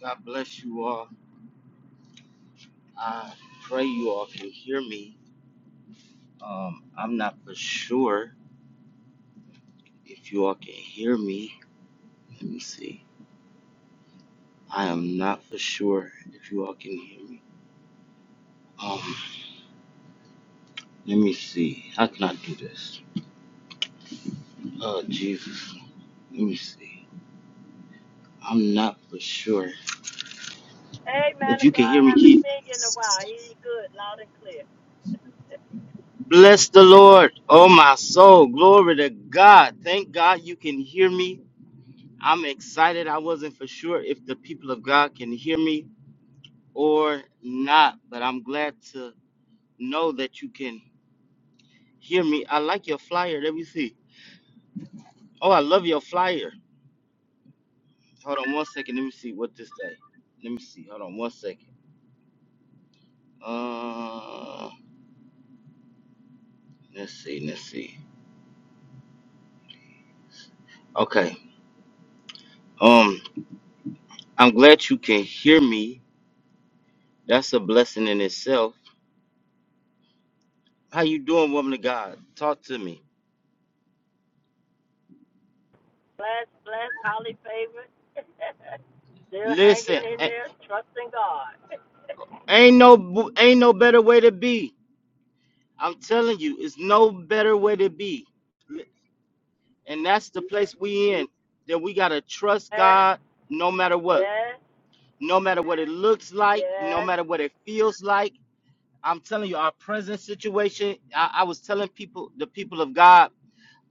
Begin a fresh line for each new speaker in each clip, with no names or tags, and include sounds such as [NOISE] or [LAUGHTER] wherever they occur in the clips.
God bless you all. I pray you all can hear me. Um, I'm not for sure if you all can hear me. Let me see. I am not for sure if you all can hear me. Um, let me see. How can I do this? Oh, Jesus. Let me see. I'm not for sure.
Hey, man
If you
of
can
God,
hear me,
haven't
keep.
seen you in a while. He's good, loud and clear.
Bless the Lord, oh my soul. Glory to God. Thank God you can hear me. I'm excited. I wasn't for sure if the people of God can hear me. or not, but I'm glad to know that you can hear me. I like your flyer. Let me see. Oh, I love your flyer. Hold on one second. Let me see what this day. Let me see. Hold on one second. Uh, let's see. Let's see. Okay. Um, I'm glad you can hear me. That's a blessing in itself. How you doing, woman of God? Talk to me.
Bless, bless, highly favored. [LAUGHS] Still hanging
Listen,
in
a-
there, trusting God. [LAUGHS]
ain't no ain't no better way to be. I'm telling you, it's no better way to be. And that's the place we in. That we gotta trust
yes,
God no matter what.
yes,
No matter what it looks like, no
yes,
matter what it feels like. I'm telling you, our present situation, I, I was telling people, the people of God,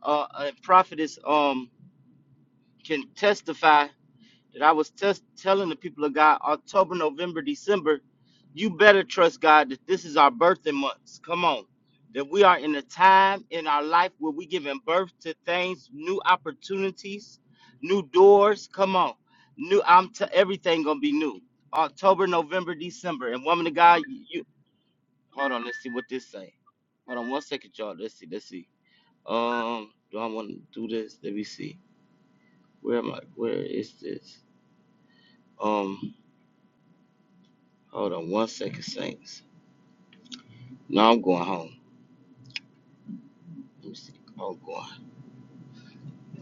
uh, and prophetess um can testify that I was test telling the people of God October, November, December, you better trust God that this is our birthing months. Come on. That we are in a time in our life where we giving birth to things, new opportunities, new doors. Come on. New I'm t- everything gonna be new. October, November, December. And woman of God, you you hold on, let's see what this say. Hold on one second, y'all. Let's see, let's see. Um, do I wanna do this? Let me see. Where am I? Where is this? Um, Hold on one second, Saints. No, I'm going home. Let me see. I'm going.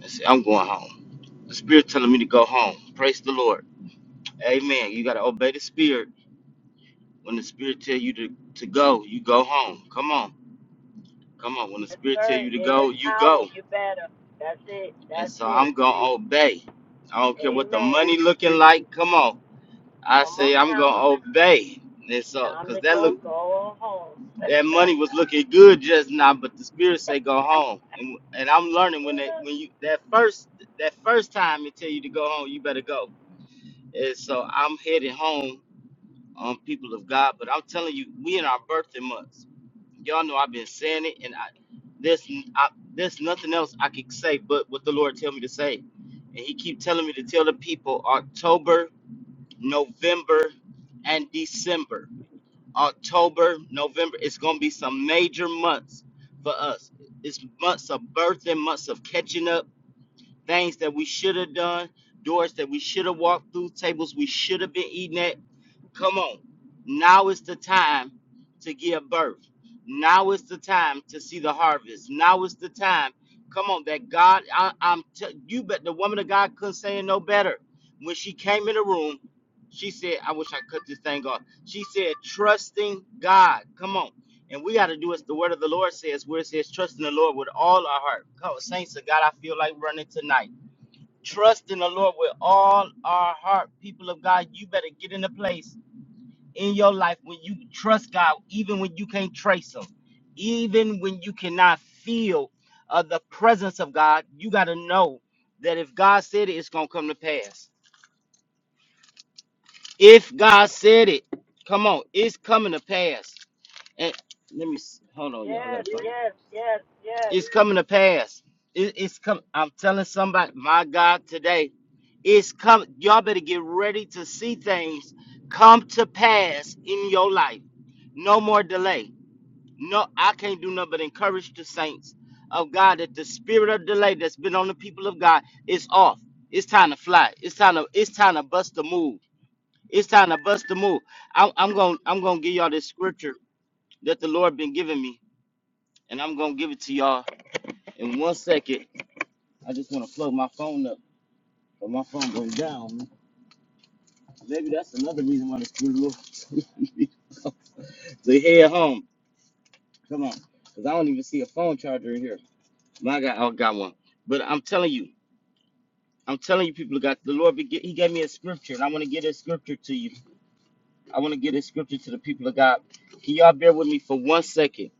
Let's see. I'm going home. The Spirit telling me to go home. Praise the Lord. Amen. You gotta obey the Spirit. When the Spirit tell you to, to go, you go home. Come on. Come on. When the
yes,
Spirit tell
sir.
you to
In
go,
this
you go.
hour, you better. That's it,
And
that's
so
it.
I'm gonna obey. I don't care what the
Amen.
money looking like. Come on. I
Come
say
on
I'm
now.
gonna obey. And so,
Time
cause
to
that look
go, go home. [LAUGHS]
that money was looking good just now, but the spirit say go home. And and I'm learning when they when you that first that first time they tell you to go home, you better go. And so I'm headed home on people of God, but I'm telling you, we in our birthday months. Y'all know I've been saying it, and I there's I, there's nothing else I could say but what the Lord tell me to say, and He keep telling me to tell the people October, November, and December. October, November. It's going to be some major months for us. It's months of birthing, months of catching up, things that we should have done, doors that we should have walked through, tables we should have been eating at. Come on. Now is the time to give birth. Now is the time to see the harvest. Now is the time. Come on, that God, I, I'm t- you bet the woman of God couldn't say it no better. When she came in the room, she said, I wish I cut this thing off. She said, trusting God. Come on. And we got to do as the word of the Lord says, where it says, trust in the Lord with all our heart. Come on, saints of God, I feel like running tonight. Trust in the Lord with all our heart. People of God, you better get in the place in your life when you trust God, even when you can't trace Him, even when you cannot feel uh, the presence of God, you got to know that if God said it, it's going to come to pass. If God said it, come on, it's coming to pass. And let me s- hold on, y'all. I
yes,
got to find
yes, yes,
it.
yes.
It's coming to pass. It, it's come. I'm telling somebody, my God, today, it's come. Y'all better get ready to see things come to pass in your life. No more delay No, I can't do nothing but encourage the saints of God that the spirit of delay that's been on the people of God is off. It's time to fly. It's time to it's time to bust the move. It's time to bust the move. I, I'm gonna I'm gonna give y'all this scripture that the Lord been giving me, and I'm gonna give it to y'all in one second. I just wanna plug my phone up, but my phone goes down. Maybe that's another reason why the spirit will [LAUGHS] so head home. Come on, cause I don't even see a phone charger in here. My God, I got one. But I'm telling you. I'm telling you, people of God, the Lord, be- He gave me a scripture, and I want to get this scripture to you. I want to get this scripture to the people of God. Can y'all bear with me for one second?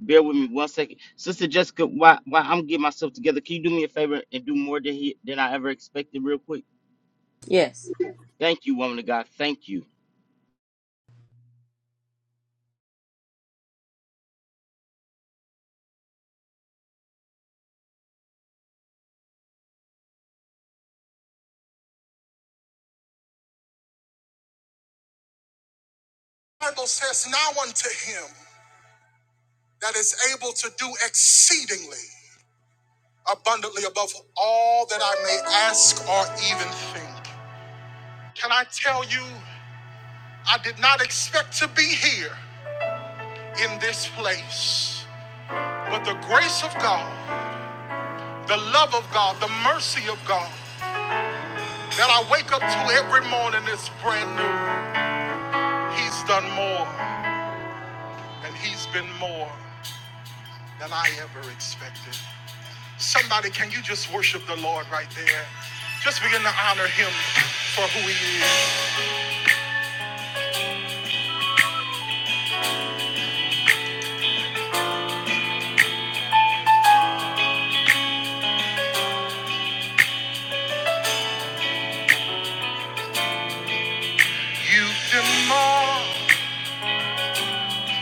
Bear with me one second, Sister Jessica. While, while I'm getting myself together, can you do me a favor and do more than he, than I ever expected, real quick?
Yes.
Thank you, woman of God. Thank you.
The Bible says, Now unto him that is able to do exceedingly abundantly above all that I may ask or even think. Can I tell you, I did not expect to be here in this place, but the grace of God, the love of God, the mercy of God that I wake up to every morning is brand new. He's done more, and he's been more than I ever expected. Somebody, can you just worship the Lord right there? Just begin to honor him for who he is. You've been more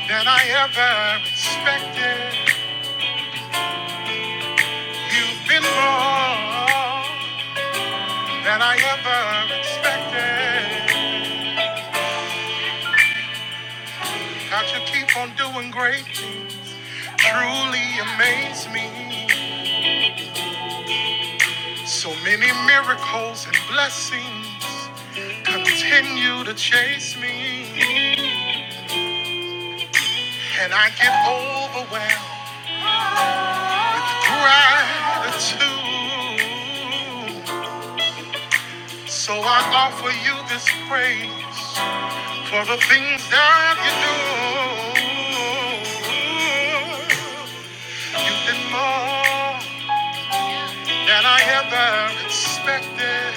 than I ever expected. You've been more than I ever expected. God, you keep on doing great things. Truly amaze me. So many miracles and blessings continue to chase me. And I get overwhelmed gratitude. So I offer you this praise for the things that you do. You've been more than I ever expected.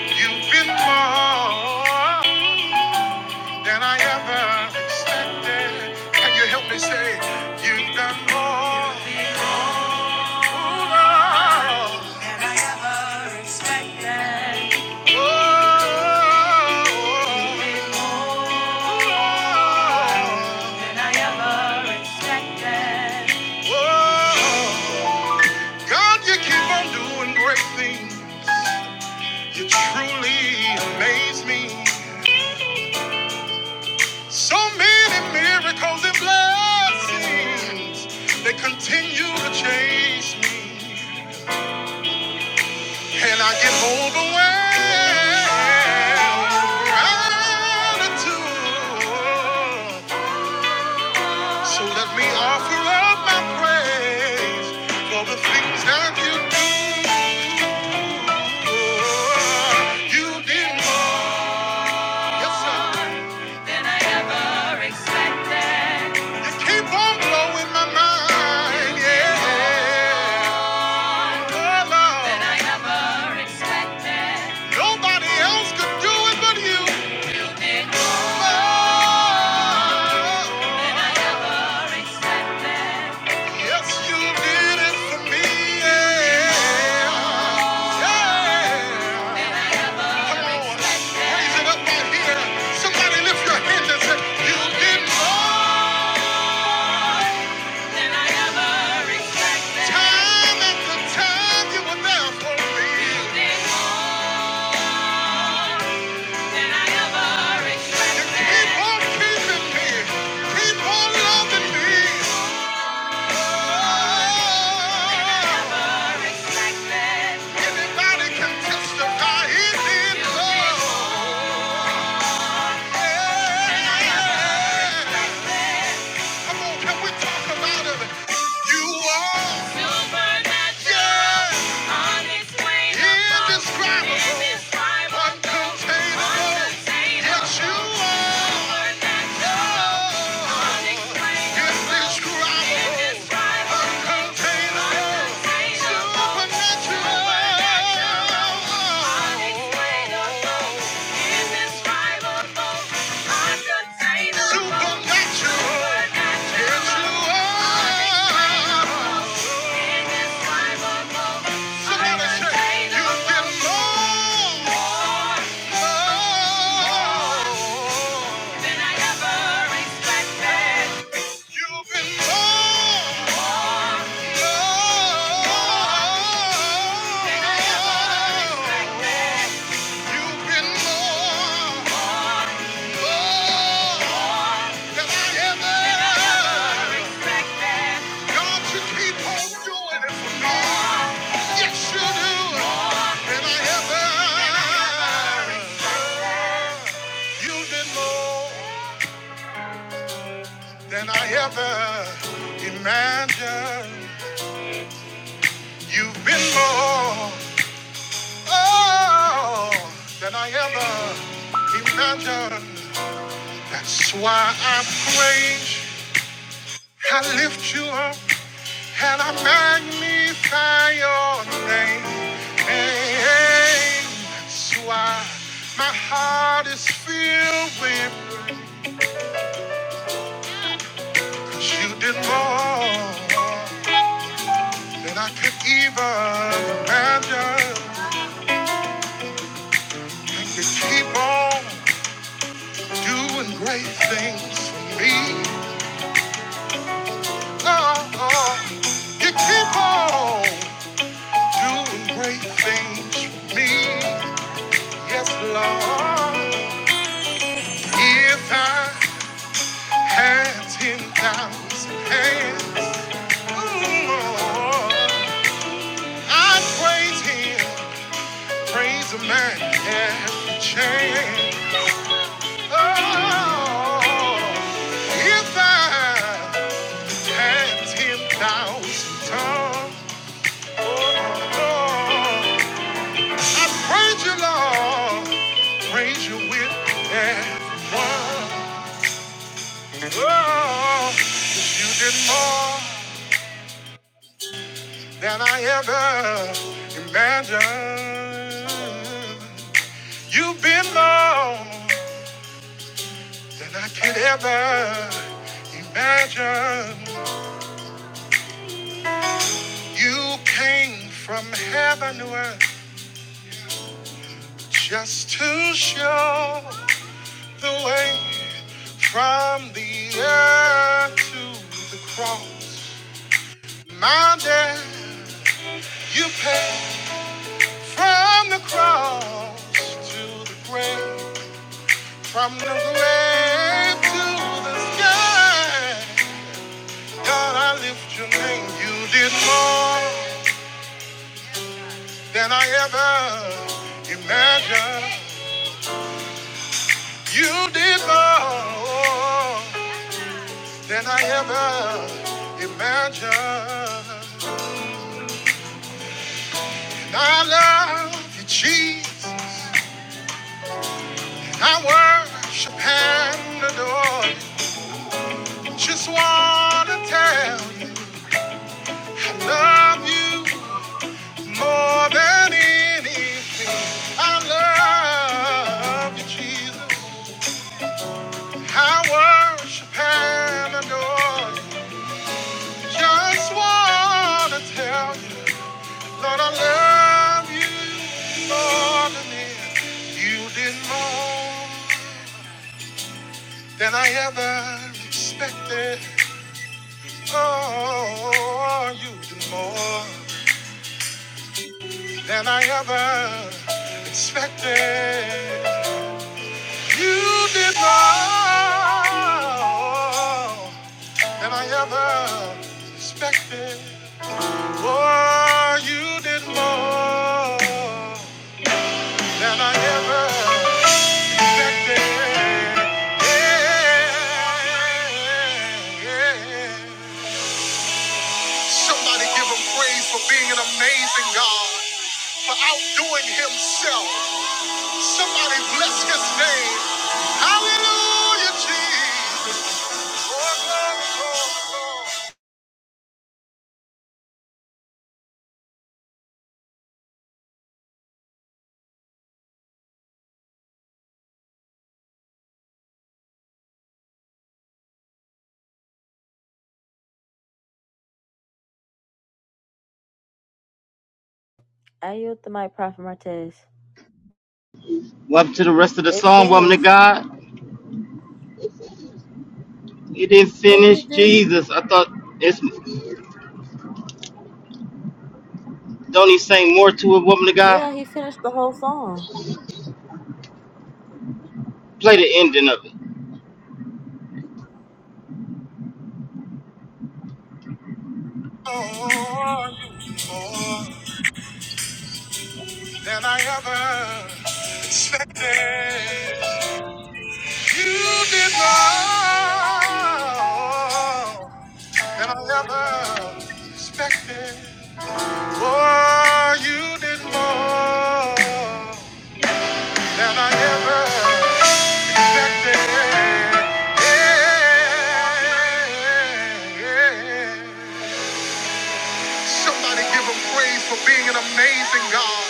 You've been more than I ever expected. Can you help me say, You've done more? Than I ever expected. Oh, than I ever expected. Oh, God, you keep on doing great things. You truly amaze me. So many miracles and blessings. They continue to chase me. And I get overwhelmed. Gratitude. So let me offer up my praise for the things that you do. You did more. Yes, sir. than I ever expected. You keep on blowing my mind. Yeah. Oh, Lord. Than I ever expected. Nobody else could do it but you. Did more Than I ever expected. Yes, you did it for me. Yeah. Yeah. Than I Come ever on. expected. Raise it up right here. Somebody lift your hands and say, You did more than I ever expected. Time after time you were there for me. Testify he did so. Yeah. Come on, can we talk her out of it? You are supernatural, yeah. unexplainable, indescribable, uncontainable. Yes, you are supernatural, yeah. unexplainable, indescribable, indescribable, uncontainable. Than I ever expected. You've been more. Than I ever imagined. You've been more. oh, than I ever imagined. That's why I praise, I lift you up, and I magnify your name. Hey, hey. that's why my heart is filled with praise. You did more than I could even imagine. you keep on doing great things for me. Oh, you keep on doing great things for me. Yes, Lord. If I had 10,000 hands, mm, Lord, I'd praise Him, praise a man every chance. Oh, if I had 10,000 tongues, oh, Lord, I praise you, Lord. Praise you with everyone. Oh, you did more than I ever imagined. You've been more than I could ever imagine. You came from heaven to earth just to show. the way from the earth to the cross. My debt you paid from the cross to the grave, from the grave to the sky. God, I lift your name. You did more than I ever imagined. You did more than I ever imagined. I love you, Jesus. I worship and adore you. Just wanna tell you, I love you more than anything. I love you, Jesus. I worship and adore you. Just wanna tell you, Lord, I love you more than anything. You did more. than I ever expected. Oh, you did more than I ever expected. You did more than I ever expected. Oh, you did more than I ever expected. Yeah, yeah. yeah, yeah. Somebody give him praise for being an amazing God, for outdoing himself. Somebody bless his name. Hallelujah, Jesus. Lord, Lord, Lord, Lord. I yield the mic, Prophet Martez.
Welcome to the rest of the
It
song, woman of
finished.
God. You didn't
Yes,
finish,
it did.
Jesus. I thought it's don't he sing more to it, woman of God?
Yeah, he finished the whole song.
Play the ending of it.
Oh, you more than I ever expected. You did not. than I ever suspected. Oh, you did more than I ever expected. Yeah. Somebody give him praise for being an amazing God,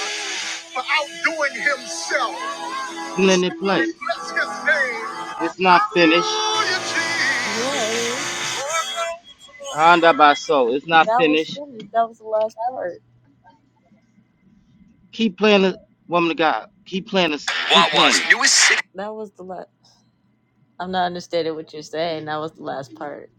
for outdoing himself.
Let it
Somebody
play.
bless his name.
It's not finished.
Hallelujah, Jesus. Yay.
Honda by soul. It's not
That was
finished.
finished. That was the last part.
Keep playing it, woman of God. Keep playing this. Keep
Wawa's
playing it,
newest city. That was the last. I'm not understanding what you're saying. That was the last part.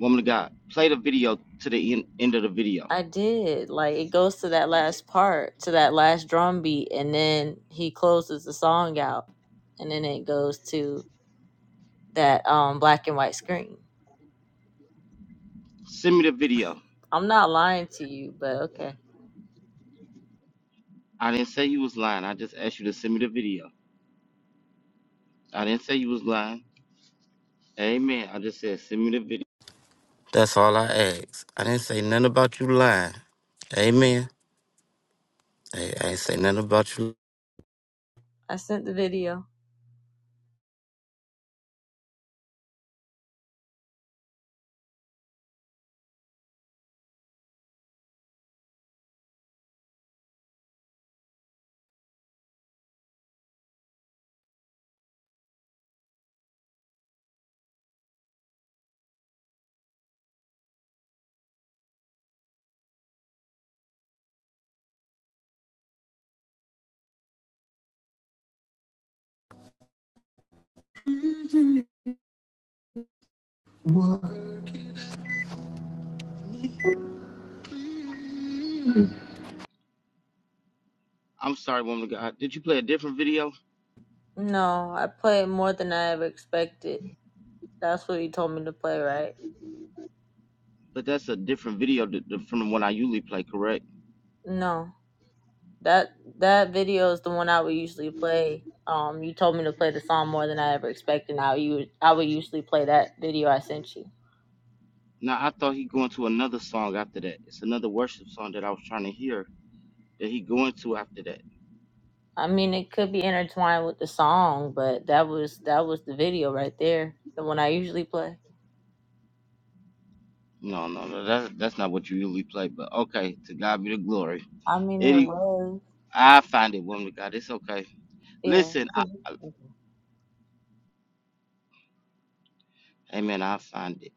woman of God. Play the video to the end, end of the video.
I did. Like it goes to that last part, to that last drum beat, and then he closes the song out, and then it goes to that um black and white screen.
Send me the video.
I'm not lying to you, but okay.
I didn't say you was lying. I just asked you to send me the video. I didn't say you was lying. Amen. I just said send me the video. That's all I asked. I didn't say nothing about you lying. Amen. I, I ain't say nothing about you.
I sent the video.
I'm sorry, woman of God. Did you play a different video?
No, I played more than I ever expected. That's what you told me to play, right?
But that's a different video th- th- from the one I usually play, correct?
No. That that video is the one I would usually play. Um, you told me to play the song more than I ever expected. Now you, I would usually play that video I sent you.
Now I thought he going to another song after that. It's another worship song that I was trying to hear that he going to after that.
I mean, it could be intertwined with the song, but that was that was the video right there, the one I usually play.
No, no, no. That's that's not what you usually play. But okay, to God be the glory.
I mean, it
Any,
was,
I find it, woman of God. It's okay. Listen, I,
yeah.
I- Amen. I find it.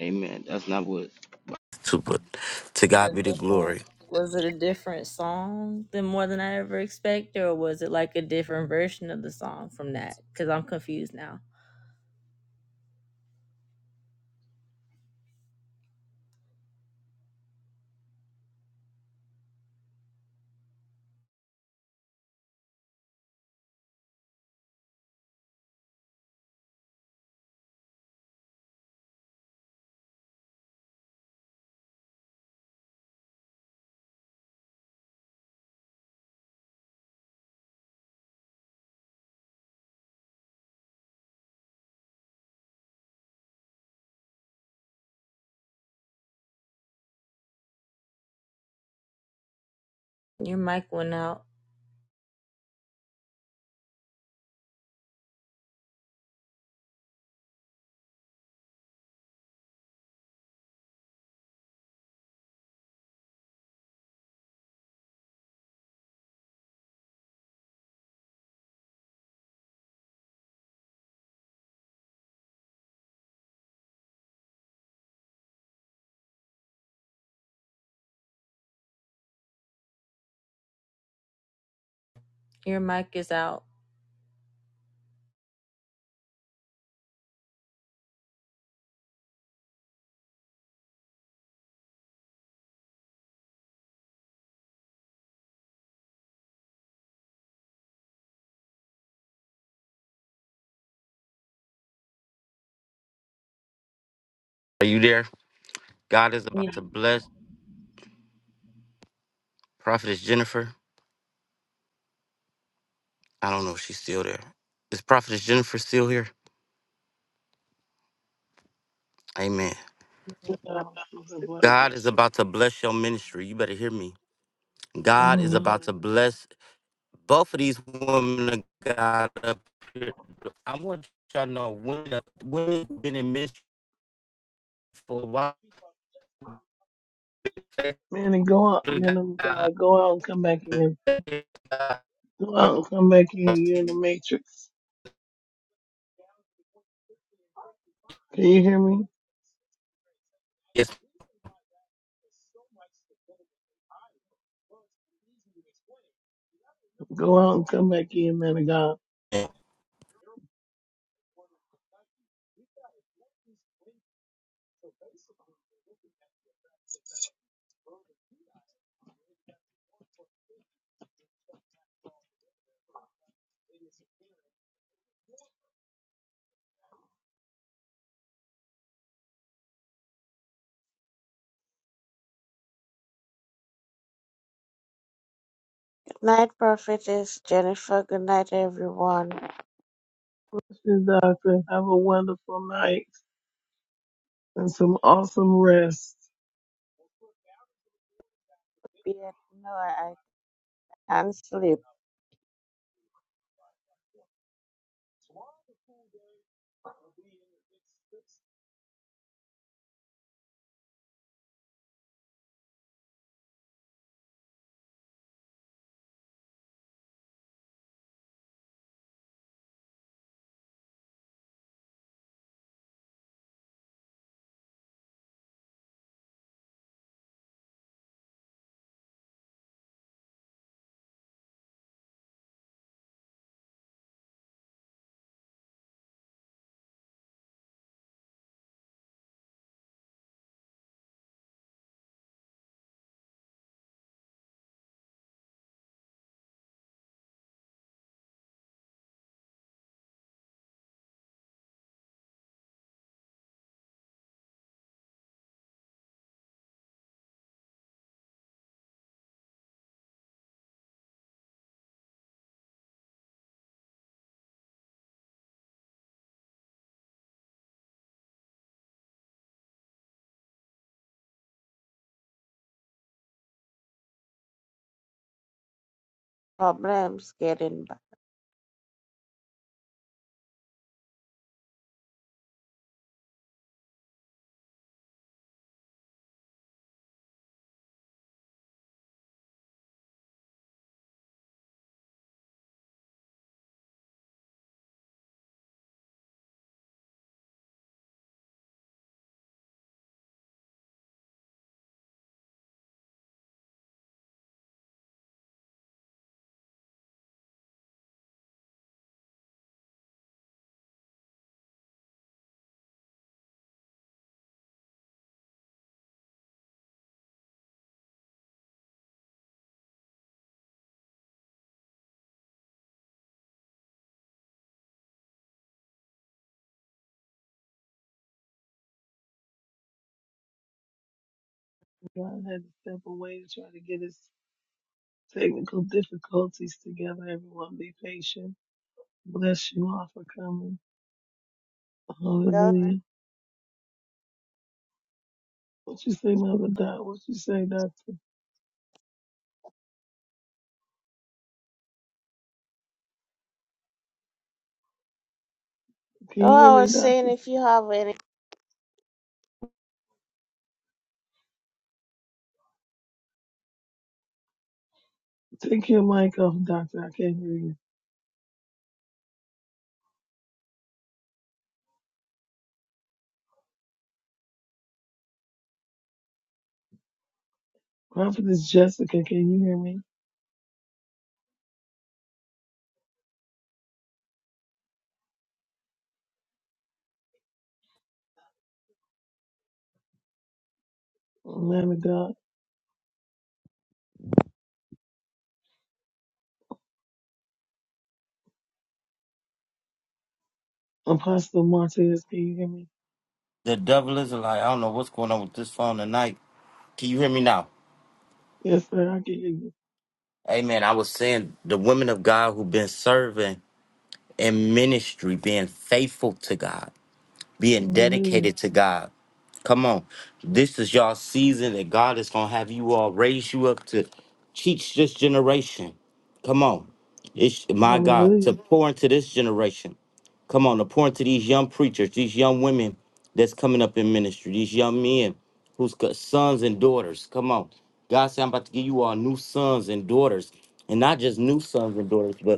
Amen. That's not what. Super. To
Was
God
it
be the
different?
glory.
Was it a different song than more than I ever expected, or was it like a different version of the song from that? Because I'm confused now. Your mic went out. Your mic is out.
Are you there? God is about
Yeah.
to bless Prophetess Jennifer. I don't know if she's still there. Is Prophetess Jennifer still here? Amen.
Yeah, God, I bless you.
God is about to bless your ministry. You better hear me. God is
Um,
about to bless. Both of these women got up here. I want y'all to know women, women been in ministry for a while.
man, and go out, man, of God, go out and come back in. Go out and come back in. You're in the matrix. Can you hear me?
Yes,
Go out and come back in, man of God.
ma'am.
Night prophetess Jennifer, good night everyone.
This is Doctor. Have a wonderful night and some awesome rest.
Beard, no, I can't sleep. Problems getting back.
God had to step away to try to get his technical difficulties together. Everyone be patient. Bless you all for coming.
Well,
Hallelujah. What you say, Mother Dot? What you say, Doctor? Can you hear
oh, I
me,
was
Doctor?
saying if you have any
Take your mic off, Doctor. I can't hear you. Prophetess Jessica, can you hear me? Man of God. Apostle Martinez, can you hear me?
The devil is a lie. I don't know what's going on with this phone tonight. Can you hear me now?
Yes, sir, I can hear you.
Amen. I was saying the women of God who've been serving in ministry, being faithful to God. being
Hallelujah.
dedicated to God. Come on. This is y'all season that God is going to have you all raise you up to teach this generation. Come on. It's my God
Hallelujah.
to pour into this generation. Come on, to pour into these young preachers, these young women that's coming up in ministry, these young men who's got sons and daughters. Come on. God said, I'm about to give you all new sons and daughters. And not just new sons and daughters, but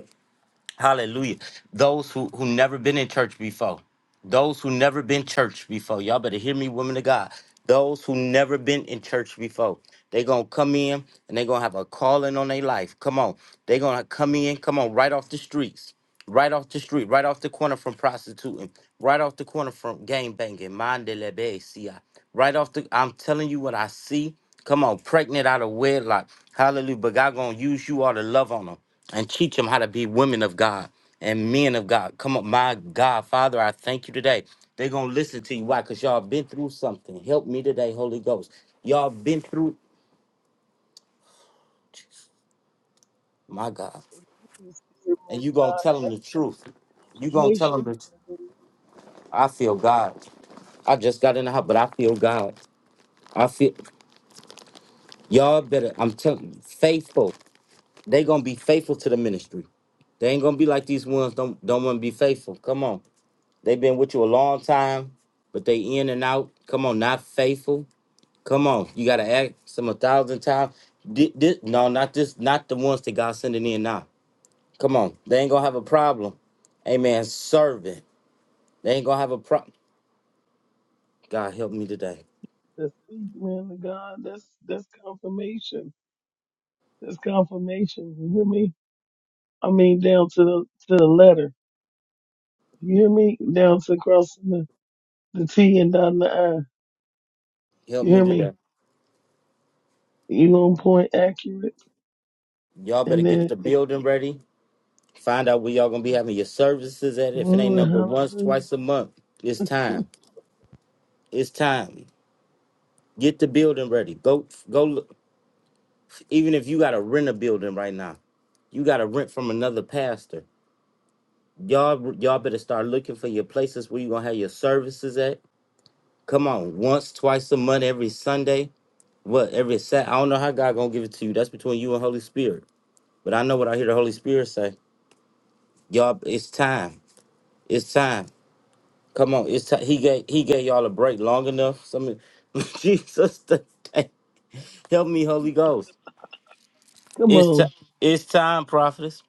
Hallelujah. Those who who never been in church before. Those who never been church before. Y'all better hear me, women of God. Those who never been in church before. They gonna come in and they gonna have a calling on their life. Come on. They gonna come in, come on, right off the streets. Right off the street, right off the corner from prostituting, right off the corner from gang banging, mandele besia. Right off the I'm telling you what I see. Come on, pregnant out of wedlock. Hallelujah. But God gonna use you all to love on them and teach them how to be women of God and men of God. Come on, my God, Father, I thank you today. They're gonna listen to you. Why? Because y'all been through something. Help me today, Holy Ghost. Y'all been through my God.
You in the spirit, man
And you
of
gonna
God.
tell them the
That's
truth. You gonna tell them
confirmation.
the truth.
Hallelujah.
I feel God. I just got in the house, but I feel God. I feel y'all better. I'm telling you, faithful. They gonna be faithful to the ministry. They ain't gonna be like these ones. Don't don't want to be faithful. Come on. They've been with you a long time, but they in and out. Come on, not faithful. Come on, you gotta ask them a thousand times. Thi- thi- no, not this, not the ones that God sending in now. Come on, they ain't gonna have a problem. Amen. Serving, they ain't gonna have a problem. God help me today.
The speak, man of God. That's that's confirmation. That's confirmation. You hear me? I mean down to the to the letter. You hear me? Down to crossing the, the T and down the I.
Help
You
me
hear
today.
me? You on point accurate.
Y'all better get
Amen.
the building ready. Find out where y'all gonna be having your services at. If it ain't
Glory,
number once,
hallelujah.
twice a month, it's
[LAUGHS]
time. It's time. Get the building ready. Go, go. Look. Even if you gotta rent a building right now. You got to rent from another pastor. Y'all, y'all better start looking for your places where you gonna have your services at. Come on, once, twice a month, every Sunday. What every Sat? I don't know how God gonna give it to you. That's between you and Holy Spirit. But I know what I hear the Holy Spirit say. Y'all, it's time. It's time. Come on, it's time. He gave He gave y'all a break long enough. Some [LAUGHS] Jesus, today. help me, Holy Ghost.
Come
It's time.
on.
It's time, prophetess.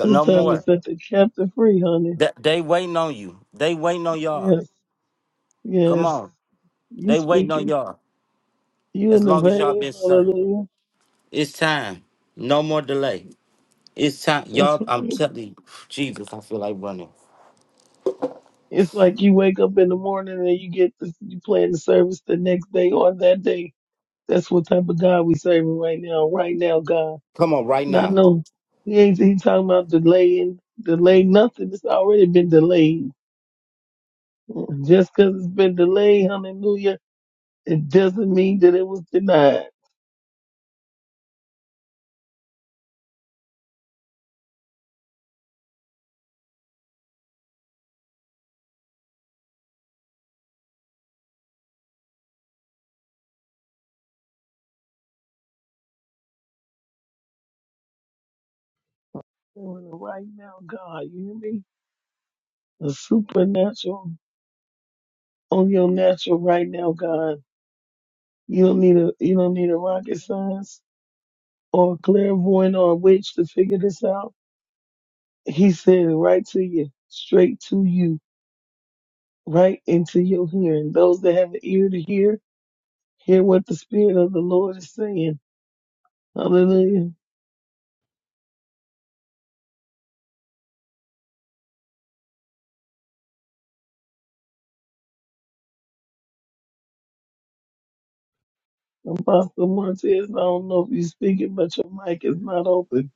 No
It's time to
more.
set the captive free, honey.
That they waiting on you. They waiting on y'all.
Yes.
Come
Yes.
on.
You
They waiting on
speaking.
y'all.
You in
As
the
long as y'all
vein.
been serving.
Hallelujah.
it's time. No more delay. It's time,
That's
y'all. I'm
right.
telling you, Jesus, I feel like running.
It's like you wake up in the morning and you get this, you plan the service the next day or that day. That's what type of God we serving right now. Right now, God.
Come on, right
Not
now.
no. He ain't he talking about delaying, delay nothing. It's already been delayed. Mm, Just 'cause it's been delayed, hallelujah It doesn't mean that it was denied. Right now, God, you hear me? The supernatural on your natural right now, God. You don't need a you don't need a rocket science or a clairvoyant or a witch to figure this out. He said it right to you, straight to you, right into your hearing. Those that have an ear to hear, hear what the Spirit of the Lord is saying. Hallelujah. Apostle Martez, I don't know if you're speaking, but your mic is not open.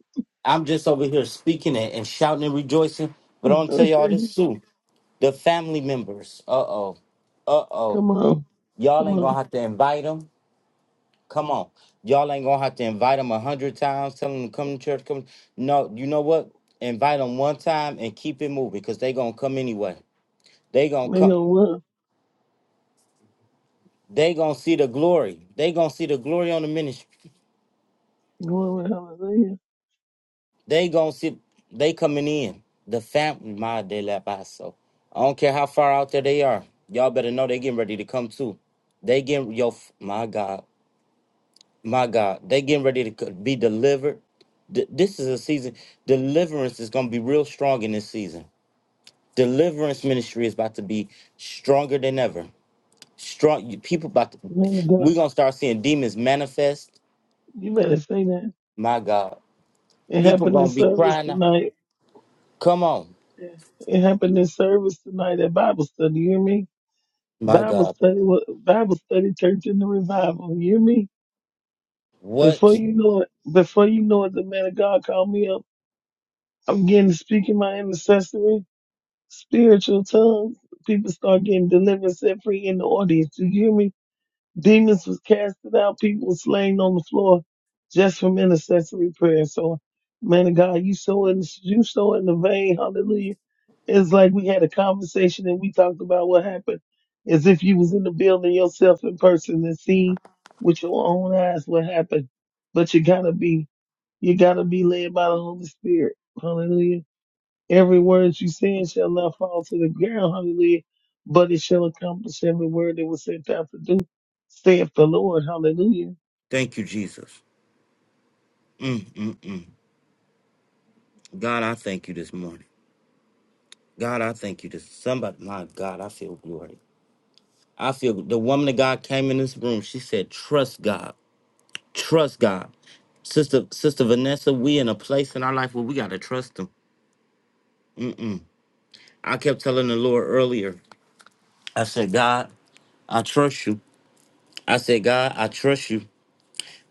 I'm just over here speaking and, and shouting and rejoicing. But I'm gonna
[LAUGHS]
tell y'all
okay,
this soon. The family members. Uh oh. Uh oh.
come on.
Y'all
Come
ain't gonna
on,
have to invite them. Come on. Y'all ain't gonna have to invite them a hundred times. Tell them to come to church. Come. No, you know what? Invite them one time and keep it moving because they gonna come anyway. They gonna
make
come.
them work.
They gonna see the glory. They gonna see the glory on the ministry.
Glory, hallelujah.
They gonna see they coming in. The family, my de la paso. I don't care how far out there they are. Y'all better know they getting ready to come too. They getting yo, f- my God, my God. They getting ready to c- be delivered. Th- this is a season. Deliverance is gonna be real strong in this season. Deliverance ministry is about to be stronger than ever. Strong you- people about to.
Man of God,
We gonna start seeing demons manifest.
you better say that.
My God
It
People
happened in
gonna be
service
crying. out.
tonight.
Come on,
It happened in service tonight at Bible study. You hear me?
my
Bible
God.
study, wa- Bible study, church in the revival. You hear me? Before
What?
you know it, before you know it, the man of God called me up. I'm getting to speak in my intercessory, spiritual tongues. People start getting delivered, set free in the audience. You hear me? Demons was casted out. People were slain on the floor just from intercessory prayer. So, man of God, you so in you so in the vein. Hallelujah. It's like we had a conversation and we talked about what happened, as if you was in the building yourself in person and seen with your own eyes what happened. But you gotta be you gotta be led by the Holy Spirit. Hallelujah Every word she said shall not fall to the ground, hallelujah, but it shall accomplish every word that was sent out to do, saith the Lord, hallelujah.
Thank you, Jesus. God, I thank you this morning. God, I thank you this. Somebody, my God, I feel glory. I feel the woman of God came in this room. She said, "Trust God. Trust God." Sister, Sister Vanessa, we in a place in our life where we gotta trust Him. I kept telling the Lord earlier. I said, God, I trust you. I said, God, I trust you.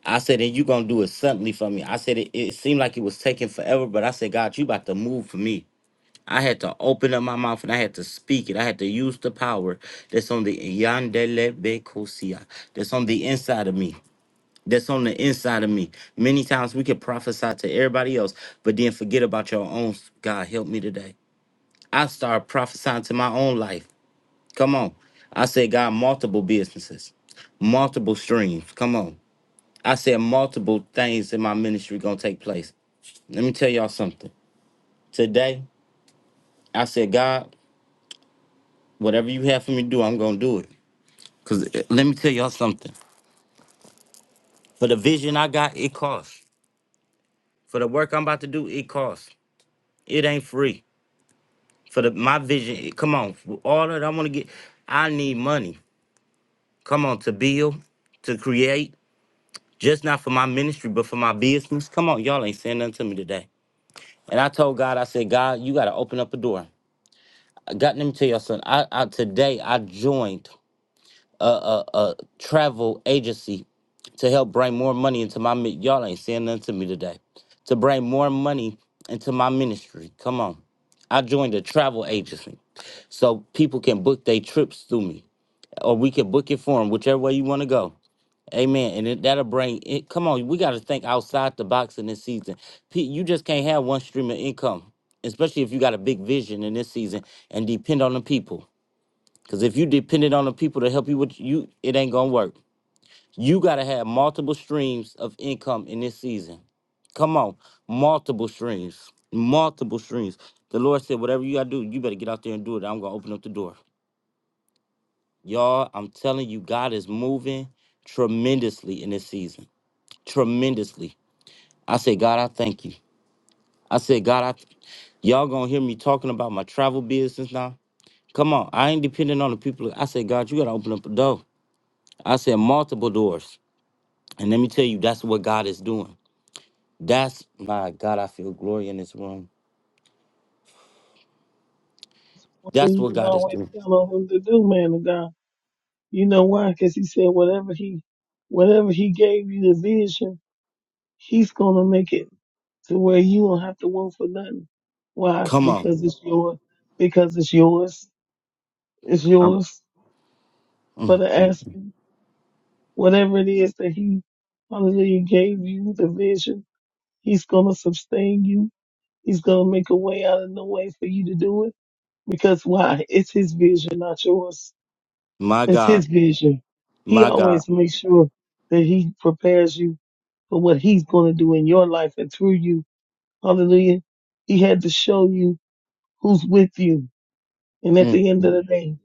I said, and you gonna do it suddenly for me. I said, it, it seemed like it was taking forever, but I said, God, you about to move for me. I had to open up my mouth and I had to speak it. I had to use the power that's on the yandele bekosia, that's on the inside of me. That's on the inside of me. Many times we can prophesy to everybody else, but then forget about your own. God help me today. I started prophesying to my own life. Come on. I said, God, multiple businesses, multiple streams. Come on. I said, multiple things in my ministry gonna take place. Let me tell y'all something. Today, I said, God. Whatever you have for me to do, I'm gonna do it. Cause uh, let me tell y'all something. For the vision I got, it costs. For the work I'm about to do, it costs. It ain't free. For the my vision, it- come on. for All that I want to get, I need money. Come on, to build, to create, just not for my ministry, but for my business. Come on, y'all ain't saying nothing to me today. And I told God, I said, God, you gotta open up a door. I got let me tell y'all something. I, I today I joined travel agency to help bring more money into my mi- y'all ain't saying nothing to me today to bring more money into my ministry come on i joined a travel agency so people can book their trips through me or we can book it for them whichever way you want to go amen and it, that'll bring it come on we got to think outside the box in this season P- you just can't have one stream of income especially if you got a big vision in this season and depend on the people because if you depended on the people to help you with you it ain't gonna work you got to have multiple streams of income in this season. Come on, multiple streams, multiple streams. The Lord said, whatever you got to do, you better get out there and do it. I'm going to open up the door. Y'all, I'm telling you, God is moving tremendously in this season. Tremendously. I say, God, I thank you. I said, God, I th- y'all gonna hear me talking about my travel business now. Come on, I ain't depending on the people. I said, God, you gotta open up a door. I said multiple doors. And let me tell you, that's what God is doing. That's my God. I feel glory in this room.
One thing
That's
you
what
can
God is
always
doing.
count on him to do, man of God. You know why? Because he said whatever he, whatever he gave you the vision, he's going to make it to where you don't have to work for nothing. Why?
Come on,
Because it's yours. Because it's yours. It's
I'm,
yours for
mm,
the asking. Whatever it is that he, hallelujah, gave you the vision He's going to sustain you. He's going to make a way out of no way for you to do it. Because why? It's his vision, not yours.
my
It's
God,
his vision. He
my God.
always makes sure that he prepares you for what he's going to do in your life and through you. Hallelujah. He had to show you who's with you. And at
Mm,
the end of the day,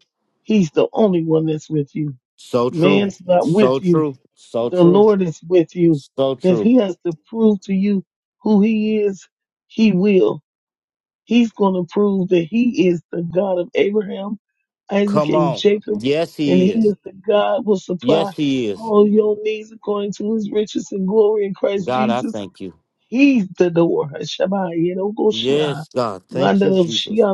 he's the only one that's with you.
so true,
Man's not with
so
you.
true, so
The
true,
Lord is with you.
so
If
true.
he has to prove to you who he is, he will. He's going to prove that he is the God of Abraham, Isaac,
Come
and
on.
Jacob,
Yes,
and
He
he
is.
is the God will
Yes,
supply
He is.
all your needs according to his riches and glory in Christ
God, I
Jesus.
thank you.
He's the door. Shabbat Yedogoshiah.
Yes, God, thank you, Jesus.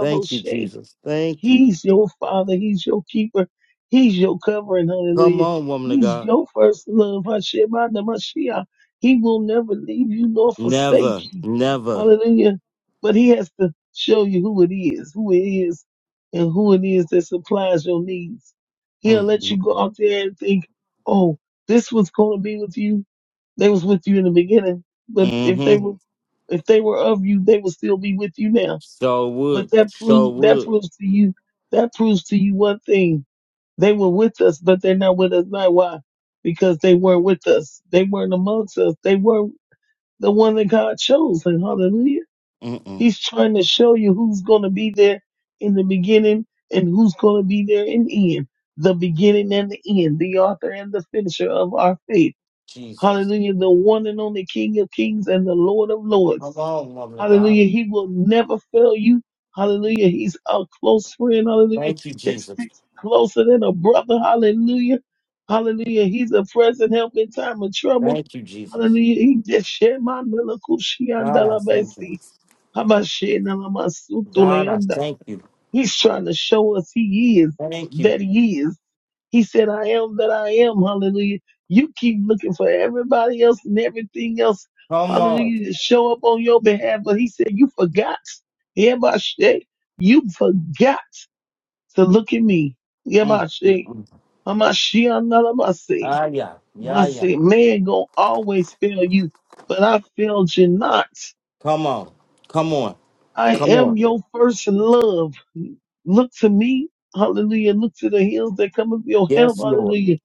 Thank you, Jesus. Thank you.
He's your father. He's your keeper. He's your covering.
Come
Hallelujah.
on, woman of
He's
God.
your first love. Hashem Mashiach. He will never leave you nor forsake
Never,
you.
never.
Hallelujah. But he has to show you who it is, who it is, and who it is that supplies your needs. He'll
Mm,
let you
mm,
go out there and think, oh, this was going to be with you. They was with you in the beginning. But if they
hmm
were, if they were of you, they will still be with you now.
So would,
But that
so
proves that
would.
proves to you that proves to you one thing. They were with us, but they're not with us now. Why? Because they weren't with us. They weren't amongst us. They were the one that God chose. And hallelujah.
Mm-mm.
He's trying to show you who's gonna be there in the beginning and who's gonna be there in the end. The beginning and the end, the author and the finisher of our faith.
Jesus.
Hallelujah. The one and only King of Kings and the Lord of
Come
Lords.
on, woman of God.
Hallelujah. He will never fail you. Hallelujah. He's a close friend. Hallelujah.
Thank you,
That
Jesus.
sticks closer than a brother. Hallelujah. Hallelujah. He's a present help in time of trouble.
Thank you, Jesus.
Hallelujah. He just shared my
God, I thank you. God, I thank you.
He's trying to show us he is
Thank you.
that he is. He said, I am that I am. Hallelujah. You keep looking for everybody else and everything else.
Come on.
Hallelujah. To show up on your behalf. But he said, You forgot. Yeah, my shit. You forgot to look at me. Yeah,
Mm,
my
mm,
shit.
mm.
I'm not she, I'm not I'm not
Ah, yeah.
My
Yeah, yeah.
say, man gonna always fail you, but I failed you not.
Come on. Come on.
I
Come
am
on.
your first love. Look to me, hallelujah. Look to the hills that come up your help,
Yes, Lord.
hallelujah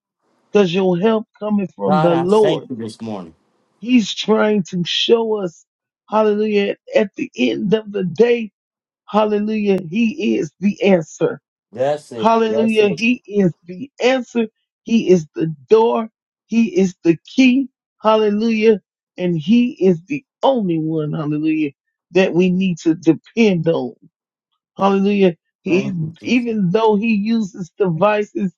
because your help coming from
God,
the
I thank
Lord.
you this morning.
He's trying to show us, hallelujah, at the end of the day, hallelujah, he is the answer.
That's it. That's
Hallelujah,
it.
he is the answer. He is the door. He is the key. Hallelujah. And he is the only one, hallelujah, that we need to depend on. Hallelujah. He,
Thank you, Jesus.
even though he uses devices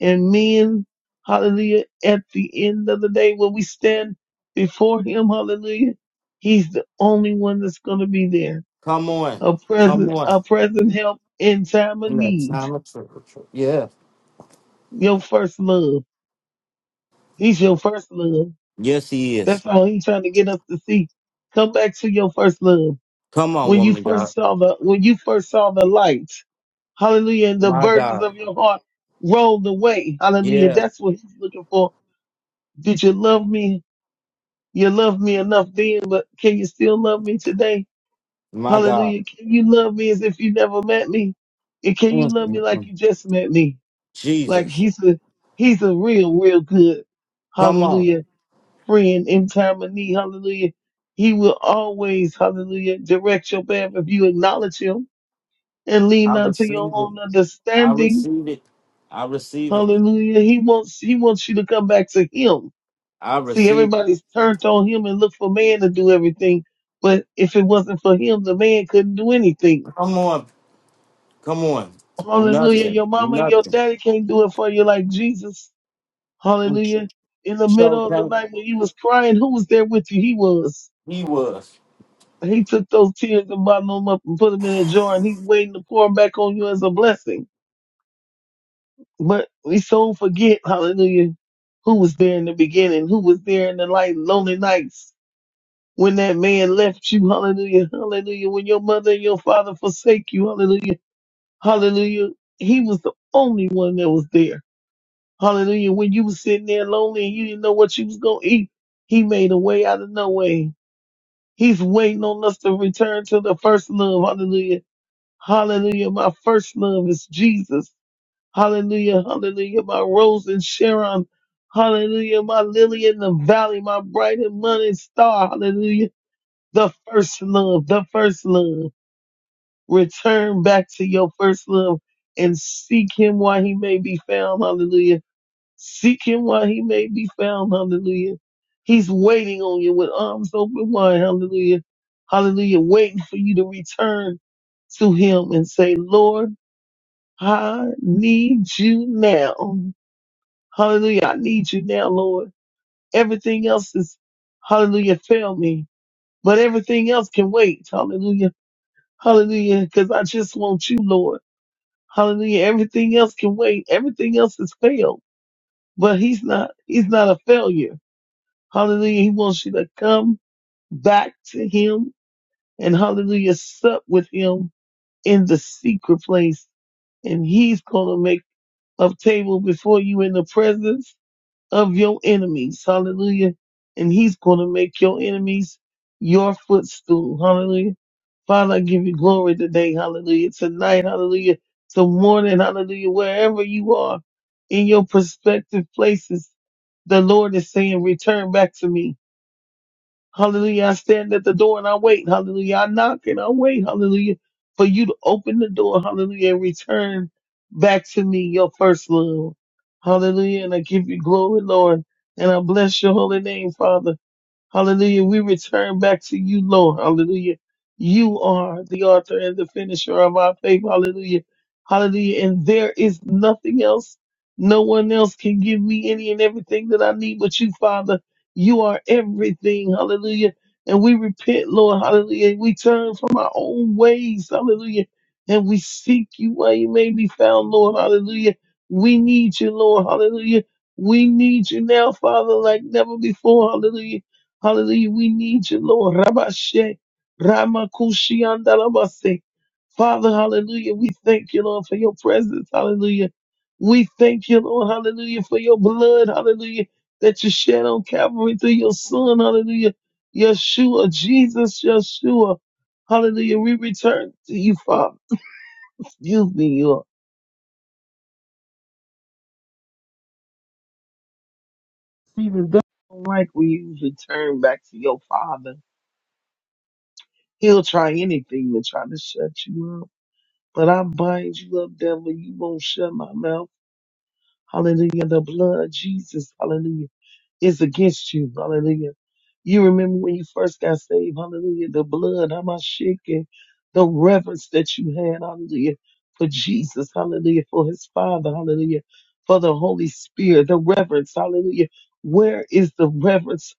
and men, hallelujah, at the end of the day, when we stand before him, hallelujah, he's the only one that's going to be there.
Come on.
A
Come
present,
on.
a present help in time of
In that
need.
time of trouble. trouble. Yeah.
Your first love. He's your first love.
Yes, he is.
That's all he's trying to get us to see. Come back to your first love.
Come on,
when you
woman of
first
God.
saw the when you first saw the light. Hallelujah. And the
My
burdens
God.
of your heart rolled away. Hallelujah.
Yeah.
That's what he's looking for. Did you love me? You loved me enough then, but can you still love me today?
My God.
Hallelujah. Can you love me as if you never met me? And can
Mm,
you love me
mm,
like
mm.
you just met me? Like
Jesus.
he's a he's a real, real good.
Come on.
Hallelujah. Friend in time of need. Hallelujah. He will always, hallelujah, direct your path if you acknowledge him. and lean
I
not to your
receive it.
own
I
understanding.
receive it. I receive it.
Hallelujah. He wants he wants you to come back to him.
I
See,
receive.
everybody's turned on him and look for man to do everything. But if it wasn't for him, the man couldn't do anything.
Come on. Come on.
Hallelujah.
Nothing.
Your mama and your
Nothing.
daddy can't do it for you like Jesus.
Mm.
Hallelujah. In the
So
middle of the
thank
night when you was crying, who was there with you? He was.
he was.
He took those tears and bottled them up and put them in a jar and he's waiting to pour them back on you as a blessing. But we so forget, hallelujah, who was there in the beginning, who was there in the light, lonely nights when that man left you, hallelujah, hallelujah, when your mother and your father forsake you, hallelujah, hallelujah. He was the only one that was there, hallelujah. When you was sitting there lonely and you didn't know what you was going to eat, he made a way out of no way. He's waiting on us to return to the first love, hallelujah. Hallelujah. My first love is Jesus. Hallelujah, hallelujah, my rose in Sharon. Hallelujah, my lily in the valley, my bright and morning star. Hallelujah, the first love, the first love. Return back to your first love and seek him while he may be found. Hallelujah. Seek him while he may be found. Hallelujah. He's waiting on you with arms open wide. Hallelujah. Hallelujah. Waiting for you to return to him and say, Lord, I need you now. Hallelujah. I need you now, Lord. Everything else is, hallelujah, fail me. But everything else can wait. Hallelujah. Hallelujah. Cause I just want you, Lord. Hallelujah. Everything else can wait. Everything else is failed. But he's not, he's not a failure. Hallelujah. He wants you to come back to him and hallelujah, sup with him in the secret place. And he's going to make a table before you in the presence of your enemies. Hallelujah. And he's going to make your enemies your footstool. Hallelujah. Father, I give you glory today. Hallelujah. Tonight. Hallelujah. Tomorrow, morning. Hallelujah. Wherever you are in your prospective places, the Lord is saying, return back to me. Hallelujah. I stand at the door and I wait. Hallelujah. I knock and I wait. Hallelujah. For you to open the door. Hallelujah. And return back to me your first love. Hallelujah. And I give you glory, Lord. And I bless your holy name, Father. Hallelujah. We return back to you, Lord. Hallelujah. You are the author and the finisher of our faith. Hallelujah. Hallelujah. And there is nothing else. No one else can give me any and everything that I need but you, Father. You are everything. Hallelujah. And we repent, Lord. Hallelujah. We turn from our own ways. Hallelujah. And we seek you where you may be found, Lord. Hallelujah. We need you, Lord. Hallelujah. We need you now, Father, like never before. Hallelujah. Hallelujah. We need you, Lord. Rabashe, Ramakushiandalabase. Father, hallelujah. We thank you, Lord, for your presence. Hallelujah. We thank you, Lord. Hallelujah. For your blood. Hallelujah. That you shed on Calvary through your son. Hallelujah. Yeshua, Jesus, Yeshua. Hallelujah. We return to you, Father. Excuse me, you even don't like when you return back to your Father. He'll try anything to try to shut you up. But I bind you up, devil. You won't shut my mouth. Hallelujah. The blood of Jesus. Hallelujah is against you. Hallelujah. You remember when you first got saved. Hallelujah. The blood, how much shaking, the reverence that you had. Hallelujah. For Jesus. Hallelujah. For his father. Hallelujah. For the Holy Spirit, the reverence. Hallelujah. Where is the reverence?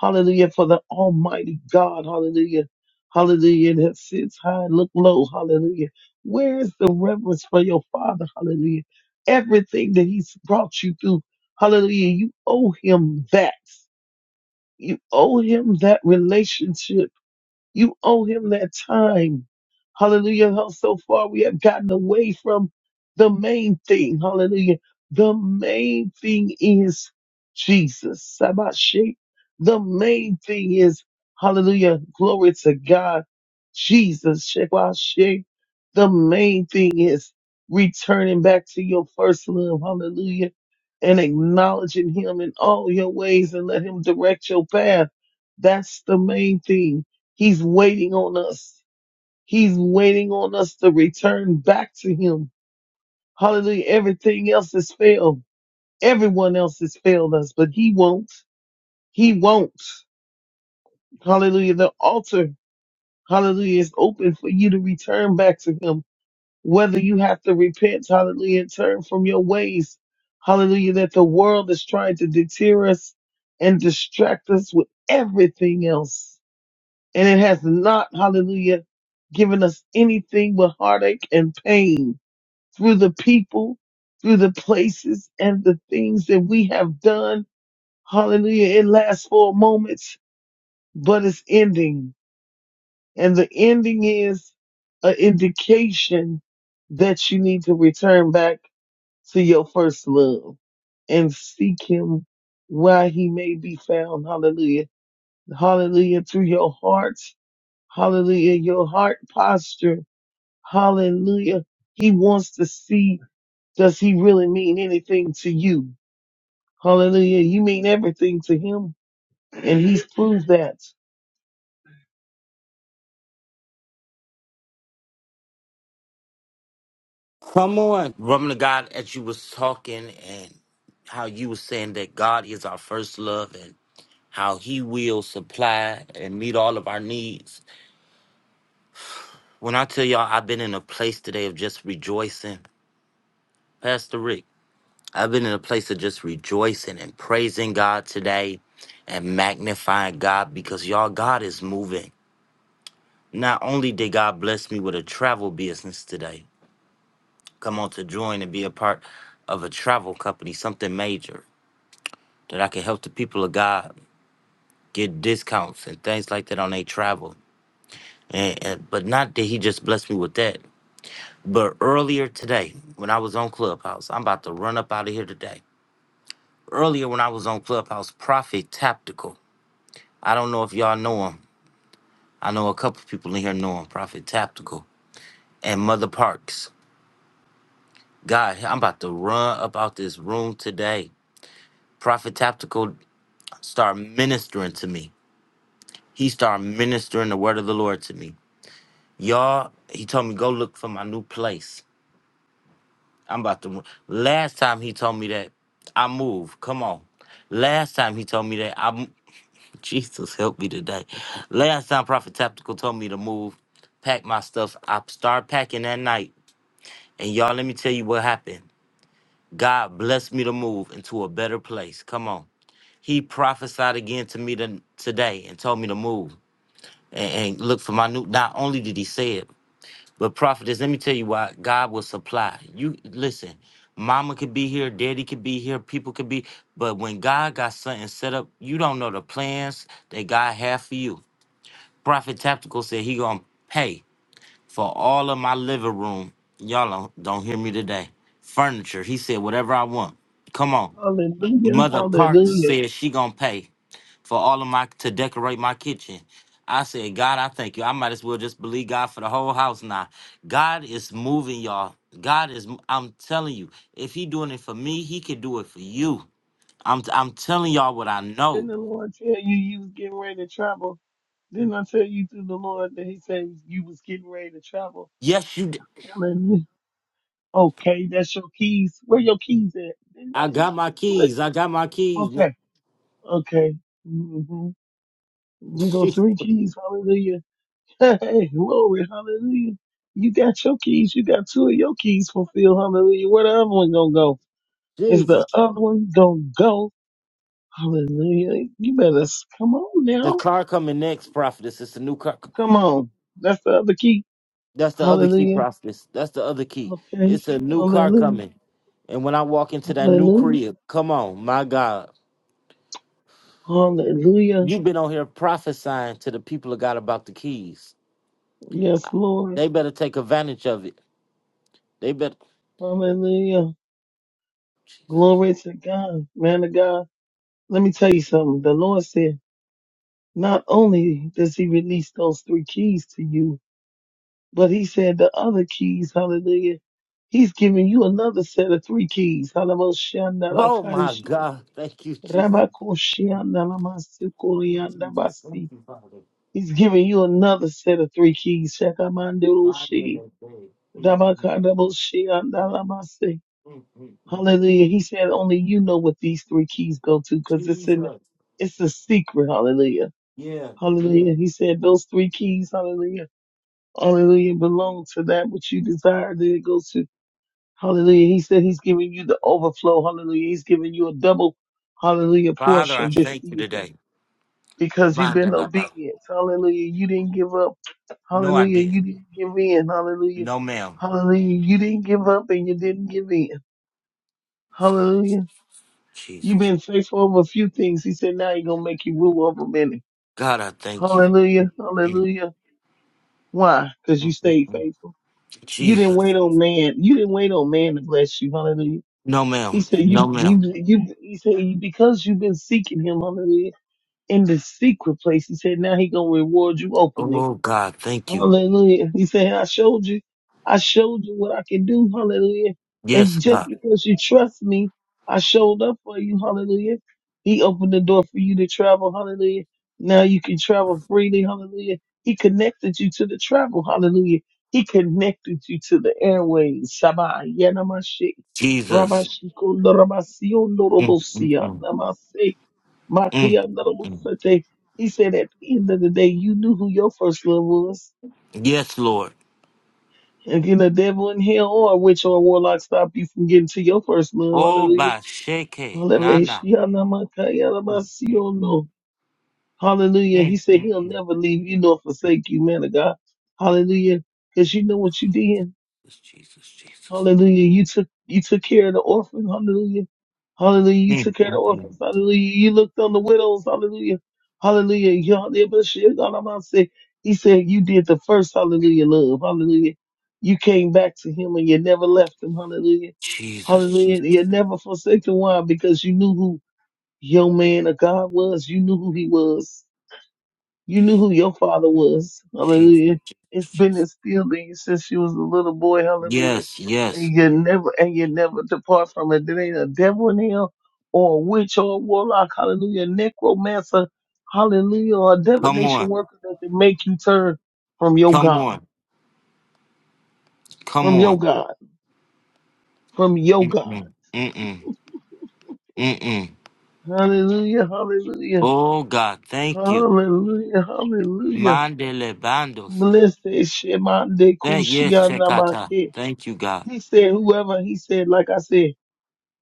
Hallelujah. For the Almighty God. Hallelujah. Hallelujah. That sits high, look low. Hallelujah. Where is the reverence for your father? Hallelujah. Everything that he's brought you through. Hallelujah. You owe him that. You owe him that relationship you owe him that time. Hallelujah. How so far we have gotten away from the main thing. Hallelujah. The main thing is Jesus. Sabashe. The main thing is, hallelujah, glory to God, Jesus. Shebashe. The main thing is returning back to your first love. Hallelujah. And acknowledging him in all your ways and let him direct your path. That's the main thing. He's waiting on us. He's waiting on us to return back to him. Hallelujah. Everything else has failed. Everyone else has failed us, but he won't. He won't. Hallelujah. The altar, hallelujah, is open for you to return back to him. Whether you have to repent, hallelujah, and turn from your ways, hallelujah, that the world is trying to deter us and distract us with everything else. and it has not, hallelujah, given us anything but heartache and pain through the people, through the places and the things that we have done. Hallelujah. It lasts for moments, but it's ending. And the ending is an indication that you need to return back to your first love and seek him while he may be found. Hallelujah. Hallelujah. Through your heart. Hallelujah. Your heart posture. Hallelujah. He wants to see, does he really mean anything to you? Hallelujah. You mean everything to him. And he's proved that.
Come on. Woman of God, as you was talking and how you was saying that God is our first love and how he will supply and meet all of our needs. When I tell y'all I've been in a place today of just rejoicing. Pastor Rick, I've been in a place of just rejoicing and praising God today and magnifying God because y'all, God is moving. Not only did God bless me with a travel business today, come on to join and be a part of a travel company, something major that I can help the people of God get discounts and things like that on their travel. And, and but not that He just blessed me with that. But earlier today, when I was on Clubhouse, I'm about to run up out of here today. Earlier, when I was on Clubhouse, Prophet Tactical. I don't know if y'all know him. I know a couple people in here know him, Prophet Tactical and Mother Parks. God, I'm about to run about this room today. Prophet Tactical start ministering to me. He started ministering the word of the Lord to me. Y'all, he told me go look for my new place. I'm about to. Last time he told me that I move. Come on. Last time he told me that I. am [LAUGHS] Jesus help me today. Last time Prophet Tactical told me to move, pack my stuff. I start packing that night. And y'all, let me tell you what happened. God blessed me to move into a better place. Come on. He prophesied again to me to, today and told me to move and, and look for my new. Not only did he say it, but prophetess, let me tell you why God will supply. You listen, mama could be here, daddy could be here, people could be, but when God got something set up, you don't know the plans that God have for you. Prophet Tactical said he gonna pay. for all of my living room. Y'all don't, don't hear me today. Furniture. He said whatever I want. Come on.
Hallelujah.
Mother Parks
Hallelujah.
said she gonna pay for all of my to decorate my kitchen. I said, God, I thank you. I might as well just believe God for the whole house now. God is moving, y'all. God is. I'm telling you, if He doing it for me, He can do it for you. I'm. I'm telling y'all what I
Didn't
know.
the Lord tell you you was getting ready to travel? Didn't I tell you through the Lord that he said you was getting ready to travel?
Yes, you. d-
Hallelujah. Okay, that's your keys. Where your keys at? Didn't I
I
just,
got my
what?
keys. I got my keys.
Okay. Okay. hmm You go
[LAUGHS]
three keys. Hallelujah. Hey, glory, hallelujah. You got your keys. You got two of your keys fulfilled. Hallelujah. Where the other one gonna go? Is
Jesus,
the other one gonna go? Hallelujah. You better s- come on
The
now.
car coming next, prophetess. It's a new car.
Come on. That's the other key.
That's the other key,
Hallelujah.
prophetess. That's the other key.
Okay.
It's a new car
Hallelujah.
coming. And when I walk into that new
Hallelujah.
crib, come on, my God.
Hallelujah.
You've been on here prophesying to the people of God about the keys.
Yes, Lord.
They better take advantage of it. They better.
Hallelujah.
Jesus.
Glory to God. Man of God. Let me tell you something. The Lord said, not only does he release those three keys to you, But he said the other keys, hallelujah, he's giving you another set of three keys.
Oh, my
Halaboshandarakashi,
God. Thank you, Jesus. Thank you, Jesus. Thank
rabakoshiandalamasukoyandabasi.
you, Father.
He's giving you another set of three keys.
Find in
Shakamanderoshi,
that day. Mm, mm,
rabakandaboshiandalamasi.
mm, mm, mm.
Hallelujah. He said only you know what these three keys go to because it's in,
Jesus.
it's a secret. Hallelujah.
Yeah, yeah.
Hallelujah. He said those three keys, hallelujah. Hallelujah. Belong to that which you desire that it goes to Hallelujah. He said he's giving you the overflow. Hallelujah. He's giving you a double, hallelujah,
Father, I
portion this
thank you
season
today.
because you've been
Mandela.
obedient. Hallelujah. You didn't give up.
No, I
Hallelujah. You
didn't.
didn't give in. Hallelujah.
No, ma'am.
Hallelujah. You didn't give up and you didn't give in. Hallelujah. You've
Jesus.
been faithful over a few things. He said now he's going to make you rule over many.
God, I thank you.
Hallelujah.
Mm.
Hallelujah. Why? Because you stayed faithful. You didn't
Jesus.
wait on man. You didn't wait on man to bless you. Hallelujah.
No,
He
ma'am.
said,
No,
"You,
ma'am.
you, you." He said, "Because you've been seeking him, hallelujah, in the secret place." He said, "Now he gonna reward you openly."
Oh, God, thank you.
Hallelujah. He said, I showed you, I showed you what I can do. Hallelujah.
Yes,
And just
God.
because you trust me, I showed up for you. Hallelujah. He opened the door for you to travel. Hallelujah. Now you can travel freely. Hallelujah. He connected you to the travel. Hallelujah. He connected you to the airways. Sabah, Yanamashi,
Jesus.
Rabashiko, Rabasio,
Mm, mm,
Norobosia,
mm.
Namase,
Mm,
Makia,
mm.
Norobosate. He said at the end of the day, you knew who your first love was.
Yes, Lord.
And can the devil in hell or a witch or a warlock stop you from getting to your first love?
Oh,
Hallelujah.
by shake. Nana.
Hallelujah.
Mm, mm, mm.
Shianamakayalabasiyono. Hallelujah. He
Mm,
said
mm,
he'll
mm.
never leave you nor forsake you, man of God. Hallelujah. Because you know what you did.
Jesus, Jesus, Jesus.
Hallelujah. You took you took care of the orphans. Hallelujah. Hallelujah. You
Mm,
took care of the
mm, mm.
orphans. Hallelujah. You looked on the widows. Hallelujah. Hallelujah. Y'all did but shit. God, I'm about to say, He said you did the first hallelujah love. Hallelujah. You came back to him and you never left him. Hallelujah.
Jesus, Jesus,
Hallelujah. You never forsaken why? Because you knew who your man of God was. You knew who he was. You knew who your father was.
Jesus,
Hallelujah!
Jesus.
It's been
Jesus.
instilled in you since you was a little boy. Hallelujah.
Yes, yes.
And you never, and you never depart from it. There ain't a devil in hell or a witch or a warlock. Hallelujah. Necromancer. Hallelujah. Or a
Come
divination
on.
worker that can make you turn from your
Come
God,
on. Come
from your
on.
God, from your God.
Mm-mm. Mm-mm. Mm-mm.
Hallelujah. Hallelujah.
Oh God, thank you.
Hallelujah. Hallelujah.
Mandele bandose.
Blessed Shemande
Thank yes, Shekata.
Kushianamake.
Thank you, God.
He said, whoever, he said, like I said,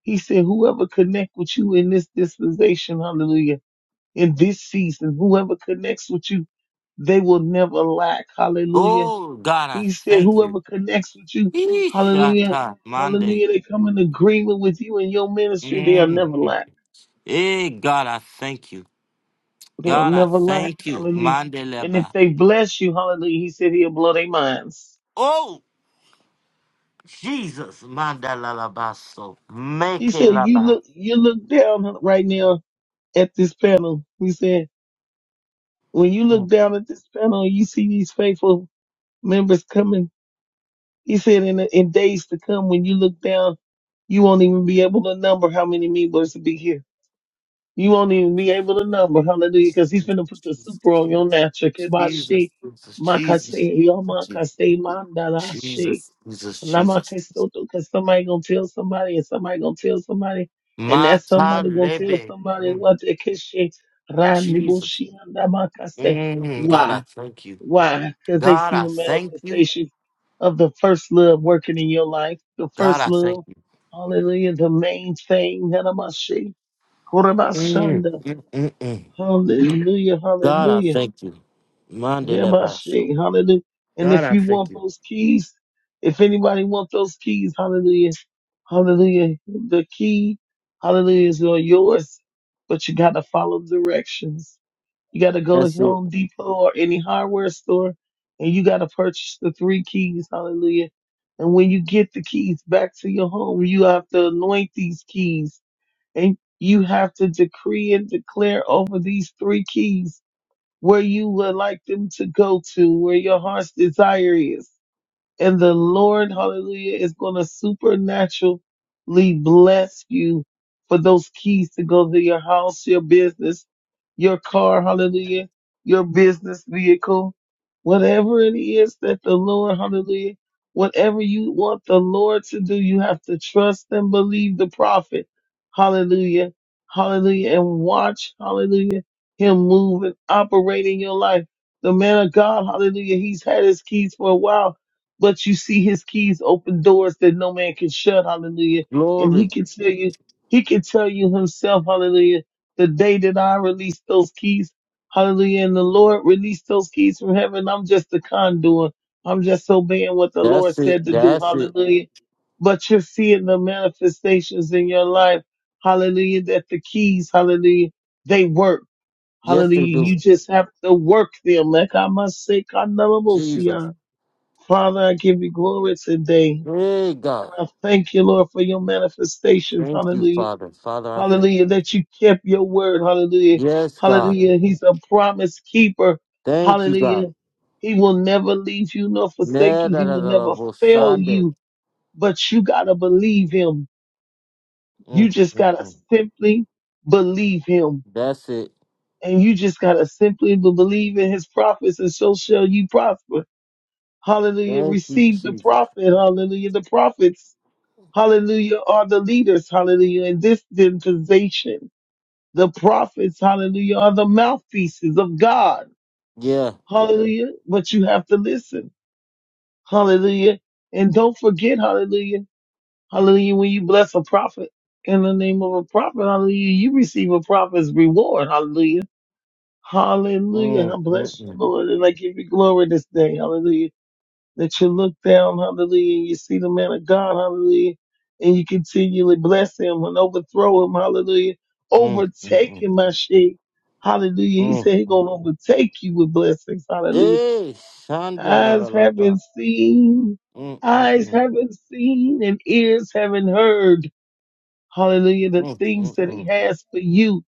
he said, whoever connect with you in this dispensation, hallelujah, in this season, whoever connects with you, they will never lack, hallelujah.
Oh God, I
He said,
thank you.
whoever connects with you, hallelujah,
Ishata Mande.
hallelujah, they come in agreement with you in your ministry, they'll
Mm.
never lack.
Eh, God, I thank you.
They'll
God, I
never lack,
thank you.
hallelujah. And if
Mandeleba.
they bless you, hallelujah, he said he'll blow their minds.
Oh Jesus, Mandalabaso. Make
He said, you
laba.
look, you look down right now at this panel. He said. when you look
Mm.
down at this panel and you see these faithful members coming, he said in, in days to come, when you look down, you won't even be able to number how many members will be here. You won't even be able to number, hallelujah, because he's going to put the
Jesus,
super on your
Jesus,
natural. Kebashi,
Jesus, Jesus.
makase,
Jesus,
yomakase, mandalashi,
Jesus, Jesus, Jesus.
lamakesoto, because somebody going to tell somebody and somebody going to tell somebody and that
Mata
somebody going to tell
lebe.
somebody
Mm,
what they kishi,
Jesus.
randibushi, and damakase.
Mm, God,
Why?
I thank you.
Why? Because they
God,
see
I
the
thank you.
manifestation of the first love working in your life. The
God,
first
I thank
love,
you.
hallelujah, the main thing. Hanamashi,
Mm,
korabashanda.
mm, mm, mm.
Hallelujah,
God, I
hallelujah.
thank you. Mandele basho.
Yamashi, Hallelujah. And
God,
if
I
you
thank
want
you.
those keys, if anybody want those keys, hallelujah, hallelujah. The key, hallelujah, is all yours, but you got to follow directions. You got to go
That's
to
it.
Home Depot or any hardware store and you got to purchase the three keys. Hallelujah. And when you get the keys back to your home, you have to anoint these keys and you have to decree and declare over these three keys where you would like them to go to, where your heart's desire is. And the Lord, hallelujah, is going to supernaturally bless you for those keys to go to your house, your business, your car, hallelujah, your business vehicle, whatever it is that the Lord, hallelujah, whatever you want the Lord to do, you have to trust and believe the prophet, hallelujah, hallelujah, and watch, hallelujah, him move and operate in your life. The man of God, hallelujah, he's had his keys for a while but you see his keys open doors that no man can shut. Hallelujah. And
Glory.
he can tell you, he can tell you himself, hallelujah, the day that I release those keys, hallelujah, and the Lord released those keys from heaven. I'm just a conduit. I'm just obeying what the
That's
Lord
it.
said to do.
That's it.
Hallelujah. But you're seeing the manifestations in your life. Hallelujah. That the keys, hallelujah, they work.
Yes, they
Hallelujah.
do.
You just have to work them. Like I must say,
Jesus.
Father, I give you glory today.
Hey, God.
I thank you, Lord, for your manifestations.
Thank you,
Hallelujah.
Father. Father, I thank
Hallelujah.
you.
That you kept your word. Hallelujah.
Yes, God.
Hallelujah. He's a promise keeper.
Thank you, God.
Hallelujah. He will never leave you nor forsake
Ne
you.
da
He
da
will
da da,
never
vo
fail
sande.
you. But you got to believe him. You
Mm,
just
mm,
got to
mm.
simply believe him.
That's it.
And you just got to simply be- believe in his prophets, and so shall you prosper. Hallelujah.
Thank you,
Receive the
Jesus.
prophet. Hallelujah. The prophets. hallelujah, are the leaders, hallelujah, in this dispensation. The prophets, hallelujah, are the mouthpieces of God,
Yeah.
hallelujah. But you have to listen, hallelujah. And don't forget, hallelujah, hallelujah, when you bless a prophet in the name of a prophet, hallelujah, you receive a prophet's reward, hallelujah. Hallelujah. I
Mm, mm,
bless you,
mm,
Lord, and I give you glory this day. Hallelujah. that you look down, hallelujah, and you see the man of God, hallelujah, and you continually bless him and overthrow him, hallelujah,
mm, mm,
overtake
mm,
him, my sheep, hallelujah. He
mm,
said he's
mm.
going to overtake you with blessings, hallelujah.
Hey, Shandela la
Eyes
la la.
haven't seen,
Mm, mm,
eyes
mm,
haven't seen, and ears haven't heard, hallelujah, the
mm, mm,
things that he
mm,
has for you,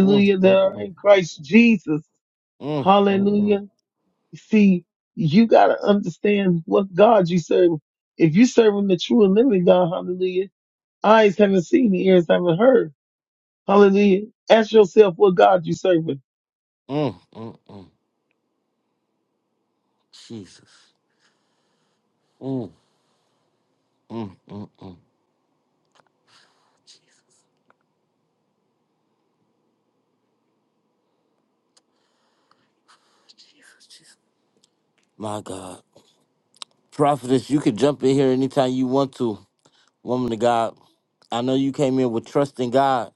mm, mm,
that
mm,
are in Christ Jesus,
mm, mm, mm,
hallelujah. See, you gotta understand what God you serve. If you serving the true and living God, hallelujah, eyes haven't seen, ears haven't heard. Hallelujah. Ask yourself what God you serving.
mm, mm, mm. Jesus. Mm, mm, mm, mm. Jesus, Jesus. My God. Prophetess, you can jump in here anytime you want to. Woman of God, I know you came in with trust in God,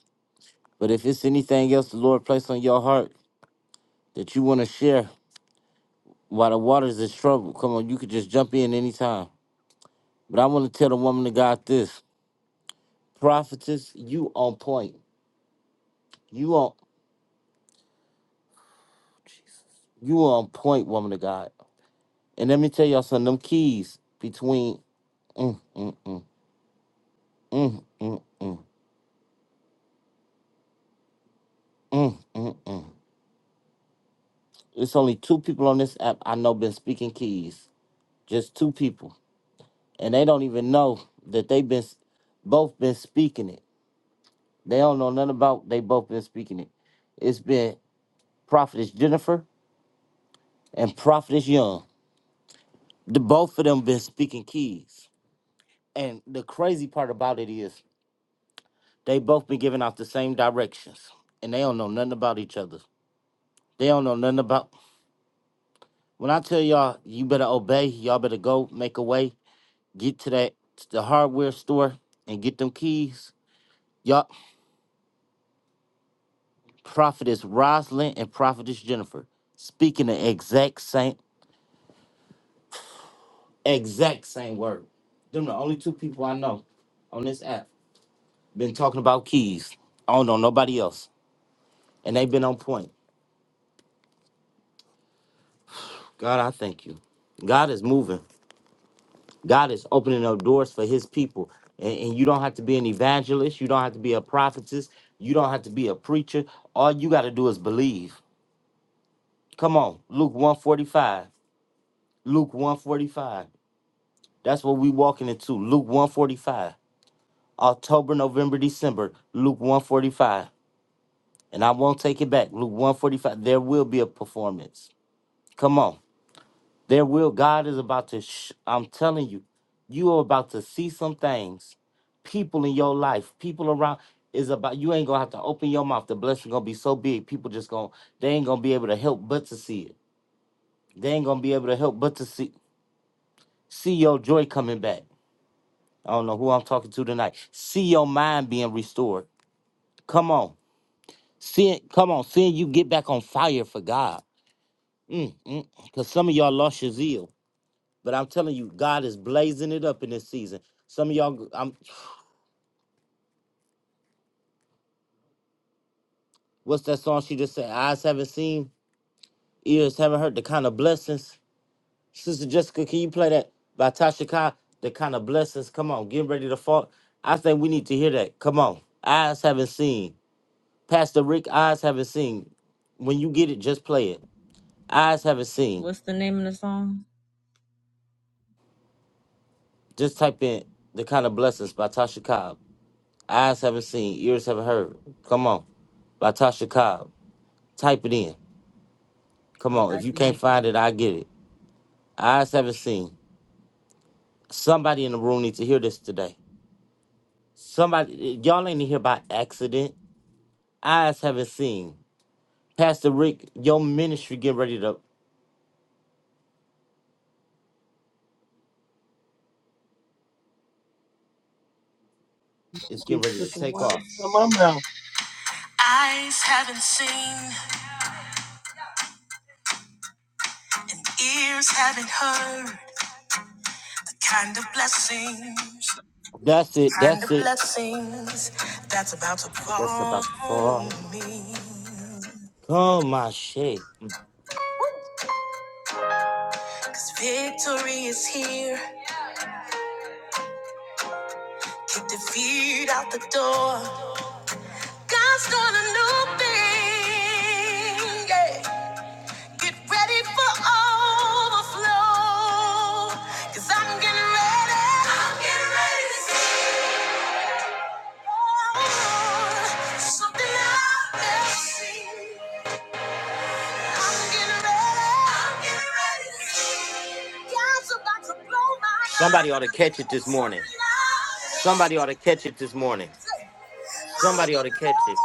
but if it's anything else the Lord placed on your heart, that you want to share while the waters is troubled. Come on, you could just jump in anytime. But I want to tell the woman of God this. Prophetess, you on point. You on you on point, woman of God. And let me tell y'all something, them keys between mm, mm, mm, mm, mm, mm, mm, mm, mm. It's only two people on this app I know been speaking keys. Just two people. And they don't even know that they've been s- both been speaking it. They don't know nothing about they both been speaking it. It's been Prophetess Jennifer and Prophetess Young. The both of them been speaking keys. And the crazy part about it is they both been giving out the same directions. And they don't know nothing about each other. They don't know nothing about when I tell y'all you better obey, y'all better go make a way, get to that the hardware store and get them keys. Y'all Prophetess Rosalind and Prophetess Jennifer speaking the exact same exact same word. Them the only two people I know on this app Been talking about keys. I don't know nobody else. And they've been on point. God, I thank you. God is moving. God is opening up doors for his people. And, and you don't have to be an evangelist. You don't have to be a prophetess. You don't have to be a preacher. All you got to do is believe. Come on. Luke 145. Luke 145. That's what we walking into. Luke 145. October, November, December. Luke 145. And I won't take it back. Luke 145. There will be a performance. Come on. There will, God is about to, sh- I'm telling you, you are about to see some things. People in your life, people around, is about, you ain't gonna have to open your mouth. The blessing gonna be so big, people just gonna, they ain't gonna be able to help but to see it. They ain't gonna be able to help but to see, see your joy coming back. I don't know who I'm talking to tonight. See your mind being restored. Come on. See it, come on, seeing you get back on fire for God. Mm, Cause some of y'all lost your zeal. But I'm telling you, God is blazing it up in this season. Some of y'all, I'm, what's that song she just said? Eyes haven't seen, ears haven't heard the kind of blessings. Sister Jessica, can you play that by Tasha Cobb? The kind of blessings. Come on, get ready to fall. I think we need to hear that. Come on. Eyes haven't seen. Pastor Rick, eyes haven't seen. When you get it, just play it. Eyes haven't seen.
What's the name of the song?
Just type in the kind of blessings by Tasha Cobb. Eyes haven't seen, ears haven't heard. Come on by Tasha Cobb. Type it in. Come
I'm
on, if you
typing
can't
it.
find it, I get it. Eyes haven't seen. Somebody in the room needs to hear this today. Somebody, y'all ain't here by accident. Eyes haven't seen. Pastor Rick, your ministry getting ready to it's getting
Just
ready to
took the
take
words
off.
out of my mouth.
Eyes haven't seen and ears haven't heard the kind of blessings,
That's it.
kind
That's
of
it.
blessings that's about to
That's
fall
about to
on
fall.
me.
Come my shit.
Cause victory is here Kick the feet out the door. God's doing a new thing. Yeah. Get ready for overflow. Cause I'm getting ready. I'm getting ready to see oh, something I've never seen. I'm getting ready. I'm getting ready. God's about to blow my mind.
Somebody ought to catch it this morning.
Something loud.
Somebody
I'm
ought to
getting
catch it this morning.
ready. Oh,
Somebody ought to
yes,
catch it.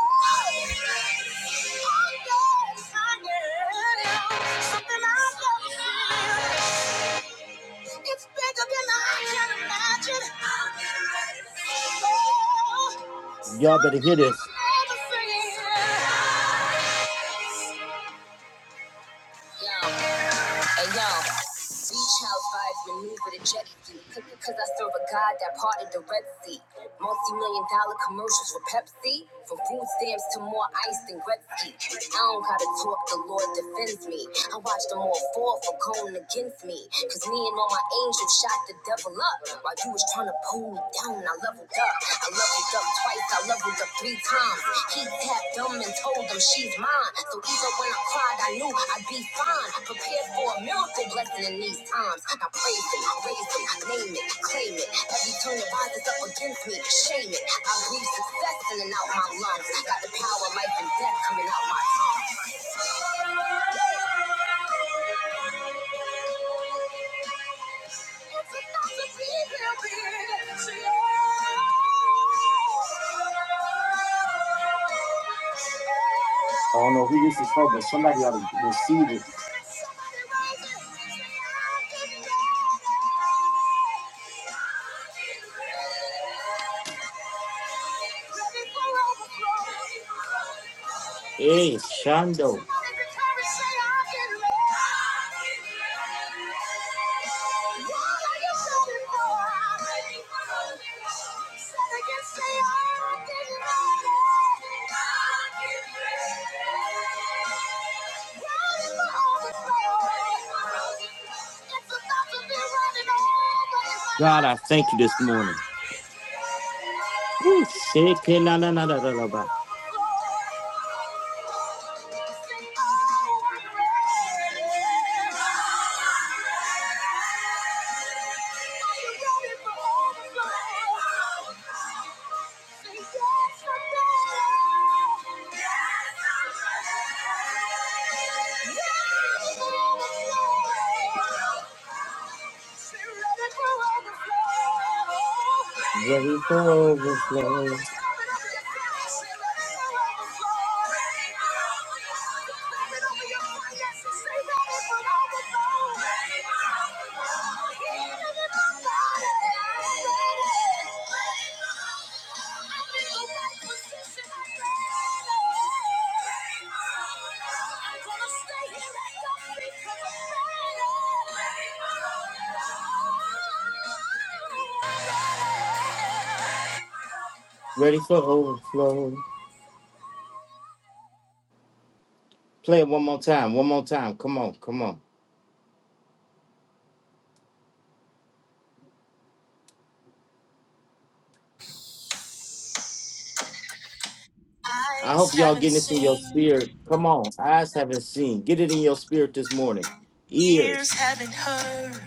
I am. Something I've never seen. It's bigger than I can imagine. I'm getting ready to see. Oh,
Y'all better hear
something
this.
I've never seen. Hey, Yo, hey yo. Beach house vibes maneuver the jet ski. Click because I serve a god that parted the Red Sea. Multi million dollar commercials for Pepsi. From food stamps to more ice than Gretzky. I don't gotta talk, the Lord defends me. I watch them all fall for going against me. Cause me and all my angels shot the devil up. While you was trying to pull me down, I leveled up. I I leveled up twice, I leveled up three times. He tapped them and told them she's mine. So even when I cried, I knew I'd be fine. Prepared for a miracle blessing in these times. I praise him, raise him, name it, claim it. Every turn that rises up against me, shame it. I breathe success in and out my lungs. Got the power, life and death coming out my tongue.
I don't know who this is for, but somebody ought to receive it. Hey, Shondo.
What are you looking for? Thank you.
God, I thank you this morning. Ooh, shit, kid, na, na, na, na, na, na, na. Ready for overflow.
Say
Ready for overflow. Play it one more time. One more time. Come on. Come on. I
Eyes
hope y'all
haven't
getting this in your
seen.
spirit. Come on. Eyes haven't seen. Get it in your spirit this morning.
Ears
Ears.
haven't heard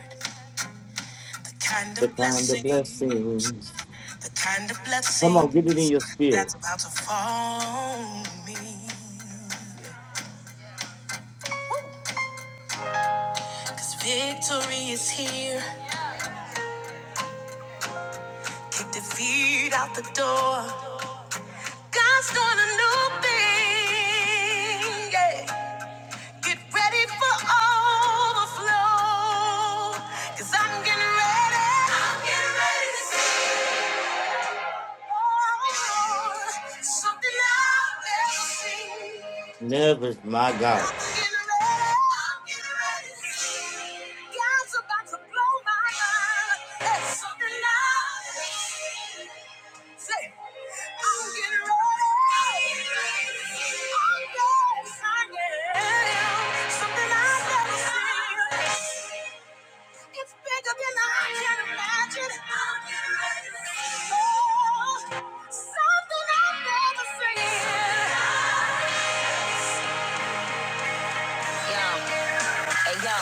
the kind of
The kind of
blessing,
blessings.
the kind of
Come on. Get it in
blessings
your spirit.
that's about to fall on me. Cause victory is here. Kick defeat out the door. God's doing a new thing. Yeah. Get ready for overflow. Cause I'm getting ready. I'm getting ready to see. Oh, Lord, Something I've never seen.
Never, my
It's
God.
bigger than I can imagine. I'm getting ready to see. Oh, something I've never seen. Yeah. Hey yo,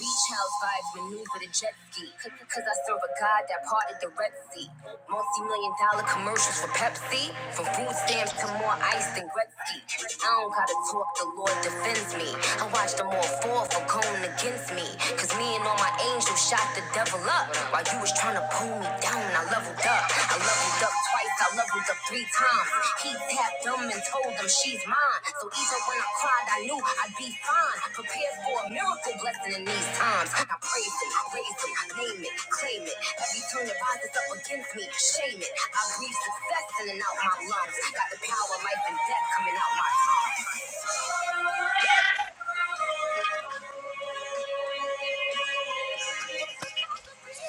beach house vibes maneuver the jet ski. Cause I serve a god that parted the Red Sea. Multi-million dollar commercials for Pepsi. From food stamps to more ice than Gretzky. I don't gotta talk, the Lord defends me. I watch them all fall for going against me. Cause me and all my angels shot the devil up. While you was tryna pull me down, I leveled up. I I leveled up twice, I leveled up three times. He tapped them and told them she's mine. So even when I cried, I knew I'd be fine. Prepared for a miracle blessing in these times. I praise him, raise him, name it, claim it. Every turn that rises up against me, shame it. I breathe success in and out my lungs. Got the power, life, and death coming out my tongue.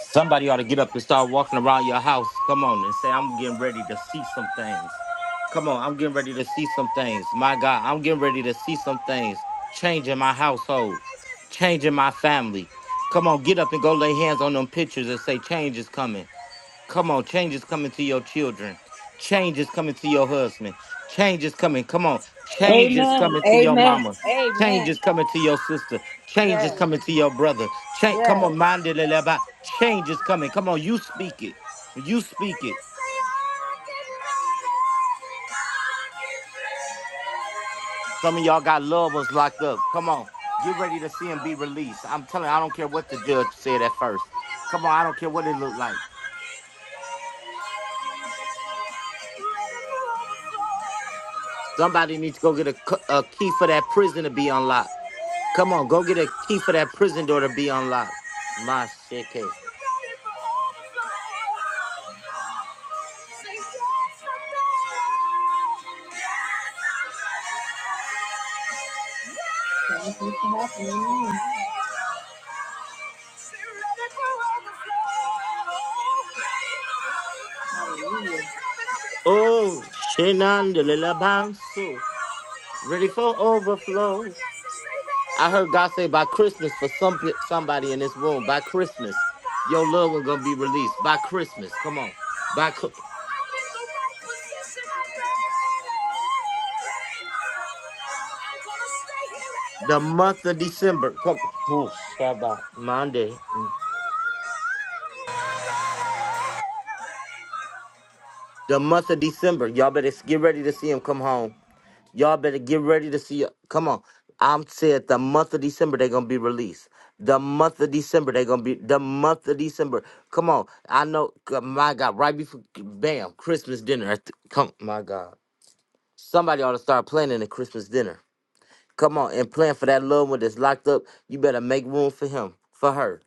Somebody ought to get up and start walking around your house. Come on and say, I'm getting ready to see some things. Come on, I'm getting ready to see some things. My God, I'm getting ready to see some things. Change in my household, change in my family. Come on, get up and go lay hands on them pictures and say, change is coming. Come on, change is coming to your children. Change is coming to your husband. Change is coming. Come on. Change is
Amen.
coming to your
Amen.
mama. Change
Amen.
is coming to your sister. Change is
Yes.
coming to your brother. Change,
Yes.
come on, mind it, Leleba. Change is coming. Come on, you speak it. You speak it. Some of y'all got loved ones locked up. Come on. Get ready to see them be released. I'm telling you, I don't care what the judge said at first. Come on, I don't
Thank you.
care what it looked like. Somebody needs to go get a, cu- a key for that prison to be unlocked. Come on, go get a key for that prison door to be unlocked. My shit case.
Thank you for having me. Hallelujah.
Oh, shenandoah, banso. Ready for overflow. I heard God say by Christmas for some pe- somebody in this room. By Christmas, your loved one gonna be released. By Christmas, come on. By cr-
Stay here
the month of
and
December, come. Oh, Shabbat, Monday. Mm.
go.
The month of December, y'all better s- get ready to see him come home. Y'all better get ready to see. Come on. I'm said the month of December they're gonna be released. The month of December they're gonna be the month of December. Come on. I know g- my God, right before bam, Christmas dinner. I th- Come my God. Somebody ought to start planning a Christmas dinner. Come on and plan for that loved one that's locked up. You better make room for him, for her.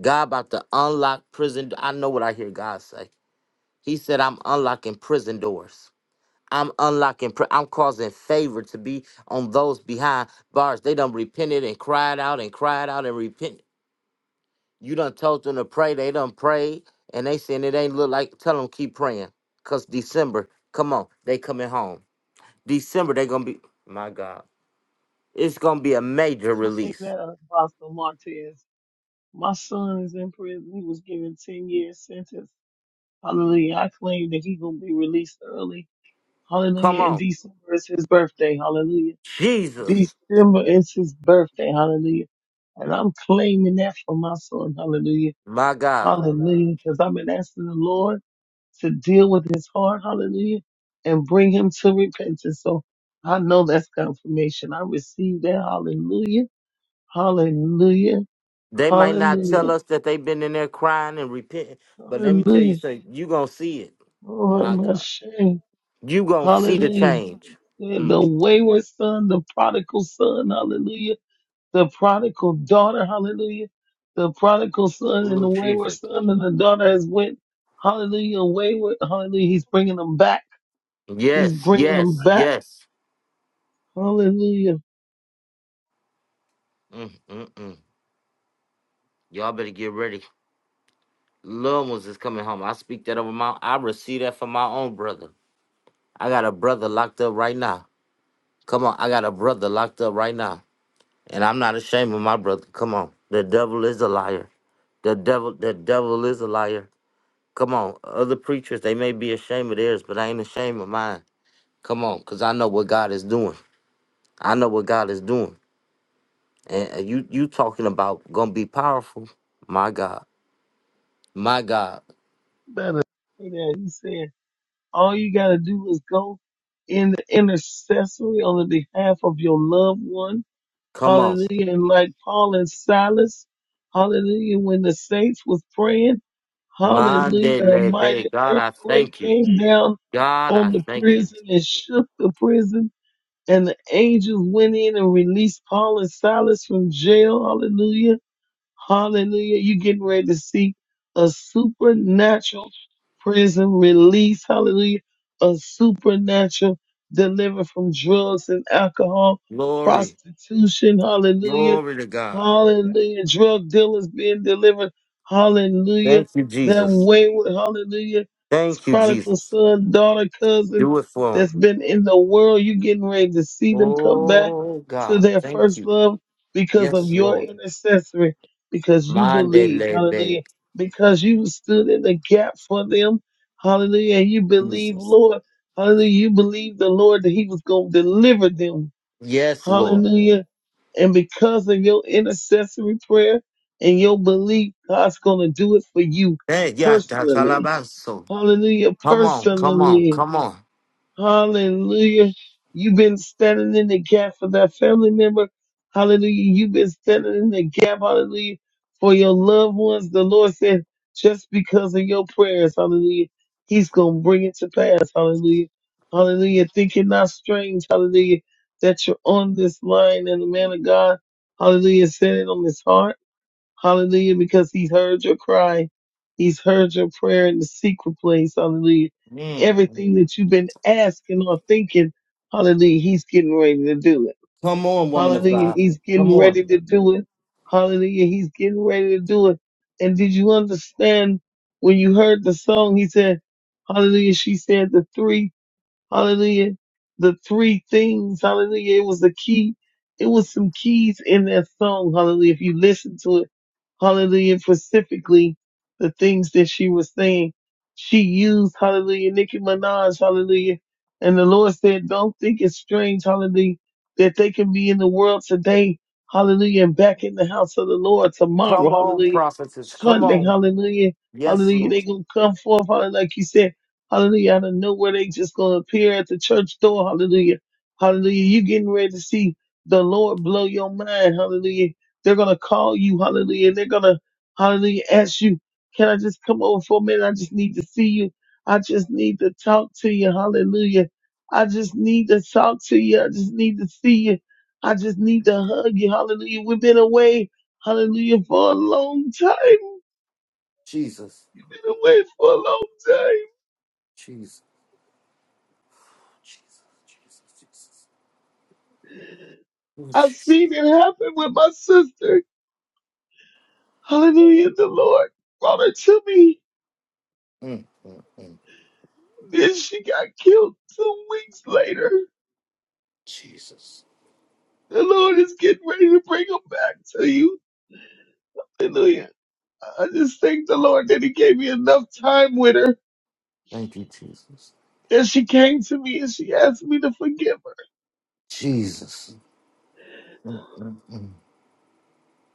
God about to unlock prison. I know what I hear God say. He said, I'm unlocking prison doors. I'm unlocking, pr- I'm causing favor to be on those behind bars. They done repented and cried out and cried out and repented. You done told them to pray, they done prayed, and they saying it ain't look like, tell them keep praying. Cause December, come on, they coming home. December, they gonna be, my God, it's gonna be a major
Take
release.
that up, Apostle Martez. My son is in prison. He was given 10 years sentence. Hallelujah. I claim that he gonna be released early.
Come
Hallelujah. In
on,
December is his birthday. Hallelujah.
Jesus,
December is his birthday. Hallelujah. And I'm claiming that for my son. Hallelujah.
my God.
Hallelujah. Because I've been asking the Lord to deal with his heart. Hallelujah. And bring him to repentance. So I know that's confirmation. I received that. Hallelujah. Hallelujah.
They might not tell
Hallelujah.
us that they been in there crying and repenting, but let me tell you
Hallelujah.
something, you gonna see it,
Oh,
my
my
God.
shame.
You gonna see the
Hallelujah.
change.
Yeah,
Mm.
The wayward son, the prodigal son. Hallelujah the prodigal daughter, hallelujah, the prodigal son and
Oh
the wayward
Jesus.
son and the daughter has went, hallelujah, wayward, hallelujah. He's bringing them back. He's
Yes,
bringing them
yes,
back,
yes.
hallelujah.
Mm, mm, mm. Y'all better get ready. Little ones is coming home. I speak that over my. I receive that from my own brother. I got a brother locked up right now. Come on, I got a brother locked up right now, and I'm not ashamed of my brother. Come on, the devil is a liar. The devil, the devil is a liar. Come on, other preachers they may be ashamed of theirs, but I ain't ashamed of mine. Come on, cause I know what God is doing. I know what God is doing. And uh, you you talking about gonna be powerful? My God, my God,
Better. Yeah, he said, all you gotta do is go in the intercessory on the behalf of your loved one,
come on,
hallelujah. And like Paul and Silas, hallelujah, when the saints was praying, hallelujah, a
Mandele
mighty
Bay. God, I
earthquake
thank you.
came down
God, I
on the
thank you.
prison and shook the prison. And the angels went in and released Paul and Silas from jail. Hallelujah Hallelujah. You're getting ready to see a supernatural prison release. Hallelujah. A supernatural delivered from drugs and alcohol,
Glory,
prostitution. Hallelujah.
glory to God.
Hallelujah. Drug dealers being delivered. Hallelujah.
Thank you,
That
Jesus.
wayward. Hallelujah. It's
Thank you,
prodigal
Jesus.
son, daughter, cousin
Do it for him.
that's been in the world. You're getting ready to see them come back
Oh
to
God,
their
thank
first
you.
love because of
Yes,
your
Lord.
intercessory because you believed,
Mandele Bay,
hallelujah, because you stood in the gap for them, hallelujah, and you believe,
Jesus.
Lord, hallelujah, you believe the Lord that He was going to deliver them,
Yes, Lord.
hallelujah, and because of your intercessory prayer and your belief, God's going to do it for you
Hey, yeah, that's all
personally,
about so.
hallelujah,
Come on, come on,
personally.
come on.
Hallelujah. You've been standing in the gap for that family member. Hallelujah. You've been standing in the gap. Hallelujah. For your loved ones. The Lord said, just because of your prayers. Hallelujah. He's going to bring it to pass. Hallelujah. Hallelujah. Think it not strange. Hallelujah. That you're on this line and the man of God. Hallelujah. Set it on his heart. Hallelujah. Because he's heard your cry. He's heard your prayer in the secret place. Hallelujah.
Mm.
Everything that you've been asking or thinking. Hallelujah. He's getting ready to do it.
Come on, woman of
Hallelujah.
God.
He's
Come
getting
on.
ready to do it. Hallelujah. He's getting ready to do it. And did you understand when you heard the song? He said, Hallelujah. She said the three Hallelujah. The three things. Hallelujah. It was a key. It was some keys in that song. Hallelujah. If you listen to it, hallelujah, specifically the things that she was saying, she used, hallelujah, Nicki Minaj, hallelujah. And the Lord said, don't think it's strange, hallelujah, that they can be in the world today, hallelujah, and back in the house of the Lord tomorrow,
Come on,
hallelujah,
prophetess. Come
Sunday,
on.
hallelujah,
Yes,
hallelujah. They
Lord.
gonna come forth, hallelujah, like you said. Hallelujah. I don't know where they just going to appear at the church door. Hallelujah. Hallelujah. You getting ready to see the Lord blow your mind. Hallelujah. They're going to call you. Hallelujah. They're going to, hallelujah, ask you, can I just come over for a minute? I just need to see you. I just need to talk to you. Hallelujah. I just need to talk to you. I just need to see you. I just need to hug you. Hallelujah. We've been away. Hallelujah. For a long time.
Jesus.
We've been away for a long time.
Jesus. Jesus. Jesus. Jesus. Oh,
I've
Jesus.
seen it happen with my sister. Hallelujah. The Lord brought her to me.
Mm, mm, mm.
Then she got killed two weeks later.
Jesus.
The Lord is getting ready to bring her back to you. Hallelujah. I just thank the Lord that He gave me enough time with her
Thank you, Jesus.
that she came to me and she asked me to forgive her.
Jesus. Mm, mm,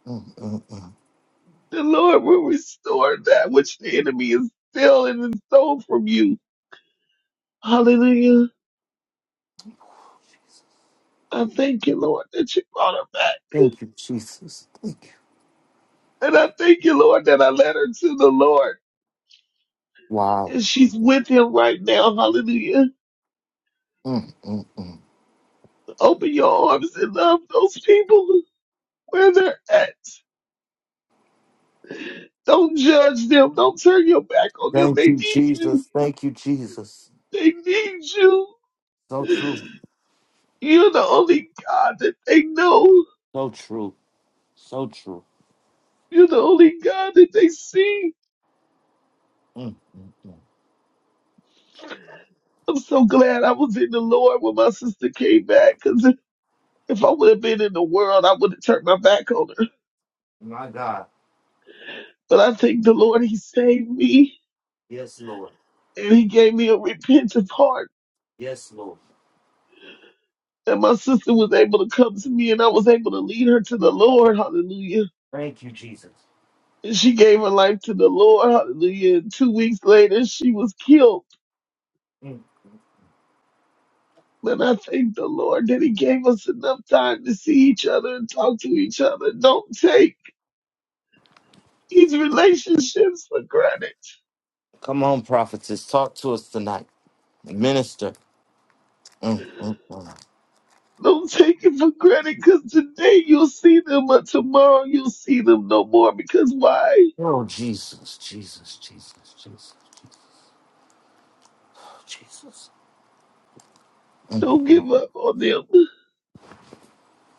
mm, mm, mm.
The Lord will restore that which the enemy has stolen and stole from you. Hallelujah. I thank you, Lord, that you brought her back.
Thank you, Jesus. Thank you.
And I thank you, Lord, that I led her to the Lord.
Wow.
And she's with him right now. Hallelujah.
Mm, mm, mm.
Open your arms and love those people where they're at. Don't judge them. Don't turn your back on them.
Thank
They
you,
need you.
Jesus. Thank you, Jesus.
They need you.
So true.
You're the only God that they know.
So true. So true.
You're the only God that they see.
Mm, mm.
I'm so glad I was in the Lord when my sister came back because if I would have been in the world, I would have turned my back on her.
My God.
But I thank the Lord, He saved me
Yes, Lord.
and He gave me a repentant heart.
Yes, Lord.
And my sister was able to come to me and I was able to lead her to the Lord. Hallelujah.
Thank you, Jesus.
And she gave her life to the Lord. Hallelujah. And two weeks later, she was killed.
Mm,
And I thank the Lord that He gave us enough time to see each other and talk to each other. Don't take these relationships for granted.
Come on, prophetess. Talk to us tonight. Minister. Mm, mm, mm.
Don't take it for granted because today you'll see them, but tomorrow you'll see them no more. Because why?
Oh, Jesus, Jesus, Jesus, Jesus, Jesus. Mm,
Don't give up on them.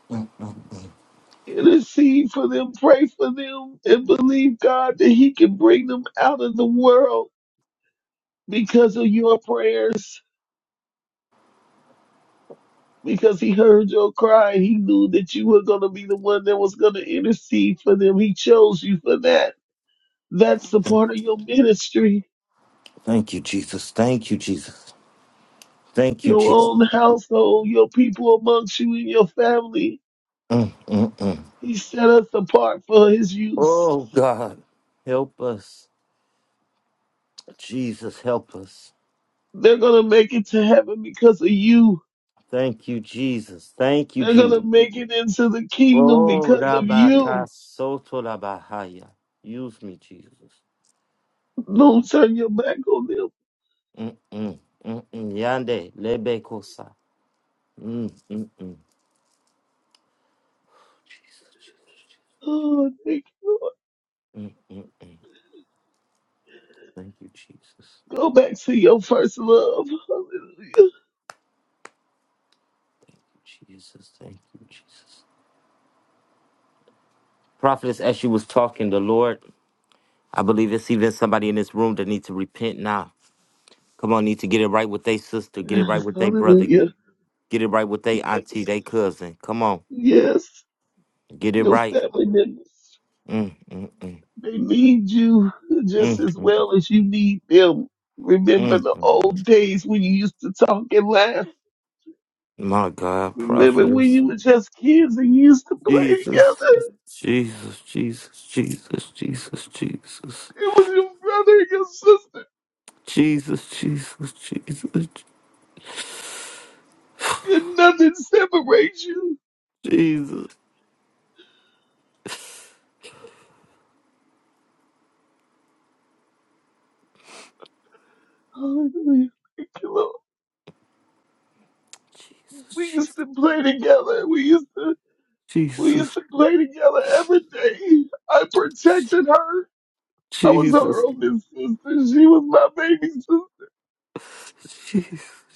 mm, mm, mm.
intercede for them, pray for them, and believe God that He can bring them out of the world because of your prayers. Because He heard your cry, He knew that you were going to be the one that was going to intercede for them. He chose you for that. That's the
Thank
part of your ministry,
thank you, Jesus. Thank you, Jesus. Thank you,
your
Jesus.
own household, your people amongst you and your family.
Mm, mm, mm.
He set us apart for His use.
Oh, God, help us. Jesus, help us.
They're going to make it to heaven because of you.
Thank you, Jesus. Thank you,
They're going to
Jesus.
make it into the kingdom
Oh,
because of you
Rabaka Soto Rabahaya. Use me, Jesus.
Don't turn your back on them.
Mm-mm. Mm-mm. Yande Lebekosa. Mm, mm, mm.
Oh, thank you, Lord.
Thank you, Jesus.
Go back to your first love. Hallelujah.
Jesus, thank you, Jesus. Prophetess, as you was talking, the Lord, I believe it's even somebody in this room that need to repent now. Come on, need to get it right with their sister, get it right
Yes,
with their brother,
hallelujah.
get it right with their auntie, their
Yes.
cousin. Come on,
Yes.
get it
Your
right.
family members,
Mm, mm, mm,
they need you just
mm,
as
mm,
well as you need them. Remember
mm, mm,
the
mm.
old days when you used to talk and laugh.
My God,
Remember when
prophetess.
you were just kids and you used to play
Jesus,
together.
Jesus, Jesus, Jesus, Jesus, Jesus,
It was your brother and your sister.
Jesus, Jesus, Jesus,
Could nothing separate you.
Jesus,
Hallelujah. Thank you, Lord. We used
Jesus,
to play together. We used to we used
Jesus,
to play together every day. I protected her. I was
Jesus,
her
Jesus,
only sister. She was my baby sister.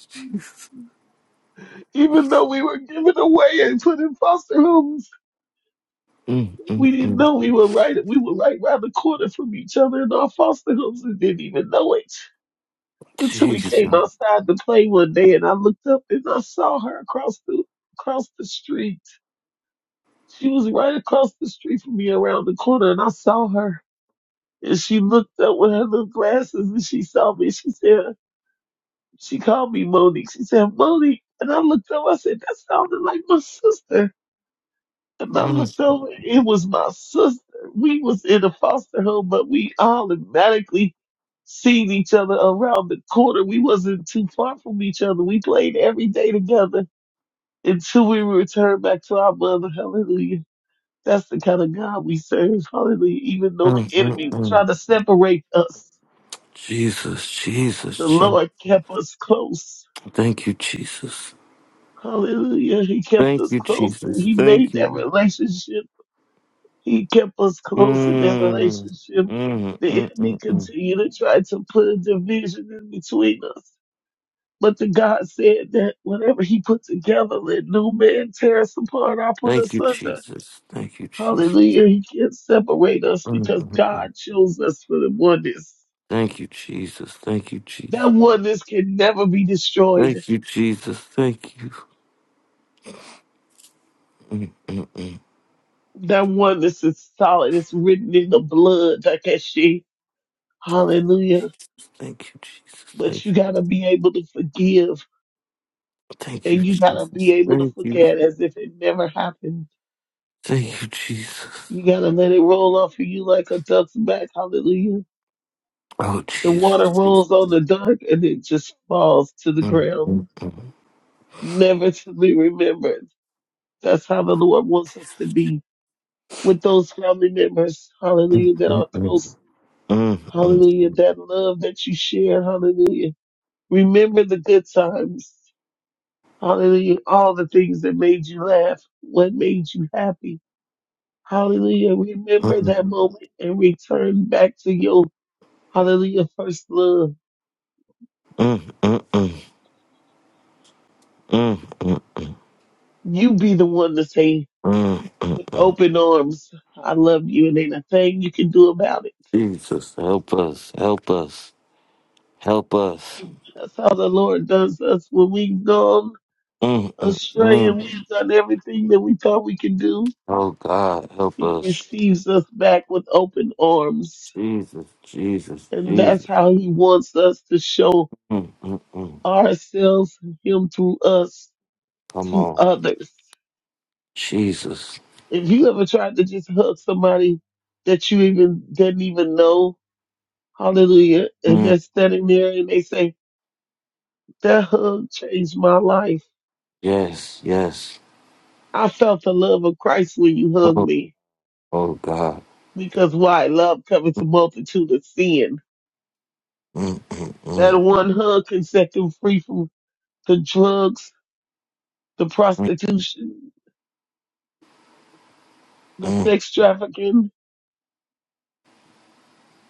Jesus,
Even though we were given away and put in foster homes,
Mm, mm,
we didn't
mm.
know we were right. We were right around the corner from each other in our foster homes and didn't even know it until we
Jesus,
came outside to play one day. And I looked up and I saw her across the across the street. She was right across the street from me around the corner, and I saw her. And she looked up with her little glasses and she saw me. She said, she called me Monique. She said, Monique. And I looked up, I said, that sounded like my sister. And I
Mm,
looked over, it was my sister. We was in a foster home, but we automatically seen each other around the corner. We wasn't too far from each other. We played every day together until we were returned back to our mother. Hallelujah. That's the kind of God we serve. Hallelujah. Even though the
mm, mm,
enemy would
mm.
try to separate us.
Jesus,
The
Jesus, Jesus.
Lord kept us close.
Thank you, Jesus.
Hallelujah. He kept
Thank
us
you,
close and
Jesus.
He
Thank
made that
you.
relationship. He kept us close in that
Mm,
relationship.
mm,
The
mm,
enemy
mm, mm.
continued to try to put a division in between us. But the God said that whatever He put together, let no man tear us apart or put
Thank
us
you,
under.
Jesus. Thank you, Jesus.
Hallelujah. He can't separate us
Mm,
because
mm, mm.
God chose us for the oneness.
Thank you, Jesus. Thank you, Jesus.
That oneness can never be destroyed.
Thank you, Jesus. Thank you. Mm,
That oneness is solid. It's written in the blood, Takeshi. Hallelujah.
Thank you, Jesus.
But
Thank you.
you gotta be able to forgive
Thank you,
and you gotta be
Jesus.
able to
Thank you.
forget as if it never happened.
Thank you, Jesus.
You gotta let it roll off of you like a duck's back. Hallelujah.
Oh,
The water
Jesus. Jesus.
rolls on the dark and it just falls to the
Mm, mm,
ground,
mm,
never to be remembered. That's how the Lord wants us to be with those family members. Hallelujah. That
mm,
are
mm,
close.
mm, mm, mm, mm,
Hallelujah. That love that you share. Hallelujah Remember the good times. Hallelujah. All the things that made you laugh, what made you happy. Hallelujah. Remember that moment and return back to your hallelujah first love.
mm, mm, mm, mm,
You be the one to say,
mm. mm.
open arms. I love you and ain't a thing you can do about it.
Jesus, help us, help us, help us.
That's how the Lord does us when we've gone
Mm, mm,
astray
mm.
and we've done everything that we thought we could do.
Oh God, help
He
us.
receives us back with open arms.
Jesus, Jesus,
And that's
Jesus.
how he wants us to show
Mm, mm, mm.
ourselves, him through us
Come
to
on,
others.
Jesus.
If you ever tried to just hug somebody that you even didn't even know, hallelujah, and
Mm,
they're standing there and they say, that hug changed my life.
yes, yes.
I felt the love of Christ when you hugged
Oh,
me.
oh God.
Because why? Love covers a multitude of sin.
Mm, mm,
That
mm,
one hug can set them free from the drugs, the
mm.
prostitution, the
mm.
sex trafficking,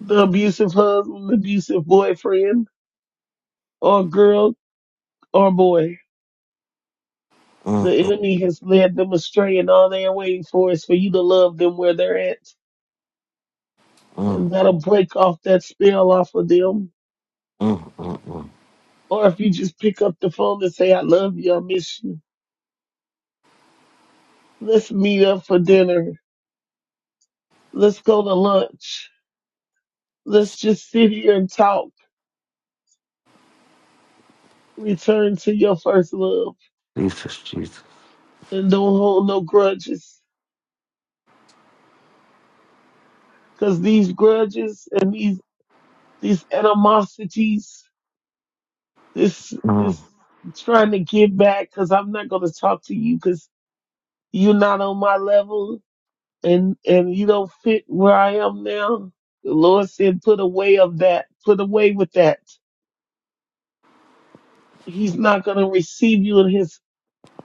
the abusive husband, abusive boyfriend, or girl or boy.
Mm,
The enemy has led them astray, and all they are waiting for is for you to love them where they're at. And
mm,
that'll break off that spell off of them.
mm, mm, mm. mm.
Or if you just pick up the phone and say, I love you, I miss you. Let's meet up for dinner. Let's go to lunch. Let's just sit here and talk. Return to your first love
Jesus, Jesus.
and don't hold no grudges. Cause these grudges and these, these animosities this
Mm.
this trying to get back because I'm not going to talk to you because you're not on my level and and you don't fit where I am now. The Lord said, put away of that, put away with that. He's not going to receive you in his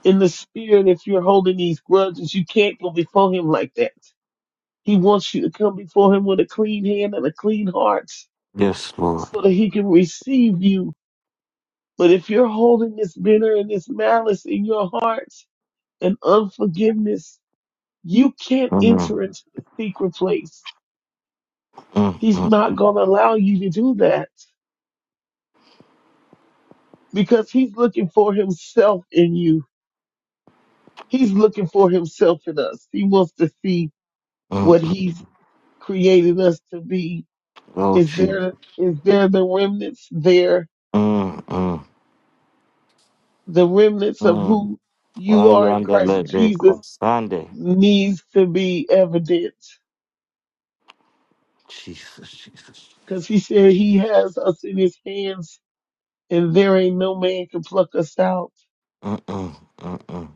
in the spirit if you're holding these grudges. You can't go before him like that. He wants you to come before him with a clean hand and a clean heart
Yes, Lord.
so that he can receive you. But if you're holding this bitter and this malice in your heart, and unforgiveness, you can't
Mm,
enter into the secret place.
mm,
He's
mm,
not going to allow you to do that because he's looking for himself in you. He's looking for himself in us. He wants to see
mm,
what
mm.
he's created us to be.
Oh,
Is
Jesus.
there, is there the remnants there?
Mm, mm,
The remnants of
mm.
who you
Why you
are in
under
Christ
that day
Jesus
called Sunday?
needs to be evident
Jesus, Jesus.
because he said he has us in his hands and there ain't no man can pluck us out.
Mm, mm, mm, mm, mm,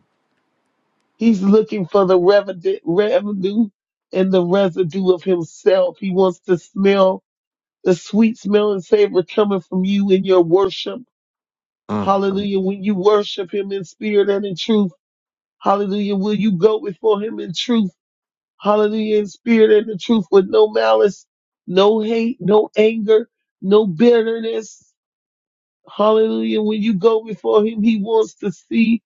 He's looking for the revenue, revenue and the residue of himself. He wants to smell the sweet smell and savor coming from you in your worship.
mm, mm, mm, mm,
Hallelujah. When you worship him in spirit and in truth. Hallelujah. Will you go before him in truth? Hallelujah. In spirit and in truth with no malice, no hate, no anger, no bitterness. Hallelujah. When you go before him, he wants to see.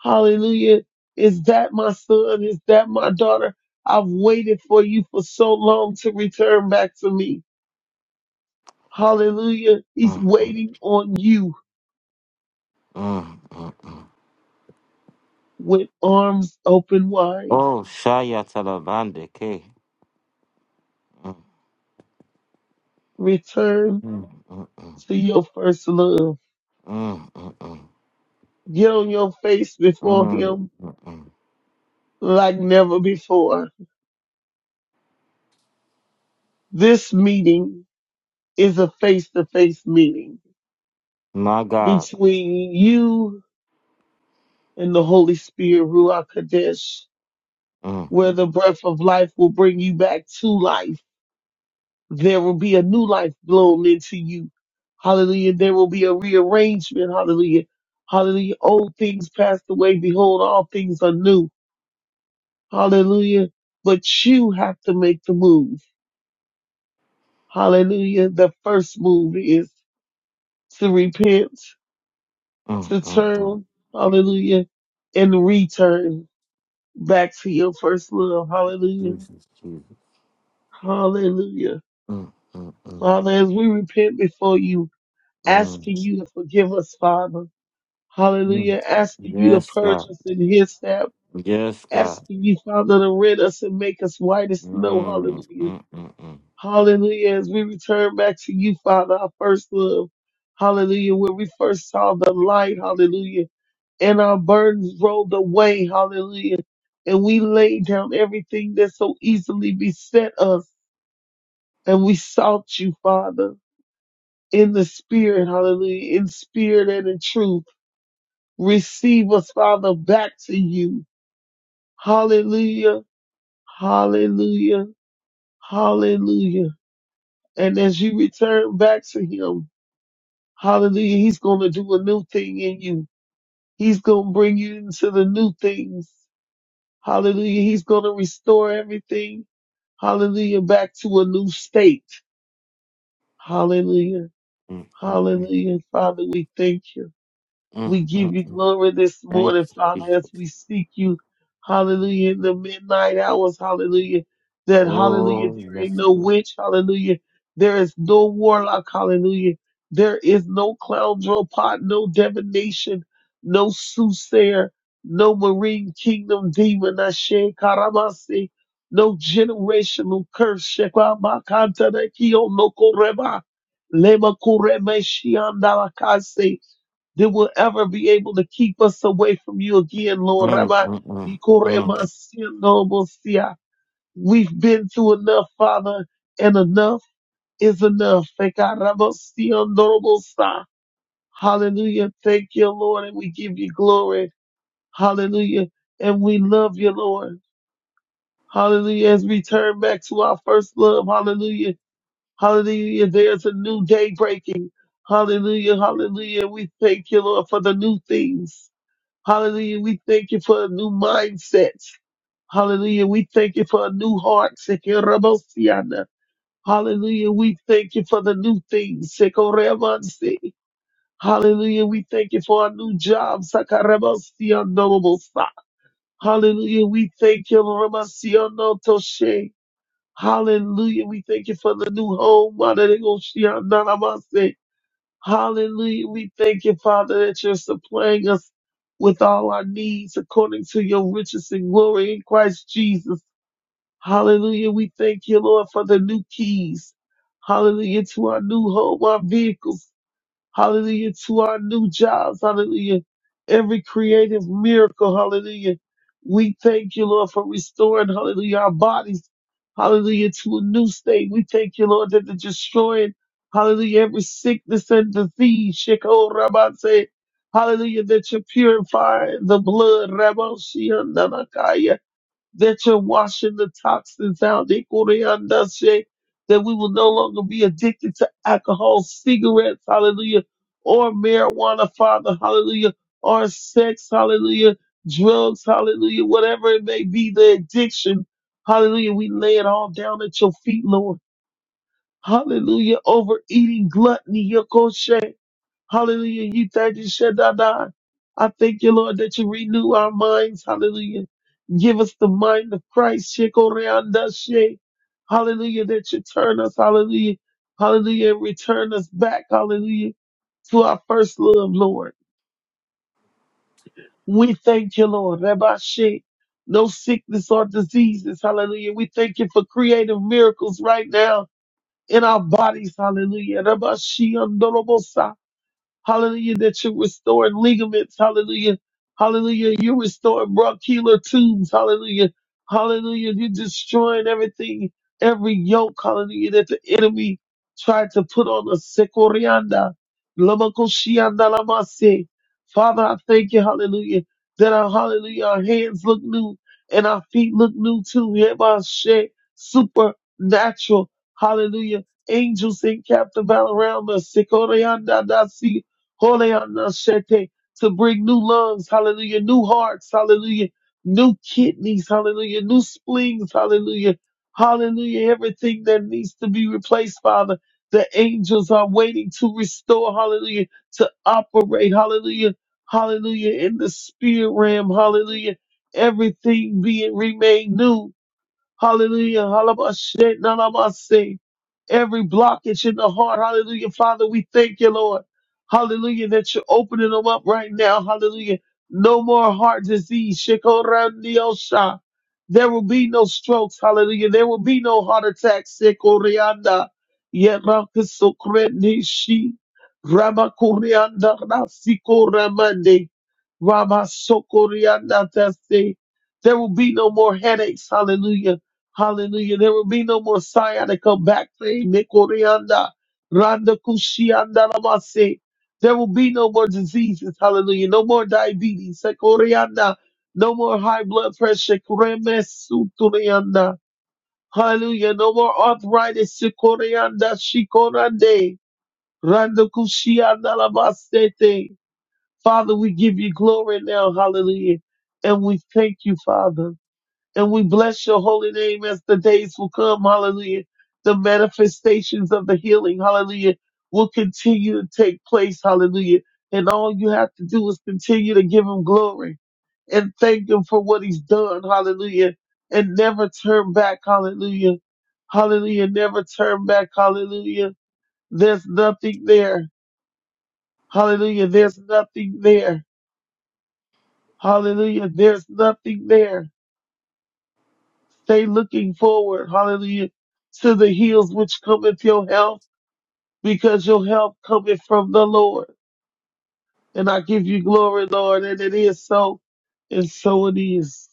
Hallelujah. Is that my son? Is that my daughter? I've waited for you for so long to return back to me. Hallelujah. He's
mm.
waiting on you with arms open wide.
Oh, Shaya Talabande, K. Mm,
Return
mm, mm, mm,
to your first love.
mm, mm, mm,
Get on your face before
mm,
him
mm, mm.
like never before. This meeting is a face to face meeting
My God.
between you in the Holy Spirit, Ruach Kadesh,
Mm,
where the breath of life will bring you back to life. There will be a new life blown into you. Hallelujah. There will be a rearrangement. Hallelujah. Hallelujah. Old things passed away. Behold, all things are new. Hallelujah. But you have to make the move. Hallelujah. The first move is to repent,
mm,
to
mm, mm.
turn. Hallelujah. And return back to your first love. Hallelujah.
Jesus, Jesus.
Hallelujah.
Mm, mm, mm.
Father, as we repent before you,
Mm,
asking you to forgive us, Father.
mm.
Hallelujah. Asking you to
Yes,
purge
God.
us in his step.
Yes, God.
Asking you, Father, to rid us and make us white as snow.
Mm,
Hallelujah.
mm, mm, mm,
Hallelujah. As we return back to you, Father, our first love. Hallelujah. where we first saw the light. Hallelujah. And our burdens rolled away. Hallelujah. And we laid down everything that so easily beset us. And we sought you, Father. in the spirit, hallelujah, in spirit and in truth. Receive us, Father, back to you. Hallelujah, hallelujah, hallelujah. And as you return back to him, hallelujah, he's going to do a new thing in you. He's going to bring you into the new things. Hallelujah. He's going to restore everything. Hallelujah. Back to a new state. Hallelujah.
mm, mm, mm,
Hallelujah. Father, we thank you.
mm,
We give
mm,
you
mm.
glory this
Thank
morning,
you,
Father,
Jesus.
as we seek you, hallelujah, in the midnight hours, hallelujah, that hallelujah,
Oh,
there ain't
yes.
no witch, hallelujah, there is no warlock, hallelujah, there is no clown draw pot, no divination, no soothsayer, no marine kingdom demon, Ashe Karamasi, no generational curse, Shekwa Makanta Kio no Koreba, Lema Kureme Shiandalakase that will ever be able to keep us away from you again, Lord.
Mm,
Rabbi,
mm, mm, mm.
We've been to enough, Father, and enough is enough. Ekarabasiandorobosa. Hallelujah. Thank you, Lord, and we give you glory. Hallelujah. And we love you, Lord. Hallelujah. As we turn back to our first love, hallelujah. Hallelujah. There's a new day breaking. Hallelujah. Hallelujah. We thank you, Lord, for the new things. Hallelujah. We thank you for a new mindset. Hallelujah. We thank you for a new heart. Sekerabosiana. Hallelujah. We thank you for the new things. Sekoremansi. Hallelujah. We thank you for our new job. Sakarabosianobosa. Hallelujah. We thank you. Ramasiono Toshe. Hallelujah. We thank you for the new home. Manerego Hallelujah. We thank you, Father, that you're supplying us with all our needs according to your riches and glory in Christ Jesus. Hallelujah. We thank you, Lord, for the new keys. Hallelujah. To our new home, our vehicles hallelujah, to our new jobs, hallelujah, every creative miracle, hallelujah. We thank you, Lord, for restoring, hallelujah, our bodies, hallelujah, to a new state. We thank you, Lord, that the destroying, hallelujah, every sickness and disease, Sheko Rabate, hallelujah, that you're purifying the blood, Raboshi that you're washing the toxins out. Ikoreyandase, That we will no longer be addicted to alcohol, cigarettes, hallelujah, or marijuana, Father, hallelujah, or sex, hallelujah, drugs, hallelujah, whatever it may be, the addiction, hallelujah. We lay it all down at your feet, Lord. Hallelujah. Overeating, gluttony, yokoshe. Hallelujah. You thirty Shaddai. I thank you, Lord, that you renew our minds. Hallelujah. Give us the mind of Christ. Shekoreanda she. Hallelujah. That you turn us. Hallelujah. Hallelujah. And return us back. Hallelujah. To our first love, Lord. We thank you, Lord. Rabbi she. No sickness or diseases. Hallelujah. We thank you for creative miracles right now in our bodies. Hallelujah. Rabbi she. andorobosa hallelujah, that you're restoring ligaments, hallelujah, hallelujah, you're restoring bronchial tubes, hallelujah, hallelujah, you're destroying everything, every yoke, hallelujah, that the enemy tried to put on us. Sekorianda, lamakoshianda lamase. Father, I thank you, hallelujah, that our, hallelujah, our hands look new and our feet look new too. Hebashe, supernatural, hallelujah, angels encamped about around us. Sekorianda, dasi. Holy Anashete, to bring new lungs, hallelujah, new hearts, hallelujah, new kidneys, hallelujah, new spleens, hallelujah, hallelujah, everything that needs to be replaced, Father. The angels are waiting to restore, hallelujah, to operate, hallelujah, hallelujah, in the spirit realm, hallelujah, everything being remade new. Hallelujah. Halabashe, nalabase. Every blockage in the heart. Hallelujah. Father, we thank you, Lord. Hallelujah. That you're opening them up right now. Hallelujah. No more heart disease. Shekorandiosha. There will be no strokes. Hallelujah. There will be no heart attacks. Sekorianda. Yerakisokrendishi. Ramakorianda. Rasikoramande. Ramasokorianda. Tase. There will be no more headaches. Hallelujah. Hallelujah. There will be no more sciatica come back pain. Nikorianda, Randa Kushianda Lamase. There will be no more diseases. Hallelujah. No more diabetes. Sekorianda. No more high blood pressure. Kuremesuturianda. Hallelujah. No more arthritis. Sekorianda Shikorande. Randa Kushianda Lamasete. Father, we give you glory now. Hallelujah. And we thank you, Father. And we bless your holy name as the days will come. Hallelujah. The manifestations of the healing, hallelujah, will continue to take place. Hallelujah. And all you have to do is continue to give him glory and thank him for what he's done. Hallelujah. And never turn back. Hallelujah. Hallelujah. Never turn back. Hallelujah. There's nothing there. Hallelujah. There's nothing there. Hallelujah. There's nothing there. Stay looking forward, hallelujah, to the hills which cometh your help, because your help cometh from the Lord. And I give you glory, Lord, and it is so, and so it is.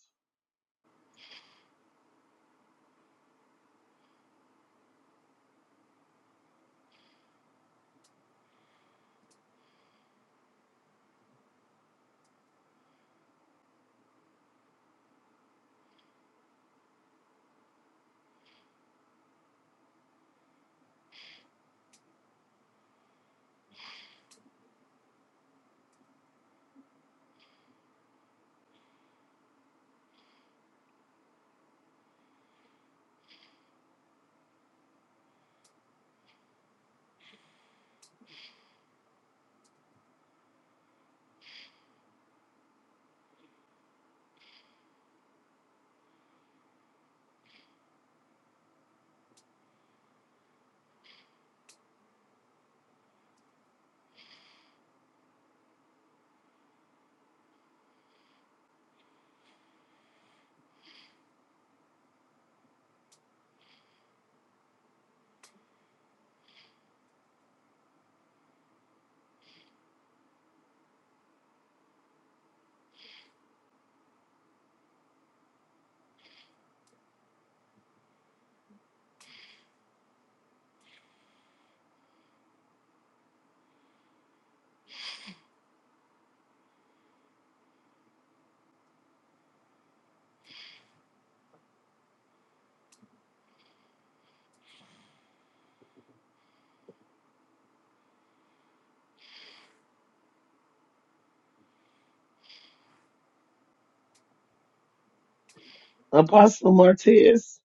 Apostle Martez,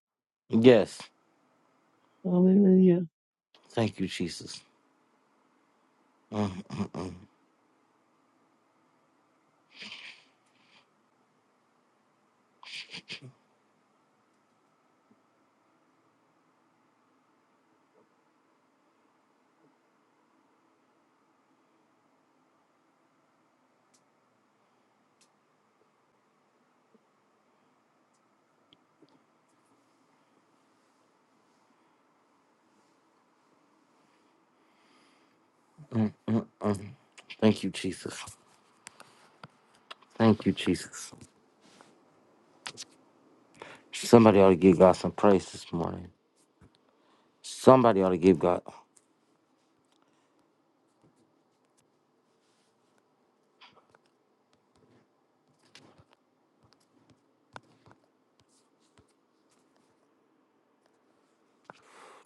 Yes.
hallelujah.
Thank you, Jesus. Mm, Thank you, Jesus. Thank you, Jesus. Somebody ought to give God some praise this morning. Somebody ought to give God, oh,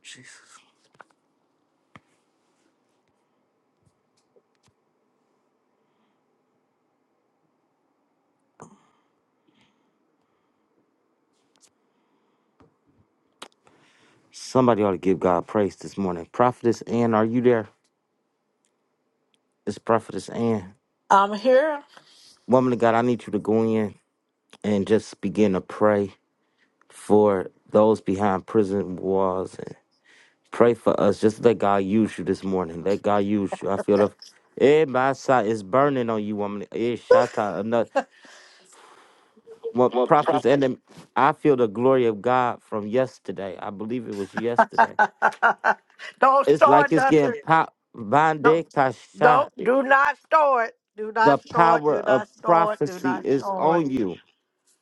Jesus. Somebody ought to give God praise this morning. Prophetess Ann, are you there? It's Prophetess Ann.
I'm here. [LAUGHS]
Woman of God, I need you to go in. and just begin to pray for those behind prison walls and pray for us. Just let God use you this morning. Let God use you. I feel the eh, my side is burning on you, woman. Eh, Shatta, another well,
Well,
prophets
prop-
and them. I feel the glory of God from yesterday. I believe it was yesterday.
don't
It's like
start
it's getting
nothing.
pop bande
Don't,
kasha.
don't, do not store it. Do not
The
store it.
power
Do
of
not store it. Do
prophecy
not
is
store it.
on you.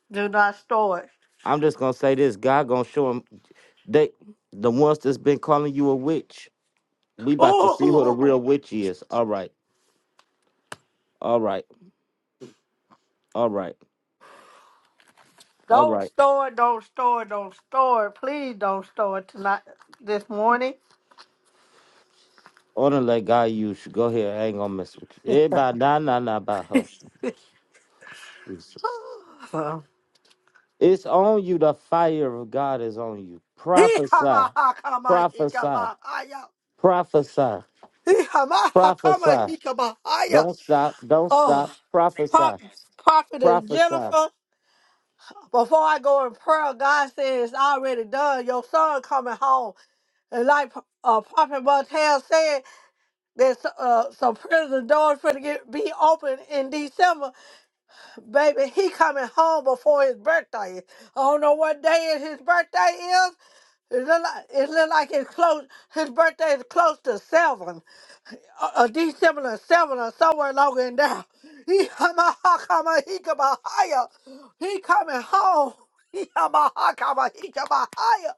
Do not store it.
I'm just gonna say this. God gonna show him they the ones that's been calling you a witch. We
[LAUGHS]
about to see who the
Ooh,
real witch is. All right. All right. All right. All
don't
right.
store it. Don't store it. Don't store it. Please don't store it tonight, this morning.
Honor let God use you. Go ahead. I ain't gonna mess with you.
[LAUGHS]
Everybody nah nah nah about her. Jesus.
So,
It's on you. The fire of God is on you. Prophesy.
Hee-hama, hakama,
Prophesy.
hikama, haya.
Prophesy.
Hee-hama, hakama,
Prophesy.
hikama, haya.
Don't stop.
[LAUGHS]
Don't stop.
Oh,
Prophesy.
Prop- prophetess
Prophesy.
Jennifer. before I go in prayer, God said it's already done. Your son coming home. And like uh, Prophet Martel said, there's uh, some prison doors for to get, be open in December. Baby, he coming home before his birthday. I don't know what day is his birthday is. It look like, it look like it's close. His birthday is close to seven. A a D7 7 or somewhere longer than that. [LAUGHS] He hama hakama he kama higher. He coming home. [LAUGHS] He hama hakama he kama higher.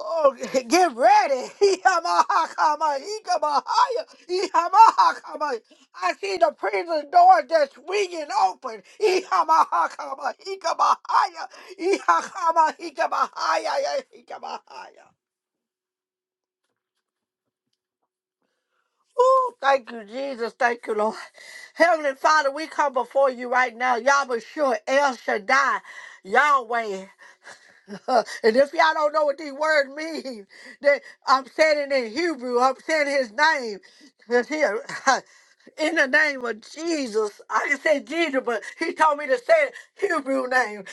Oh, get ready. [LAUGHS] He hama hakama he kama higher. He hama hakama. I see the prison door just swinging open. He hama hakama he kama higher. He hakama he kama higher. Yeah, He kama higher. Oh, thank you, Jesus. Thank you, Lord. Heavenly Father, we come before you right now. Y'all be sure El Shaddai, Yahweh. [LAUGHS] and if y'all don't know what these words mean, then I'm saying it in Hebrew. I'm saying his name. 'Cause here, [LAUGHS] in the name of Jesus, I can say Jesus, but he told me to say it Hebrew name.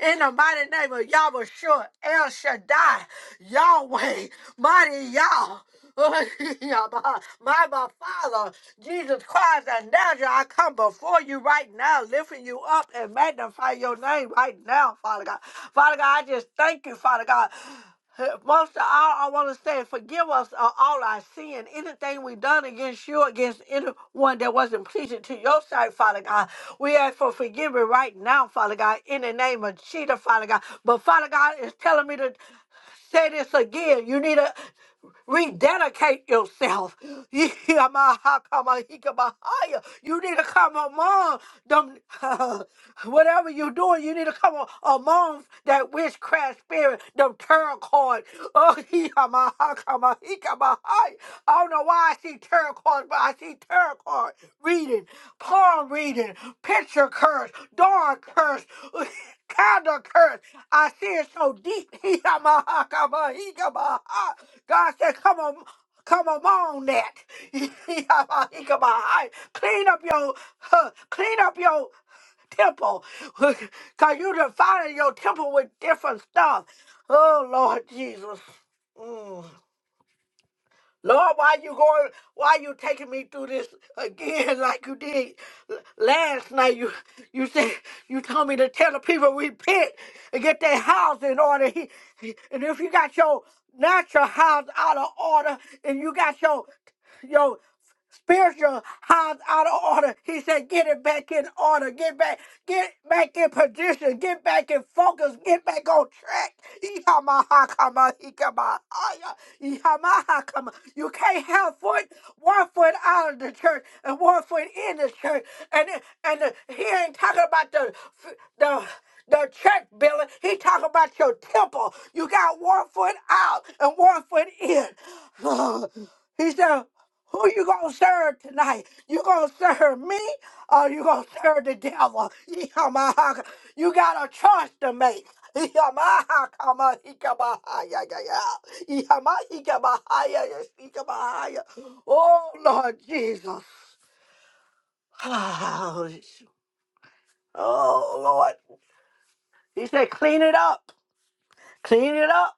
In the mighty name of Yahweh, sure El Shaddai, Yahweh, mighty Yah. [LAUGHS] My my Father, Jesus Christ and Nazareth, I come before you right now, lifting you up and magnify your name right now, Father God. Father God, I just thank you, Father God. [SIGHS] Most of all, I want to say, forgive us of all our sin, anything we done against you, against anyone that wasn't pleasing to your sight, Father God. We ask for forgiveness right now, Father God, in the name of Jesus, Father God. But Father God is telling me to say this again. You need to rededicate yourself. [GASPS] [LAUGHS] You need to come among them. [LAUGHS] whatever you're doing, you need to come a- among that witchcraft spirit, them tarot card. [LAUGHS] Oh, I don't know why I see tarot cards, but I see tarot card reading, palm reading, picture curse, door curse, [LAUGHS] candle curse. I see it so deep. [LAUGHS] He got my he got my God said, come on. Come among that. [LAUGHS] He got my- he got my Clean up your, huh, clean up your temple. [LAUGHS] Because you defiling your temple with different stuff. Oh, Lord Jesus. Mm. Lord, why you going? Why you taking me through this again [LAUGHS] like you did l- last night? You you said you told me to tell the people repent and get their house in order. He, he- and if you got your natural house out of order and you got your your spiritual house out of order. He said, get it back in order. Get back, get back in position. Get back in focus. Get back on track. Ikamahakama, ikamahaya, ikamahakama. You can't have foot one foot out of the church and one foot in the church. And and he ain't talking about the the the church building. He talking about your temple. You got one foot out and one foot in. [SIGHS] He said. Who you gonna serve tonight? You gonna serve me or you gonna serve the devil? [LAUGHS] Yamahaka. You got a choice to make. [LAUGHS] Yamaha kama hikamahaya ya. ya. Yamahikabahaya hikamahaya. Oh Lord Jesus. [SIGHS] Oh Lord. He said, clean it up. Clean it up.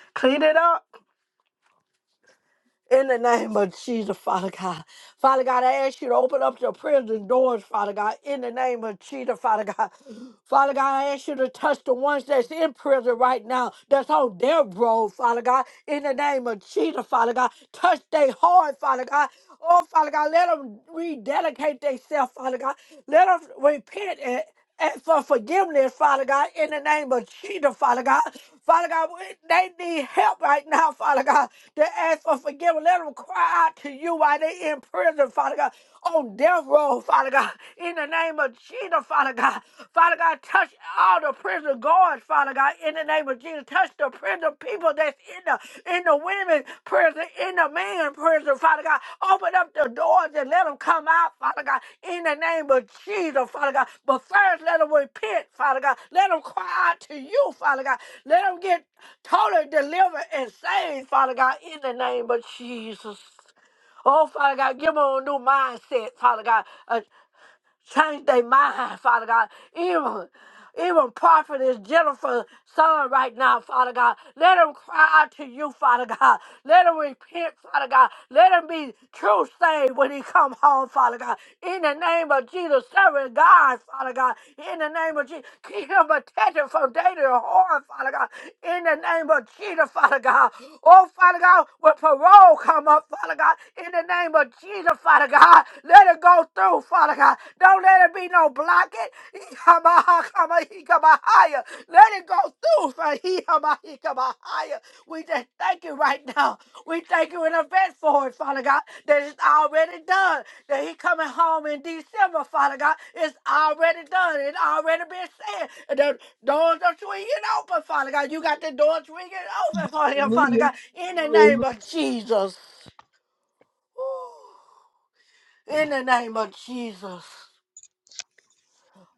[LAUGHS] clean it up. In the name of Jesus, Father God. Father God, I ask you to open up the prison doors, Father God. In the name of Jesus, Father God. Father God, I ask you to touch the ones that's in prison right now, that's on their road, Father God. In the name of Jesus, Father God. Touch their heart, Father God. Oh, Father God, let them rededicate themselves, Father God. Let them repent and, and for forgiveness, Father God, in the name of Jesus, Father God. Father God, we- they need help right now, Father God. They ask for forgiveness. Let them cry out to you while they're in prison, Father God on death row, Father God, in the name of Jesus, Father God. Father God, touch all the prison guards, Father God, in the name of Jesus. Touch the prison people that's in the in the women prison, in the man prison, Father God. Open up the doors and let them come out, Father God, in the name of Jesus, Father God. But first, let them repent, Father God. Let them cry out to you, Father God. Let them get totally delivered and saved, Father God, in the name of Jesus. Oh, Father God, give them a new mindset, Father God, a Change their mind, Father God. Even even prophetess Jennifer's son right now, Father God. Let him cry out to you, Father God. Let him repent, Father God. Let him be true saved when he come home, Father God. In the name of Jesus, serving God, Father God. In the name of Jesus, keep him protected from danger and harm, Father God. In the name of Jesus, Father God. Oh, Father God, when parole come up, Father God. In the name of Jesus, Father God. God. Let it go through, Father God. Don't let it be no blockage. Yamahakamahikamahaya. Let it go through, Father. Yamahikamahaya. We just thank you right now. We thank you in advance for it, Father God, that it's already done. That he coming home in December, Father God. It's already done. It's already been said. And the doors are swinging open, Father God. You got the doors swinging open for him, Father
Hallelujah.
God, in the
Hallelujah.
name of Jesus. Woo. In the name of Jesus.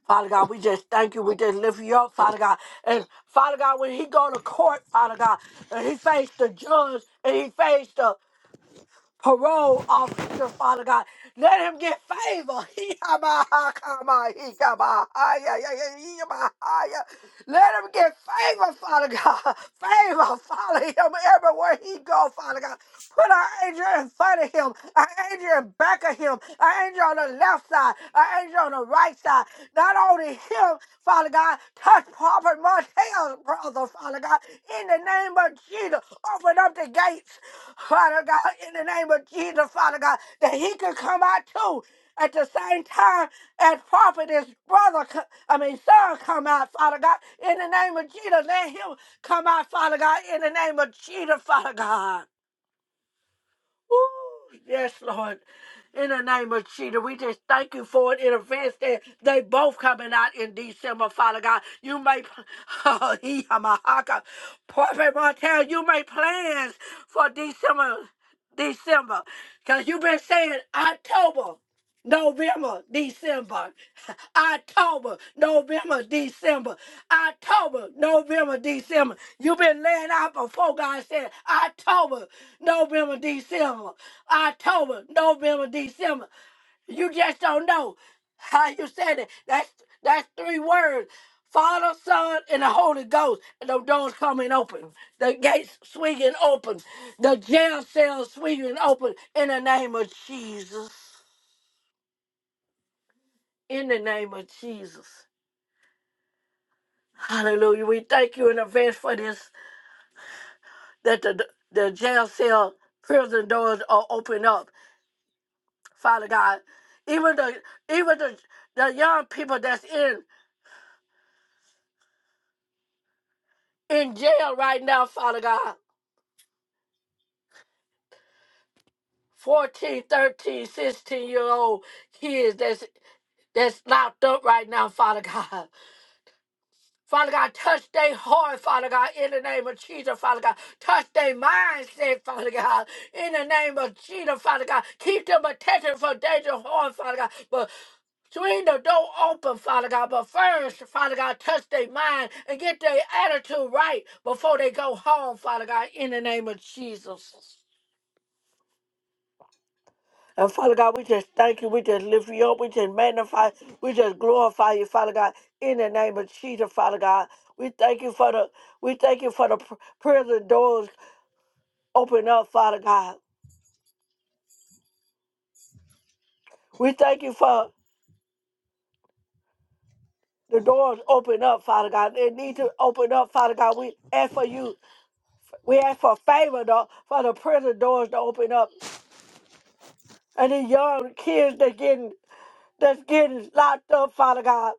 Father God, we just thank you. We just lift you up, Father God. And Father God, when he go to court, Father God, and he faced the judge and he faced the parole officer, Father God. Let him get favor. [LAUGHS] Let him get favor, Father God. [LAUGHS] Favor, follow him everywhere he go, Father God. Put our angel in front of him, an angel in back of him, an angel on the left side, an angel on the right side. Not only him, them, Father God. Touch Prophet Martell's brother, Father God. In the name of Jesus, open up the gates, Father God. In the name of Jesus, Father God, that he could come out too. At the same time as Prophet, his brother, co- I mean, son, come out, Father God. In the name of Jesus, let him come out, Father God. In the name of Jesus, Father God. Ooh, yes, Lord. In the name of Jesus, we just thank you for it in advance that they both coming out in December, Father God. You may, [LAUGHS] oh, he, I'm a hawker. Prophet Martel, you make plans for December, December. Because you've been saying October. November, December, [LAUGHS] October, November, December, October, November, December. You've been laying out before God said October, November, December, October, November, December. You just don't know how you said it. That's that's three words. Father, Son, and the Holy Ghost. And the doors coming open. The gates swinging open. The jail cells swinging open in the name of Jesus in the name of Jesus. Hallelujah. We thank you in advance for this, that the, the jail cell prison doors are open up, Father God. Even the even the, the young people that's in in jail right now, Father God. 14, 13, 16 year old kids that's that's locked up right now, Father [LAUGHS] God. Father God, touch their heart, Father God, in the name of Jesus, Father God. Touch their mindset, Father God, in the name of Jesus, Father God. Keep them attentive for danger harm, Father God. But swing the door open, Father God. But first, Father God, touch their mind and get their attitude right before they go home, Father God, in the name of Jesus. And Father God, we just thank you. We just lift you up. We just magnify. We just glorify you, Father God, in the name of Jesus, Father God. We thank you for the we thank you for the pr- prison doors open up, Father God. We thank you for the doors open up, Father God. They need to open up, Father God. We ask for you. We ask for favor though, for the prison doors to open up. And the young kids that getting that's getting locked up, Father God.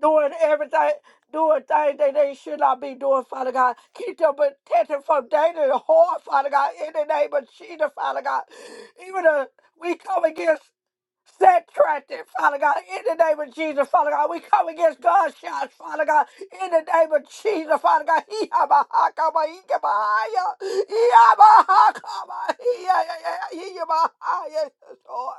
doing everything, doing things that they should not be doing, Father God. Keep them protected from danger and harm, Father God, in the name of Jesus, Father God. Even if we come against set traffic, Father God, in the name of Jesus, Father God. We come against gunshots, Father God, in the name of Jesus, Father God. He have a hawk he give a higher. He have a hawk he- yeah, yeah, yeah, yeah, he give a higher, yes, Lord.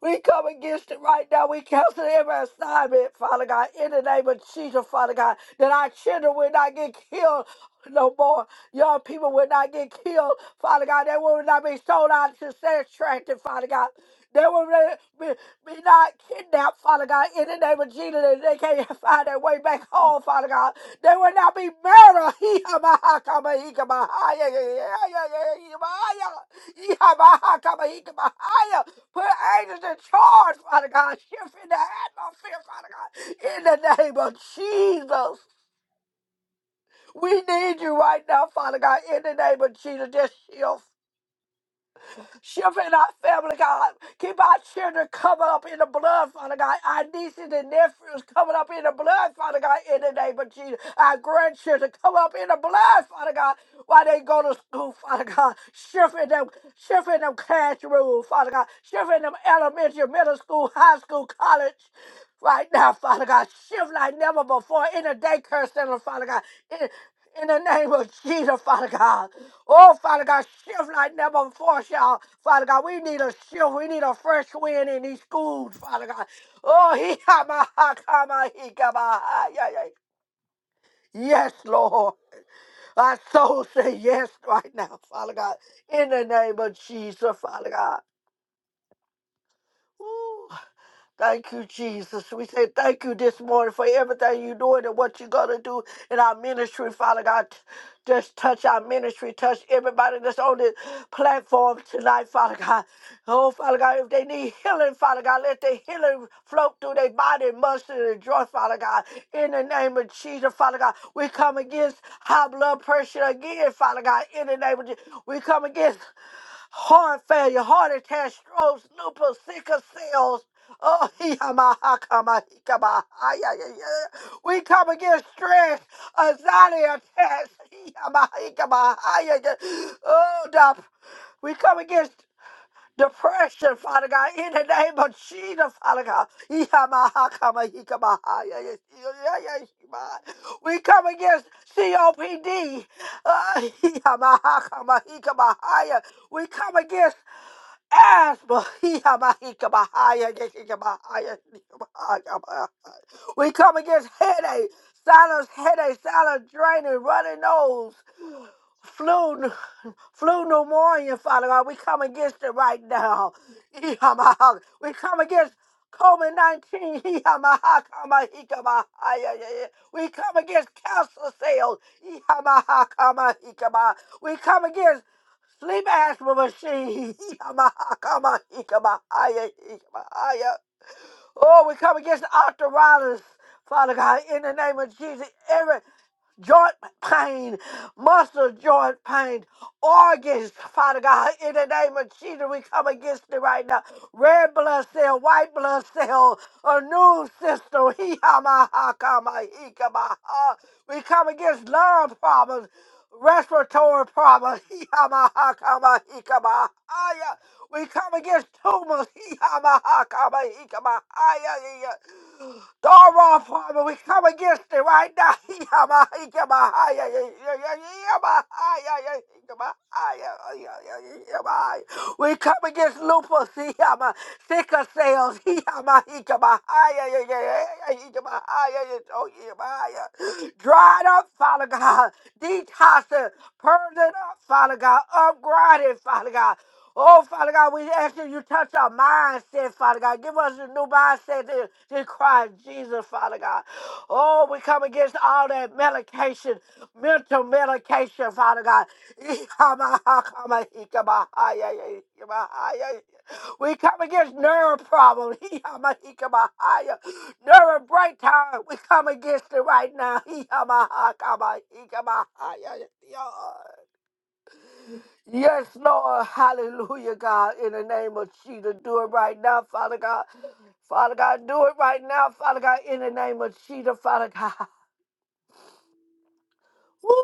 We come against it right now. We cancel every assignment, Father God, in the name of Jesus, Father God, that our children will not get killed no more. Young people will not get killed, Father God. They will not be sold out to sex trafficking, Father God. They will not be, be not kidnapped, Father God, in the name of Jesus. And they can't [LAUGHS] find their way back home, Father God. They will not be murdered. [LAUGHS] He ama ha kama he kama ha ya ya ya ya ya ya ya ya ya ya ya ha kama he kama ha ya. Put angels in charge, Father God. Shift in the atmosphere, Father God. In the name of Jesus. We need you right now, Father God. In the name of Jesus. Just shift. Shift in our family, God. Keep our children covered up in the blood, Father God. Our nieces and nephews covered up in the blood, Father God, in the name of Jesus. Our grandchildren covered up in the blood, Father God, while they go to school, Father God. Shift in them, shift in them classrooms, Father God. Shift in them elementary, middle school, high school, college. Right now, Father God, shift like never before in the daycare center, Father God. In- in the name of Jesus, Father God. Oh, Father God, shift like never before, y'all. Father God, we need a shift. We need a fresh wind in these schools, Father God. Oh, [LAUGHS] he kama ha kama he kama ha yeah, yeah. Yes, Lord. Our soul say yes right now, Father God. In the name of Jesus, Father God. Woo. Thank you, Jesus. We say thank you this morning for everything you're doing and what you're going to do in our ministry, Father God. Just touch our ministry, touch everybody that's on this platform tonight, Father God. Oh, Father God, if they need healing, Father God, let the healing float through their body, muscle, and joint, Father God. In the name of Jesus, Father God, we come against high blood pressure again, Father God. In the name of Jesus, we come against heart failure, heart attack, strokes, lupus, sickle cells. Oh, [LAUGHS] he- ama- ha- kama- he- kama- ha- ya- we come against stress, anxiety attacks. [LAUGHS] he- ama- he- kama- ha- ya- Oh, dap. we come against depression, Father God, in the name of Jesus, Father God. We come against COPD. Uh, we come against asthma. We come against headache, silence, headache, silent draining, running nose flu, n- flu pneumonia, Father God. We come against it right now. [LAUGHS] Yamaha. We come against COVID 19. [LAUGHS] Yamaha, kama, hikama, hi, ya, ya, ya. We come against cancer cells. [LAUGHS] Yamaha, kama, hikama. We come against sleep asthma machine. [LAUGHS] Yamaha, kama, hikama, hi, ya, hikama, hi, ya. Oh, we come against arthritis, Father God, in the name of Jesus. every joint pain, muscle joint pain, organs, Father God, in the name of Jesus, we come against it right now. Red blood cell, white blood cell, a new system, [LAUGHS] Hee ha ma ha ka ma hee ka ma ha. we come against lung problems, respiratory problems, [LAUGHS] Hee ha ma ha ka ma hee ka ma ha ya. we come against tumors, [LAUGHS] Hee ha ma ha ka ma hee ka ma ha ya ya ya. Dora, Father, we come against it right now. [LAUGHS] We come against lupus, [LAUGHS] sickle cells, [LAUGHS] dried up, Father God, detoxing, purging up, Father God, upgraded, Father God. Oh, Father God, we ask that you touch our mindset, Father God. Give us a new mindset in, in Christ Jesus, Father God. Oh, we come against all that medication, mental medication, Father God. [LAUGHS] We come against nerve problems, [LAUGHS] nerve breakdown. We come against it right now. [LAUGHS] Yes, Lord. Hallelujah, God. In the name of Jesus, do it right now, Father God. Father God, do it right now, Father God, in the name of Jesus, Father God. Woo!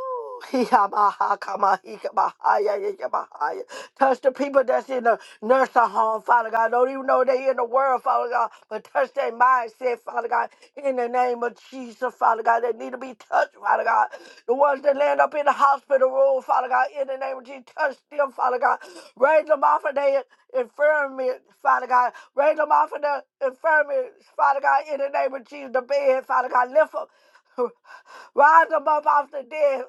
[LAUGHS] Yamaha, kama, hika, baha, ya, ya, ya, baha, ya. Touch the people that's in the nursing home, Father God. Don't even know they in the world, Father God, but touch their mindset, Father God, in the name of Jesus, Father God. They need to be touched, Father God. The ones that land up in the hospital room, Father God, in the name of Jesus, touch them, Father God. Raise them off of their infirmity, Father God. Raise them off of the infirmity, Father God, in the name of Jesus, the bed, Father God. Lift them. [LAUGHS] Rise them up off the dead,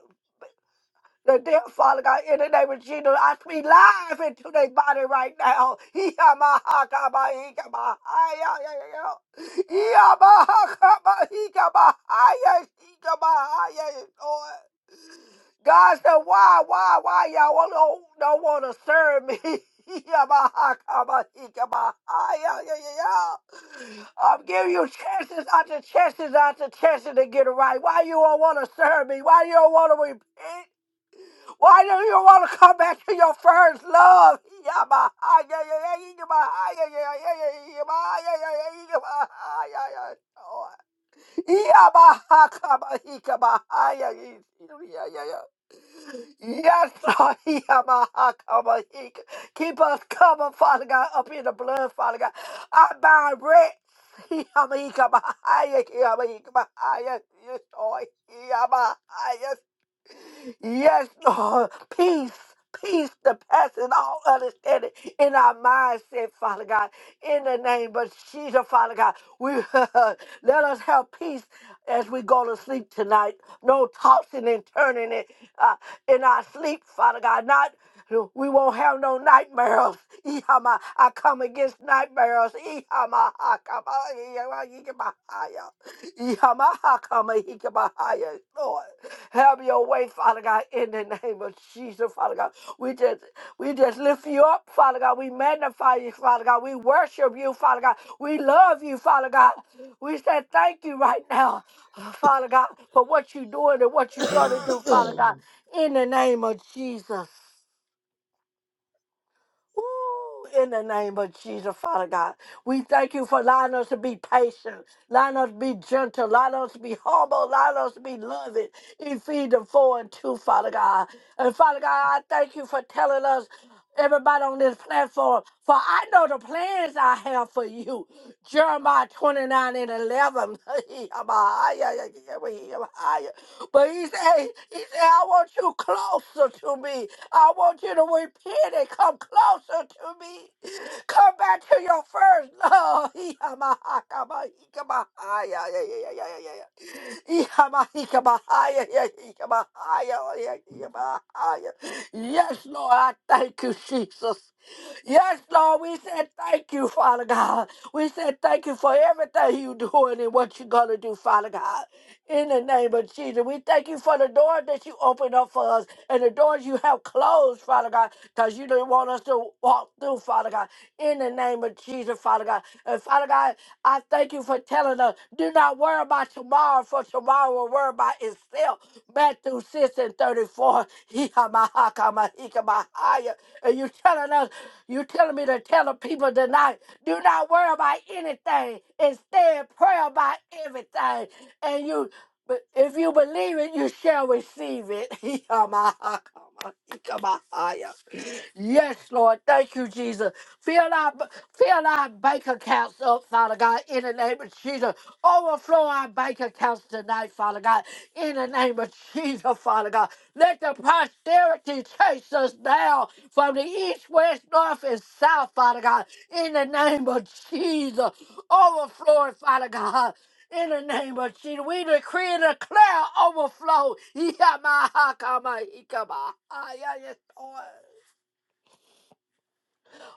the dear Father God, in the name of Jesus, I speak life into their body right now. [LAUGHS] Yamahakabahikamahaya. Yamahakabahikamahaya. Hikamahaya, Lord. God said, why, why, why y'all don't, don't want to serve me? [LAUGHS] Yamahakabahikamahaya. I'm giving you chances after chances after chances to get it right. Why you don't want to serve me? Why you don't want to repent? Why do you want to come back to your first love? [LAUGHS] Yes, Lord. Keep us covered, Father God, up in the blood, Father God. I bind red Yama, yama, yama, yama, yama, yama, yama, Yes, Lord. Peace. Peace that passes all understanding in our mindset, Father God. In the name of Jesus, Father God, we [LAUGHS] let us have peace as we go to sleep tonight. No tossing and turning it uh, in our sleep, Father God. Not we won't have no nightmares. Ihama, I come against nightmares. Ihama, I come. Ihama, I come. Ihama, I come. Ihama, I come. Lord. Have your way, Father God, in the name of Jesus, Father God. We just we just lift you up, Father God. We magnify you, Father God. We worship you, Father God. We love you, Father God. We say thank you right now, Father God, for what you're doing and what you're gonna do, Father
[COUGHS]
God, in the name of Jesus. Ooh, in the name of Jesus, Father God, we thank you for allowing us to be patient, allowing us to be gentle, allowing us to be humble, allowing us to be loving. Ephesians 4 and 2, Father God. And Father God, I thank you for telling us, everybody on this platform, for I know the plans I have for you. Jeremiah 29 and 11. [LAUGHS] But he said, he said, I want you closer to me. I want you to repent and come closer to me. Come back to your first love. [LAUGHS] Yes, Lord, I thank you, Jesus. Yes, Lord, we said thank you, Father God. We said thank you for everything you're doing and what you're going to do, Father God. In the name of Jesus, we thank you for the door that you opened up for us and the doors you have closed, Father God, because you didn't want us to walk through, Father God. In the name of Jesus, Father God. And Father God, I thank you for telling us, do not worry about tomorrow, for tomorrow will worry about itself. Matthew 6 and 34. [LAUGHS] Hikamahakamahikamahaya. And you telling us, you telling me to tell the people tonight, do not worry about anything. Instead, pray about everything. And you but if you believe it, you shall receive it. [LAUGHS] Yes, Lord. Thank you, Jesus. Fill our, fill our bank accounts up, Father God, in the name of Jesus. Overflow our bank accounts tonight, Father God, in the name of Jesus, Father God. Let the posterity chase us down from the east, west, north, and south, Father God, in the name of Jesus. Overflow it, Father God. In the name of Jesus, we decree and declare overflow. Yamahakamaikaba. Ah, yeah, yes, Lord.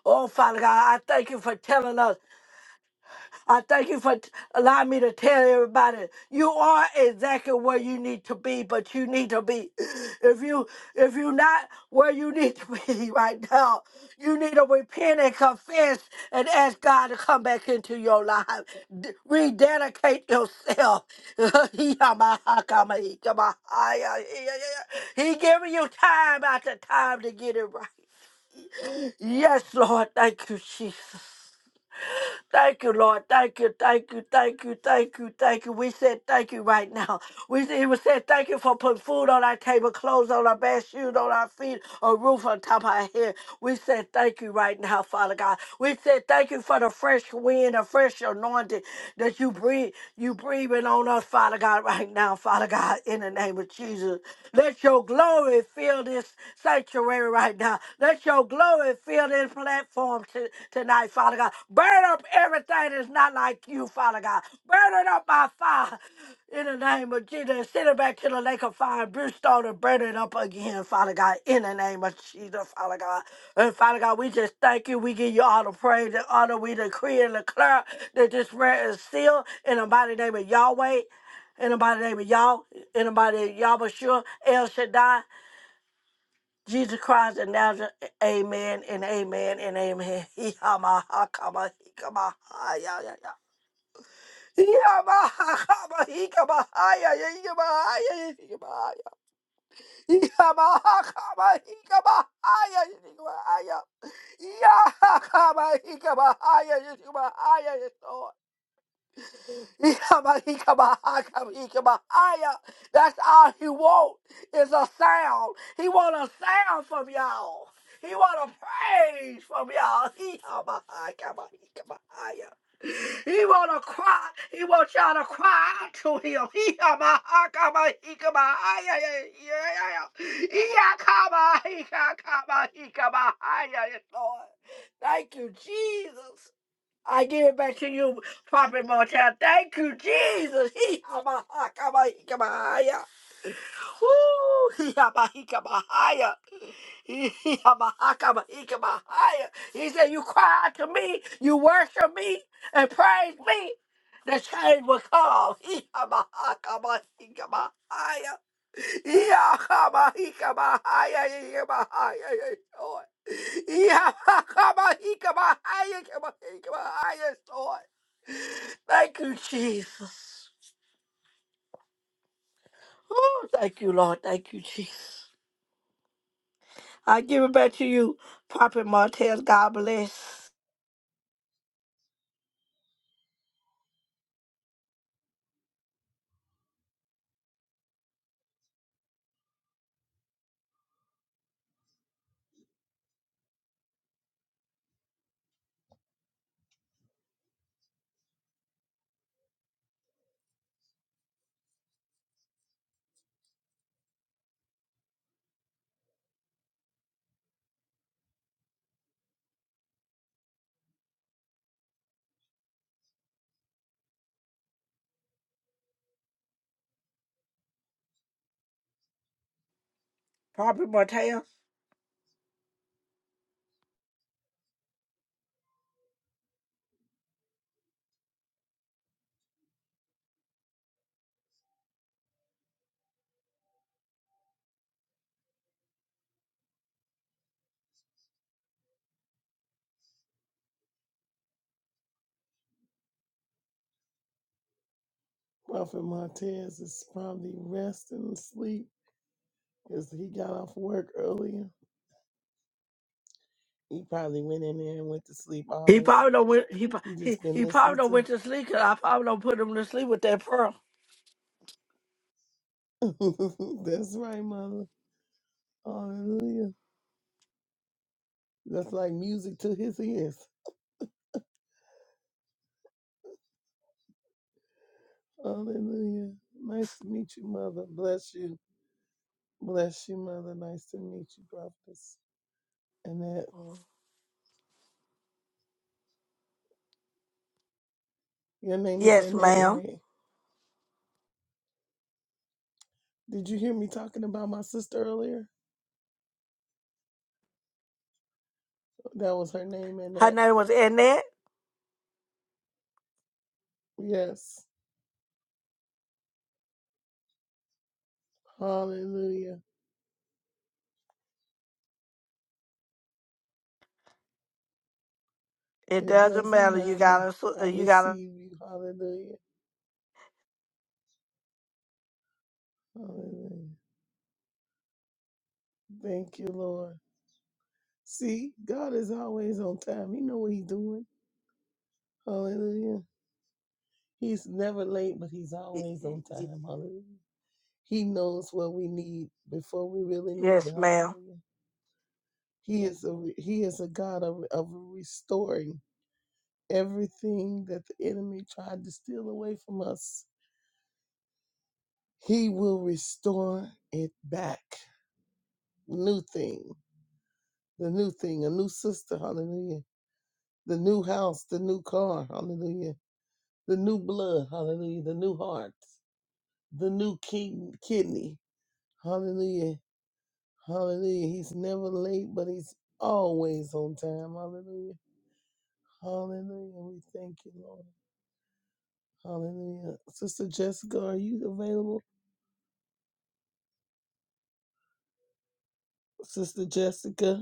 Oh, Father God, I thank you for telling us. I thank you for t- allowing me to tell everybody you are exactly where you need to be, but you need to be [GASPS] [CLEARS THROAT] if you if you're not where you need to be [LAUGHS] right now, you need to repent and confess and ask God to come back into your life. D- rededicate yourself. [LAUGHS] he giving you time after time to get it right. Yes, Lord, thank you, Jesus. Thank you, Lord. Thank you, thank you, thank you, thank you, thank you. We said thank you right now. We said, we said thank you for putting food on our table, clothes on our back, shoes on our feet, a roof on top of our head. We said thank you right now, Father God. We said thank you for the fresh wind, the fresh anointing that you breathe, you breathing on us, Father God, right now, Father God, in the name of Jesus. Let your glory fill this sanctuary sanctuary right now. Let your glory fill this platform to, tonight, Father God. Burn up everything that's not like you, Father God. Burn it up by fire in the name of Jesus. Send it back to the lake of fire and brimstone and burn it up again, Father God, in the name of Jesus, Father God. And Father God, we just thank you. We give you all the praise and honor. We decree and declare that this prayer is sealed in the mighty name of Yahweh. In the mighty name of Yah, in the mighty name of Yahweh, El Shaddai, Jesus Christ and Nazareth, amen and amen and amen. [LAUGHS] Yamaha, kama, hikama, ha, ya, ya, ya. Yamaha, kama, hikama, ha, ya, ya, hikama, ha, ya, ya, hikama, ha, ya. Yamaha, kama, hikama, ha, ya, ya, hikama, ha, ya. Yaha, kama, hikama, ha, ya, ya, hikama, ha, ya, ya. [LAUGHS] That's all he wants is a sound. He want a sound from y'all. He want a praise from y'all. He he want to cry. He want y'all to cry to him. He come, come, come, come, come, come, he He he yeah, yeah, yeah, yeah. come on, he come on, he come on, yeah, Lord. Thank you, Jesus. I give it back to you, Prophet Martel. Thank you, Jesus. He ha, ba, ha, ka, ba, hee, ka, ba, ha, ya. Woo! Hee, ha, ba, hee, ka, ba, ha, ya. He He Yamahakama, Ikamahaya. He said, You cry out to me, you worship me, and praise me. The change will come. He Yamahakama, Ikamahaya. Yakama, Ikamahaya, Ikamahaya, Lord. Yakama, Ikamahaya, Ikamahaya, Lord. Thank you, Jesus. Oh, thank you, Lord. Thank you, Jesus. I give it back to you, Prophet Martez. God bless. Probably Mateo.
Prophet Montez is probably resting and sleep because he got off work earlier. He probably went in there and went to sleep
He
hours.
probably don't went. He pro-
He
he
just been
he probably
listening
don't went to sleep 'cause I probably don't put him to sleep with that pearl.
to. [LAUGHS] That's right, mother. Hallelujah. That's like music to his ears. Hallelujah. Nice to meet you, Mother. Bless you. Bless you, Mother. Nice to meet you, Prophetess. Annette. Your name is
Yes,
Annette,
ma'am.
right? Did you hear me talking about my sister earlier? That was her name,
Her
Annette.
name was Annette.
Yes. Hallelujah.
It
It
doesn't
doesn't
matter. You
matter.
gotta. su- uh,
I
You gotta.
receive you. Hallelujah. Hallelujah. Thank you, Lord. See, God is always on time. He know what he's doing. Hallelujah. He's never late, but he's always on time. Hallelujah. He knows what we need before we really need it.
Yes, ma'am.
Hallelujah. He is a he is a God of, of restoring everything that the enemy tried to steal away from us. He will restore it back. New thing, the new thing, a new sister. Hallelujah. The new house, the new car. Hallelujah. The new blood. Hallelujah. The new heart, the new king, kidney. Hallelujah Hallelujah. He's never late, but he's always on time. Hallelujah. Hallelujah. We thank you, Lord. Hallelujah. Sister Jessica, are you available? Sister Jessica.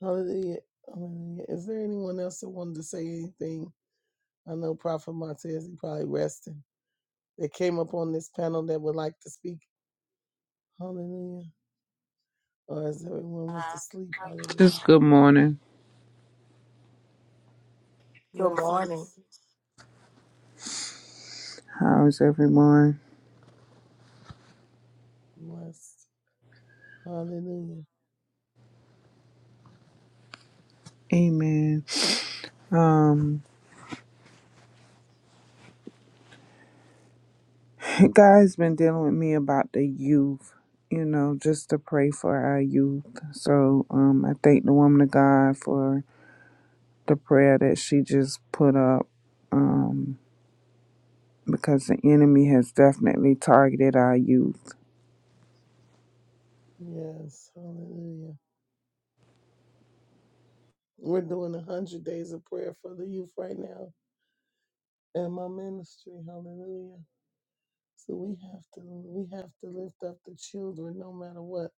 Hallelujah. Hallelujah. Is there anyone else that wanted to say anything? I know Prophet Montez, he probably resting. That came up on this panel that would like to speak. Hallelujah. Or as everyone went to sleep. Hallelujah.
Just good morning.
Good morning,
Blessings.
How is everyone?
Blessed. Hallelujah.
Amen. Um, [LAUGHS] God's been dealing with me about the youth, you know, just to pray for our youth. So um, I thank the woman of God for the prayer that she just put up um, because the enemy has definitely targeted our youth.
Yes. Hallelujah. We're doing a hundred days of prayer for the youth right now and my ministry. Hallelujah. So we have to we have to lift up the children no matter what.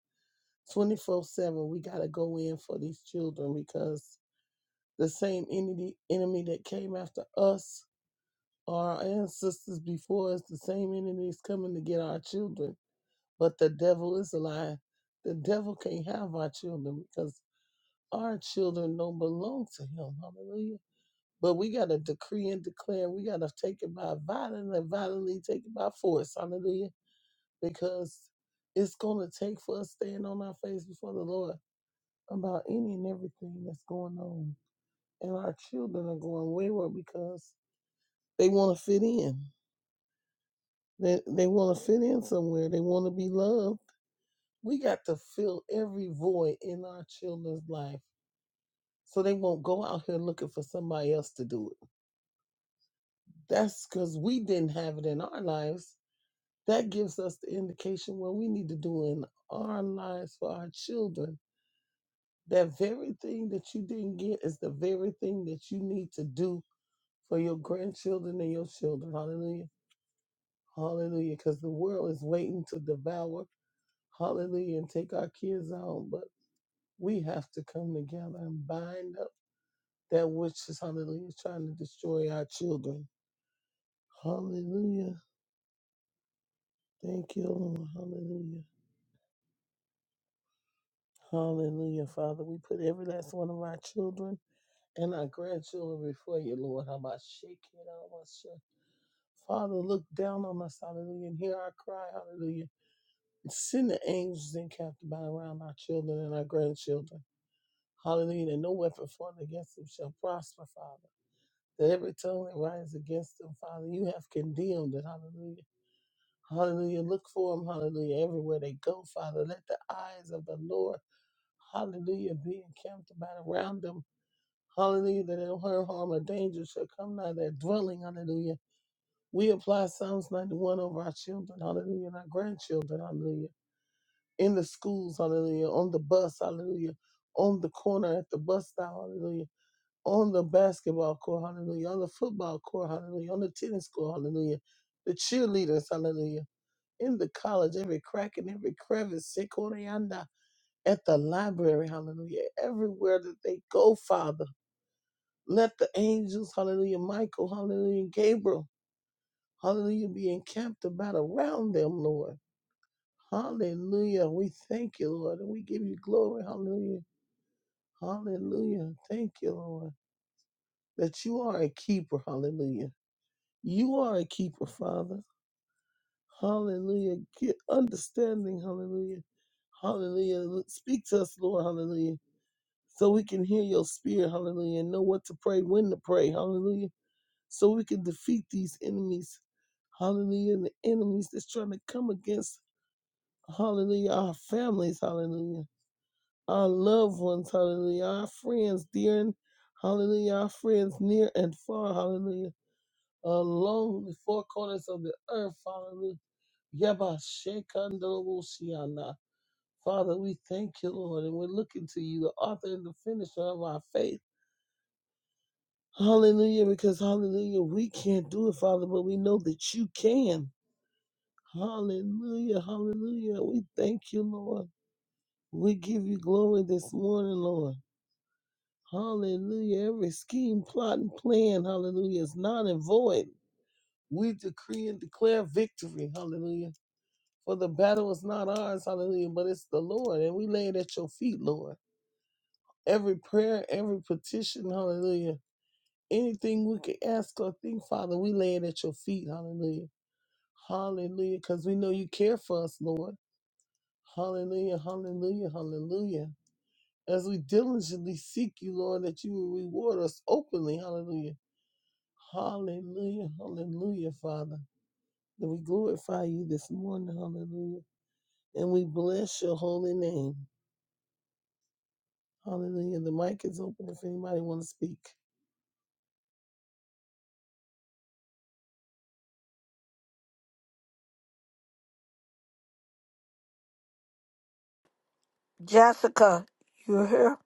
Twenty four seven, we gotta go in for these children because the same enemy enemy that came after us our ancestors before us, the same enemy is coming to get our children. But the devil is a lie. The devil can't have our children because our children don't belong to him. Hallelujah But we got to decree and declare. We got to take it by violence and violently take it by force. Hallelujah. Because it's going to take for us staying on our face before the Lord about any and everything that's going on. And our children are going wayward because they want to fit in. They, they want to fit in somewhere. They want to be loved. We got to fill every void in our children's life so they won't go out here looking for somebody else to do it. That's because we didn't have it in our lives That gives us the indication what we need to do in our lives for our children. That very thing that you didn't get is the very thing that you need to do for your grandchildren and your children. Hallelujah. Hallelujah. Because the world is waiting to devour. Hallelujah. And take our kids out. But we have to come together and bind up that which is, hallelujah, trying to destroy our children. Hallelujah. Thank you, Lord. Hallelujah. Hallelujah, Father. We put every last one of our children and our grandchildren before you, Lord. How about shake it out, Father, look down on us, hallelujah, and hear our cry, hallelujah. And send the angels encamped about around our children and our grandchildren. Hallelujah. That no weapon formed against them shall prosper, Father. That every tongue that rises against them, Father, you have condemned it, hallelujah. Hallelujah. Look for them, hallelujah, everywhere they go, Father. Let the eyes of the Lord hallelujah, be encamped about around them Hallelujah, that no harm, harm, or danger shall come nigh their dwelling. Hallelujah. We apply Psalms 91 over our children. Hallelujah. And our grandchildren. Hallelujah. In the schools. Hallelujah. On the bus. Hallelujah. On the corner at the bus stop. Hallelujah. On the basketball court. Hallelujah. On the football court. Hallelujah. On the tennis court. Hallelujah. The cheerleaders. Hallelujah. In the college, every crack and every crevice. Sekorianda. At the library. Hallelujah. Everywhere that they go, Father. Let the angels, hallelujah, Michael, hallelujah, Gabriel, hallelujah, be encamped about around them, Lord. Hallelujah. We thank you, Lord, and we give you glory. Hallelujah. Hallelujah. Thank you, Lord, that you are a keeper. Hallelujah. You are a keeper, Father. Hallelujah. Get understanding. Hallelujah. Hallelujah. Speak to us, Lord. Hallelujah. So we can hear your spirit. Hallelujah. And know what to pray, when to pray. Hallelujah so we can defeat these enemies. Hallelujah. And the enemies that's trying to come against, hallelujah, our families, hallelujah, our loved ones, hallelujah, our friends, dear and hallelujah, our friends near and far, hallelujah, along the four corners of the earth, hallelujah. Yabashekandoboshiana. Father, we thank you, Lord, and we're looking to you, the author and the finisher of our faith. Hallelujah, because hallelujah, we can't do it, Father, but we know that you can. Hallelujah. Hallelujah. We thank you, Lord. We give you glory this morning, Lord. Hallelujah. Every scheme, plot, and plan, hallelujah, is not and void. We decree and declare victory, hallelujah. For the battle is not ours, hallelujah, but it's the Lord. And we lay it at your feet, Lord. Every prayer, every petition, hallelujah. Anything we can ask or think, Father, we lay it at your feet, hallelujah. Hallelujah. Because we know you care for us, Lord. Hallelujah, hallelujah, hallelujah. As we diligently seek you, Lord, that you will reward us openly. Hallelujah. Hallelujah, hallelujah, Father. That we glorify you this morning. Hallelujah. And we bless your holy name. Hallelujah. The mic is open if anybody want to speak.
Jessica. You here?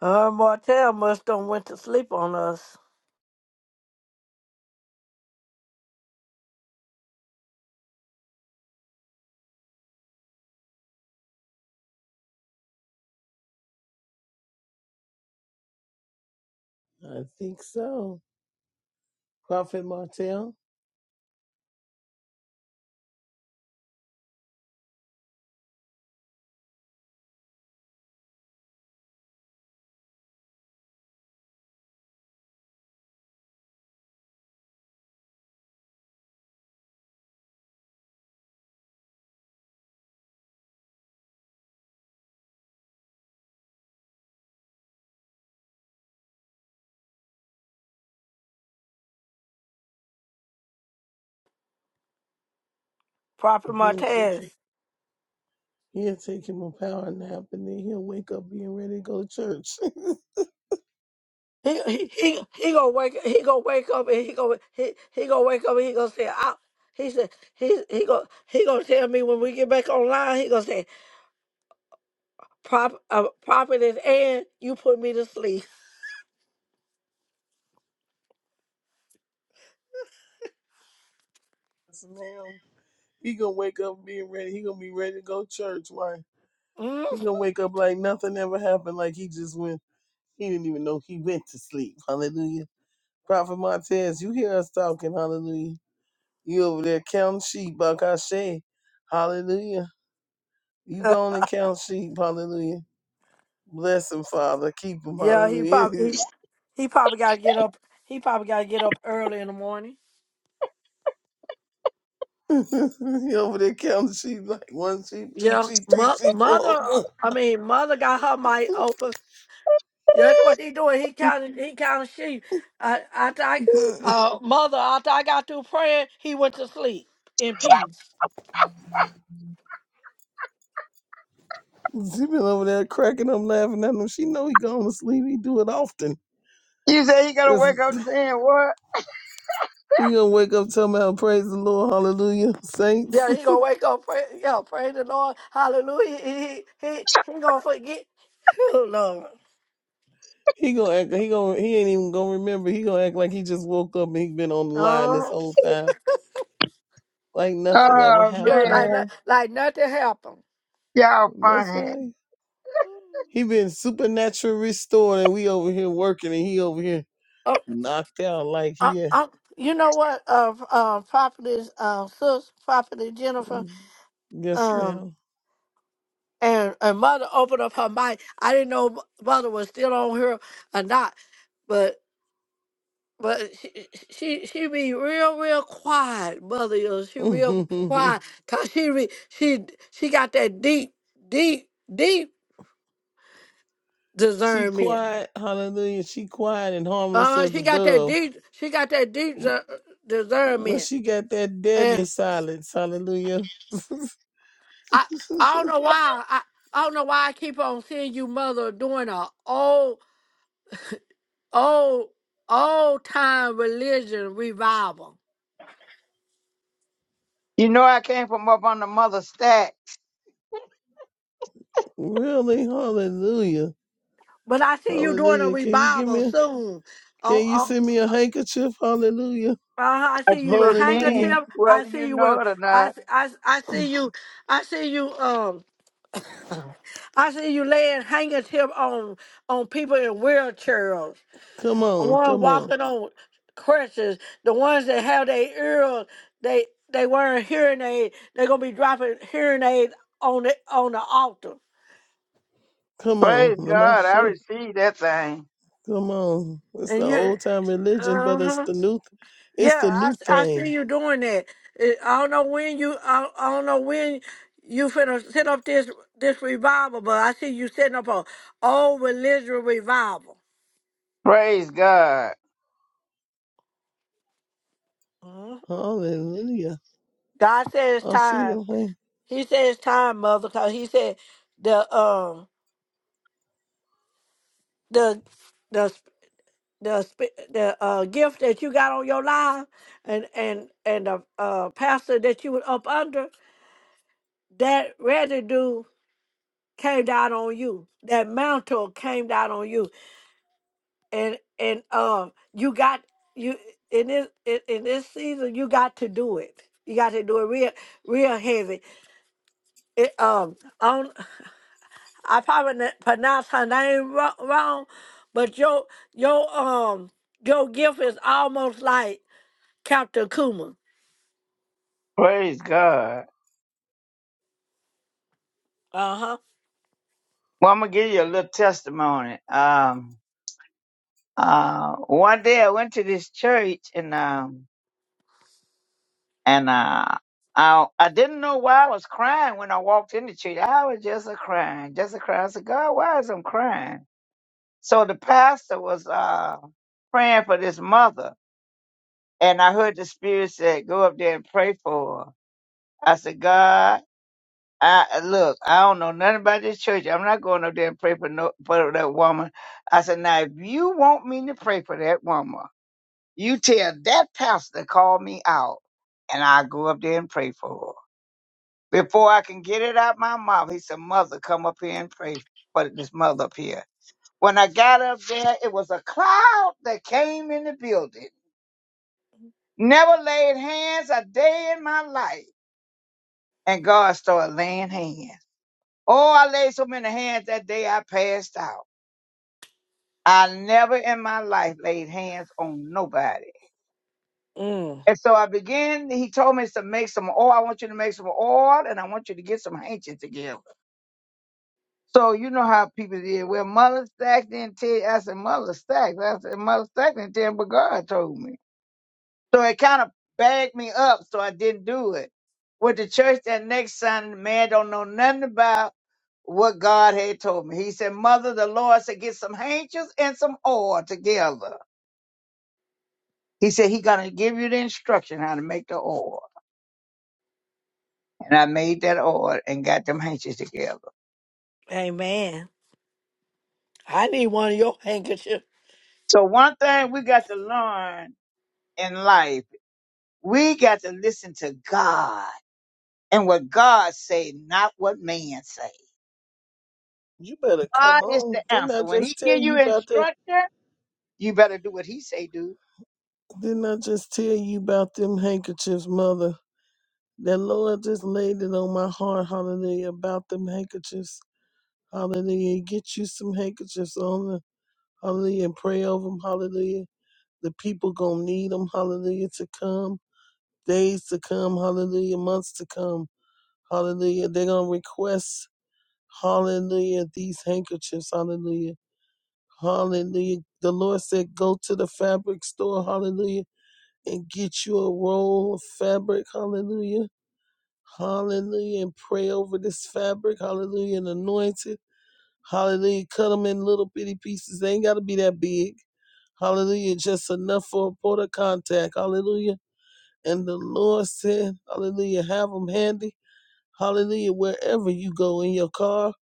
Her and Martell must don't went to sleep on us.
I think so. Prophet Martel,
Proper
[LAUGHS] he'll take
Martell.
you. He'll take him a power nap and then he'll wake up being ready to go to church. [LAUGHS]
He he he he gonna wake he gonna wake up and he gonna he he gonna wake up and he gonna say I he said he he gonna he gonna tell me when we get back online he gonna say prop uh, prophet is and you put me to sleep.
yes, ma'am. He gonna wake up being ready. He gonna be ready to go to church. Why?
Mm.
He gonna wake up like nothing ever happened. Like he just went. He didn't even know he went to sleep. [LAUGHS] Hallelujah. Prophet Montez, you hear us talking. Hallelujah. You over there counting sheep, Bakashe. Hallelujah. You
[LAUGHS]
going and count sheep. Hallelujah. Bless him, Father. Keep him.
yeah, he probably
Hallelujah.
he,
[LAUGHS]
he probably gotta get up. He probably gotta get up early in the morning.
You over there counting sheep like one sheep, two
Yeah,
sheep, three
Mo-
sheep,
mother.
four.
I mean, mother got her mic open. Yeah, that's what he doing. He counted. He counted sheep. I, after I,
[LAUGHS]
uh, mother, after I got through praying, he went to sleep in peace.
She been over there cracking up, laughing at him. She know he going to sleep. He do it often.
You say you gonna
If
wake up saying what?
he gonna wake up talking about praise the Lord, hallelujah, saints.
Yeah,
[LAUGHS]
he gonna wake up. Pray, yeah, praise the Lord. Hallelujah. He, he, he, he gonna forget. Oh Lord.
He gonna act. He gonna. He ain't even gonna remember. He gonna act like he just woke up and he been on the line this
Uh,
whole time, like nothing ever
Oh
sure,
happened.
like, like,
man,
like nothing happened.
y'all
That's
funny.
how he, he been supernatural restored, and we over here working, and he over here
Uh,
knocked out like
uh,
yeah,
uh, you know what? Uh, uh, property, uh, sis, property Jennifer.
yes,
Um,
ma'am.
and and mother opened up her mic. I didn't know m- mother was still on here or not, but but she she, she be real real quiet. Mother, is she real
[LAUGHS]
quiet because she re, she she got that deep deep deep
She
discernment.
quiet, hallelujah. She quiet and harmless
Uh,
as
she
a
got that
dove.
deep she got that deep dis-
Well,
discernment,
she got that deadly
and
silence, hallelujah.
I I don't know why I. I don't know why I keep on seeing you, mother, doing a old. old old time religion revival.
You know I came from up on the mother stack.
Really, hallelujah,
But I see you doing a
hallelujah. Can you give me?
revival
A,
soon. Oh,
can you
oh
send me a handkerchief, hallelujah,
uh, I
I
see you
sure
with
can,
hallelujah.
handkerchief. I
whether you
see you
know
with
it or
I,
not.
s- I s- I see
[SIGHS]
you I see you um [CLEARS THROAT] I see you laying handkerchief on on people in wheelchairs.
Come
The
on,
One
come on,
walking on crutches. The ones that have their ears they they wearing hearing aid. They're gonna be dropping hearing aid on the on the altar.
come on,
Praise God, I
Lamashi.
received that thing.
Come on. It's the
and you.
old time religion, but it's
Uh-huh.
the new, it's the
Yeah, I,
new
I see
thing.
you doing that. Eh, I don't know when you I, I don't know when you finna set up this this revival, but I see you setting up a old religious revival.
Praise God,
Mhm.
Hallelujah.
God said it's
I see
time.
the thing.
He said it's time, mother, because he said the um the the sp- the sp- the uh, gift that you got on your life and and and the uh, pastor that you was up under that residue came down on you. That mantle came down on you, and and um, you got you in this in, in this season. You got to do it. You got to do it real real heavy. It, um, on I probably n- pronounce her name wrong, wrong, but your your um your gift is almost like Captain Kuma.
praise God.
Uh huh.
Well, I'm gonna give you a little testimony. Um, uh, one day I went to this church and um and uh. I, I didn't know why I was crying when I walked in the church. I was just a crying, just a crying. I said, God, why is I'm crying? So the pastor was uh, praying for this mother, and I heard the spirit said, "Go up there and pray for her." I said, "God, I look, I don't know nothing about this church. I'm not going up there and pray for no for that woman." I said, "Now, if you want me to pray for that woman, you tell that pastor to call me out, and I will go up there and pray for her." Before I can get it out my mouth, he said, "Mother, come up here and pray for this mother up here." When I got up there, it was a cloud that came in the building. Never laid hands a day in my life. And God started laying hands. Oh, I laid so many hands that day I passed out. I never in my life laid hands on nobody.
Mm.
And so I began, he told me to make some oil. I want you to make some oil and I want you to get some handkerchiefs together. So you know how people did. Well, Mother Stack didn't tell you? I said, Mother Stack. I said, Mother Stack didn't tell me, but God told me. So it kind of bagged me up, so I didn't do it. With the church that next Sunday, man don't know nothing about what God had told me. He said, Mother, the Lord said, get some angels and some oil together. He said, He gonna give you the instruction how to make the oil. And I made that oil and got them angels together.
Amen. I need one of your handkerchiefs.
So one thing we got to learn in life, we got to listen to God and what God say, not what man say.
You better
God
come
is the
on. Didn't I
answer. When he
just tell
give
you
you
about that?
instruction, You better do what he say do.
Didn't I just tell you about them handkerchiefs, mother? That Lord just laid it on my heart, hallelujah, about them handkerchiefs. Hallelujah. Get you some handkerchiefs on them, hallelujah, and pray over them, hallelujah. The people gonna need them, hallelujah, to come, days to come, hallelujah, months to come, hallelujah. They're gonna request, hallelujah, these handkerchiefs, hallelujah, hallelujah. The Lord said, go to the fabric store, hallelujah and get you a roll of fabric. Hallelujah. Hallelujah. And pray over this fabric. Hallelujah. And anoint it. Hallelujah. Cut them in little bitty pieces. They ain't got to be that big. Hallelujah. Just enough for a point of contact. Hallelujah. And the Lord said, Hallelujah. Have them handy. Hallelujah. Wherever you go in your car.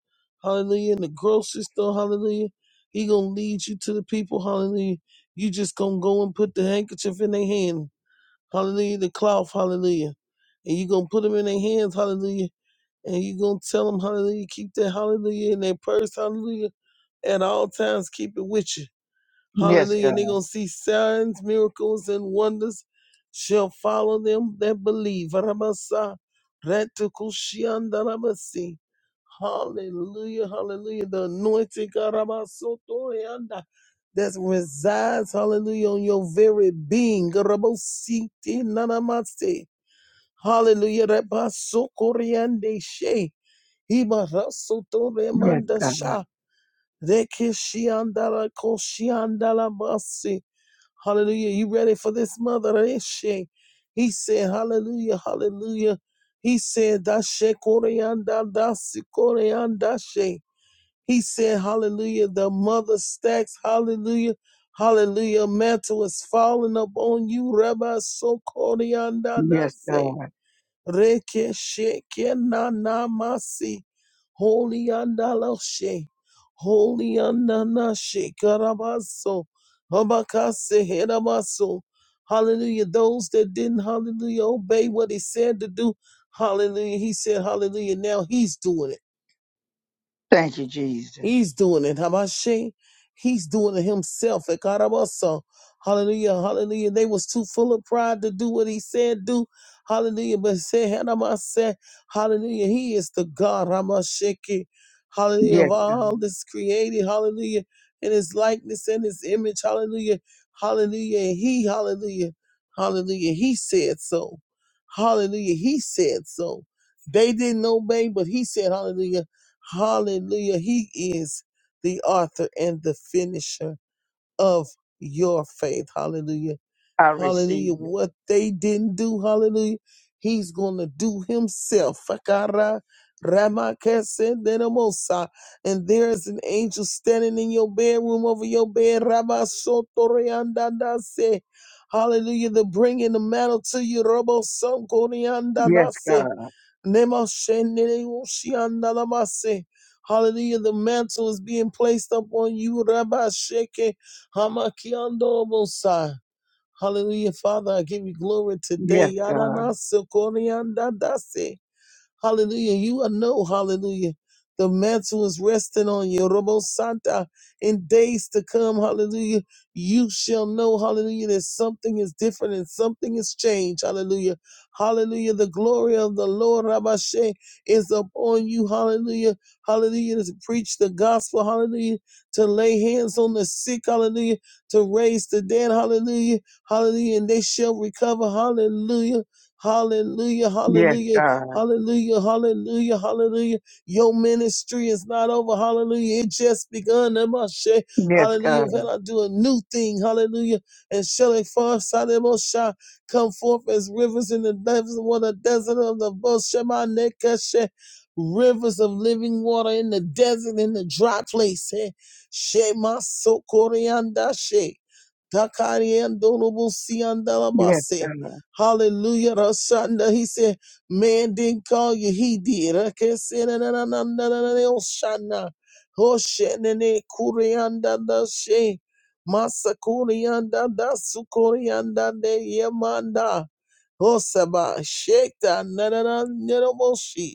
Hallelujah. In the grocery store. Hallelujah. He going to lead you to the people. Hallelujah. You just going to go and put the handkerchief in their hand hallelujah, the cloth, hallelujah. And you're going to put them in their hands, hallelujah. And you're going to tell them, hallelujah, keep that hallelujah in their purse, hallelujah. At all times, keep it with you.
Yes,
Hallelujah.
God.
And they're going to see signs, miracles, and wonders shall follow them that believe. Ramasa, ratukushiandaramasi. Hallelujah. Hallelujah. The anointing karamasotorianda, that resides, hallelujah, on your very being. Garabositi nanamase. Hallelujah. Rabasokoriande she.
Yes,
Ibarasotoremanda
God.
sha. Rekeshiandara koshiandala basi. Hallelujah. You ready for this mother? Eshe. He said, Hallelujah, hallelujah. He said, Dashe koreanda, dasi koreanda she. He said, Hallelujah. The mother stacks, hallelujah. Hallelujah. Mantle is falling upon you. Rabbi so koreanda
Yes,
dasi.
God.
Rekesheke na Rekeshekenanamasi. Holy andaloshe. Holy andanashe. Karabaso. Habakase herabaso. Hallelujah. Those that didn't, hallelujah, obey what he said to do. Hallelujah. He said, hallelujah. Now he's doing it.
Thank you,
He's
Jesus.
doing it. Habashi. He's doing it himself. Ekarabaso. Hallelujah. Hallelujah. They was too full of pride to do what he said do. Hallelujah. But say Hanamase. Hallelujah. He is the God. Hamashiki. Hallelujah. Of
Yes, God.
all that's created. Hallelujah. In his likeness and his image. Hallelujah. Hallelujah. And he, hallelujah. Hallelujah. He said so. Hallelujah. He said so. They didn't obey, but he said, Hallelujah. Hallelujah. He is the author and the finisher of your faith. Hallelujah.
I receive
Hallelujah.
it.
What they didn't do, hallelujah, he's going to do himself. Fakara ramakesenderamosa. And there's an angel standing in your bedroom over your bed. Rabasotoreandadase. Hallelujah. They're bringing the mantle to you. Robo
Yes, God.
Nemasheneushiandalamase. Hallelujah. The mantle is being placed upon you, Rabbi Sheke Hamakiandobosa. Hallelujah, Father. I give you glory
Yes,
today.
God.
Yananasekoriandadase. Hallelujah. You are know, hallelujah. The mantle is resting on you, Robo Santa. In days to come, hallelujah, you shall know, hallelujah, that something is different and something is changed, hallelujah. Hallelujah. The glory of the Lord, Rabashe, is upon you, hallelujah. Hallelujah. To preach the gospel, hallelujah. To lay hands on the sick, hallelujah. To raise the dead, hallelujah. Hallelujah. And they shall recover, hallelujah. Hallelujah,
Yes,
hallelujah.
God.
Hallelujah, hallelujah, hallelujah. Your ministry is not over. Hallelujah. It just begun. Namashe.
Yes,
Hallelujah.
God.
When I do a new thing, hallelujah. And shall it fall, Sademosha, come forth as rivers in the depths of the desert of the Boshemanekashe. Rivers of living water in the desert, in the dry place. Eh, Shema Sokorianda She.
Yes,
Takariandorobusiandalabase.
God.
Hallelujah. Rashanda. He said, Man didn't call you, he did. Rakesenananananananeoshana. Hoshenene kurianda dashe. Masakurianda dasukurianda de yemanda. Hosaba. Shekta. nananananaboshi.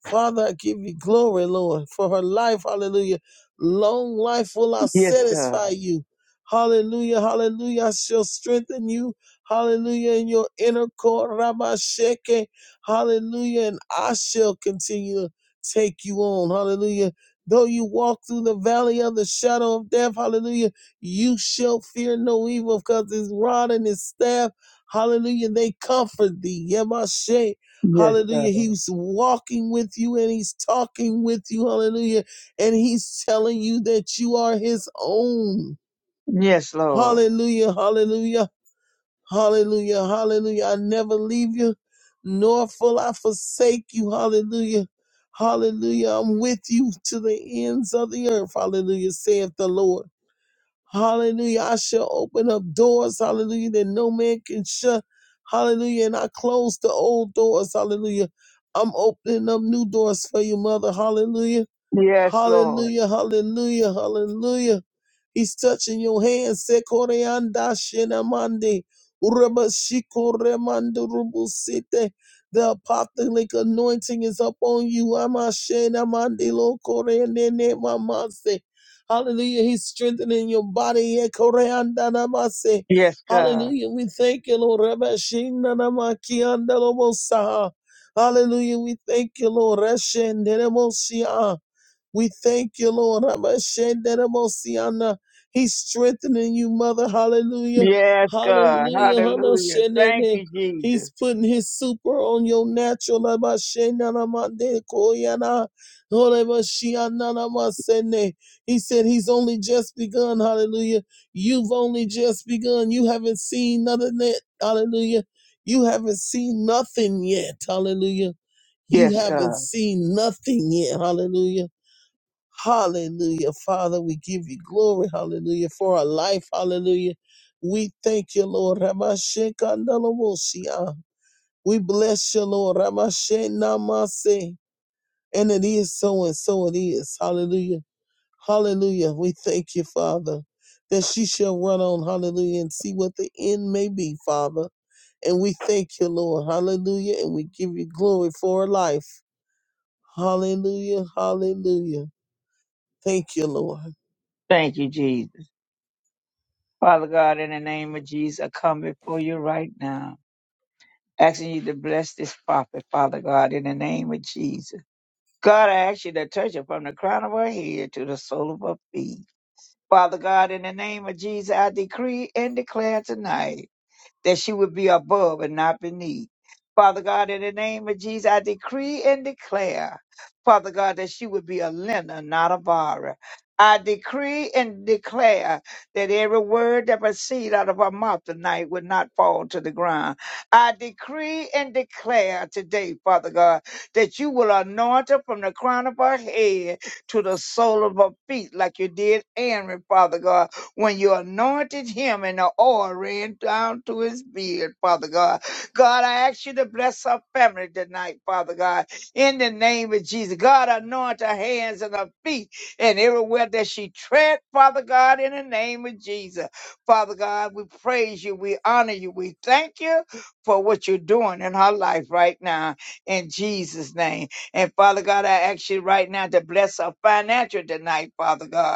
Father, I give you glory, Lord, for her life. Hallelujah. Long life will I
Yes, God.
satisfy you. Hallelujah. Hallelujah. I shall strengthen you. Hallelujah. In your inner court, Rabbi Sheke. Hallelujah. And I shall continue to take you on. Hallelujah. Though you walk through the valley of the shadow of death, hallelujah, you shall fear no evil because his rod and his staff, hallelujah, they comfort thee. Yamashe.
Yes,
Hallelujah.
God.
He's walking with you and he's talking with you. Hallelujah. And he's telling you that you are his own.
Yes, Lord.
Hallelujah. Hallelujah. Hallelujah. Hallelujah. I never leave you, nor will I forsake you. Hallelujah. Hallelujah. I'm with you to the ends of the earth. Hallelujah. Saith the Lord. Hallelujah. I shall open up doors, hallelujah, that no man can shut. Hallelujah. And I close the old doors, hallelujah. I'm opening up new doors for you, mother. Hallelujah.
Yes, Lord.
Hallelujah, hallelujah, hallelujah. He's touching your hands. Sekoreanda shenamande. Urabashiko remando rubusite. The apostolic anointing is upon you. Amashenamande lokorenene mamase. Hallelujah. He's strengthening your body. Ekoreanda namase.
Yes, God.
Hallelujah. We thank you, Lord. Rabashina namakianda lobosaha. Hallelujah. We thank you, Lord. Reshendenemosia. We thank you, Lord. Rabashenderemosiana. He's strengthening you, Mother. Hallelujah.
Yes, God.
Hallelujah.
Hallelujah. Thank
Hallelujah.
you, Jesus.
He's putting his super on your natural. Rabashenderemodekoyana. Horebashianamasene. He said he's only just begun. Hallelujah. You've only just begun. You haven't seen nothing yet. Hallelujah. You haven't seen nothing yet. Hallelujah. You
Yes,
haven't
God.
seen nothing yet. Hallelujah. Hallelujah. Father, we give you glory. Hallelujah. For our life. Hallelujah. We thank you, Lord. Ramashekandalawosia. We bless you, Lord. Ramashenamase. And it is so and so it is. Hallelujah. Hallelujah. We thank you, Father, that she shall run on. Hallelujah. And see what the end may be, Father. And we thank you, Lord. Hallelujah. And we give you glory for her life. Hallelujah. Hallelujah. Thank you, Lord.
Thank you, Jesus. Father God, in the name of Jesus, I come before you right now. asking you to bless this prophet, Father God, in the name of Jesus. God, I ask you to touch her from the crown of her head to the sole of her feet. Father God, in the name of Jesus, I decree and declare tonight that she would be above and not beneath. Father God, in the name of Jesus, I decree and declare, Father God, that she would be a lender, not a borrower. I decree and declare that every word that proceeds out of her mouth tonight would not fall to the ground. I decree and declare today, Father God, that you will anoint her from the crown of her head to the sole of her feet, like you did Aaron, Father God when you anointed him and the oil ran down to his beard, Father God. God, I ask you to bless our family tonight, Father God, in the name of Jesus. God, anoint her hands and her feet and everywhere that she tread, Father God, in the name of Jesus. Father God, we praise you, we honor you, we thank you for what you're doing in her life right now, in Jesus' name. And Father God, I ask you right now to bless her financial tonight, Father God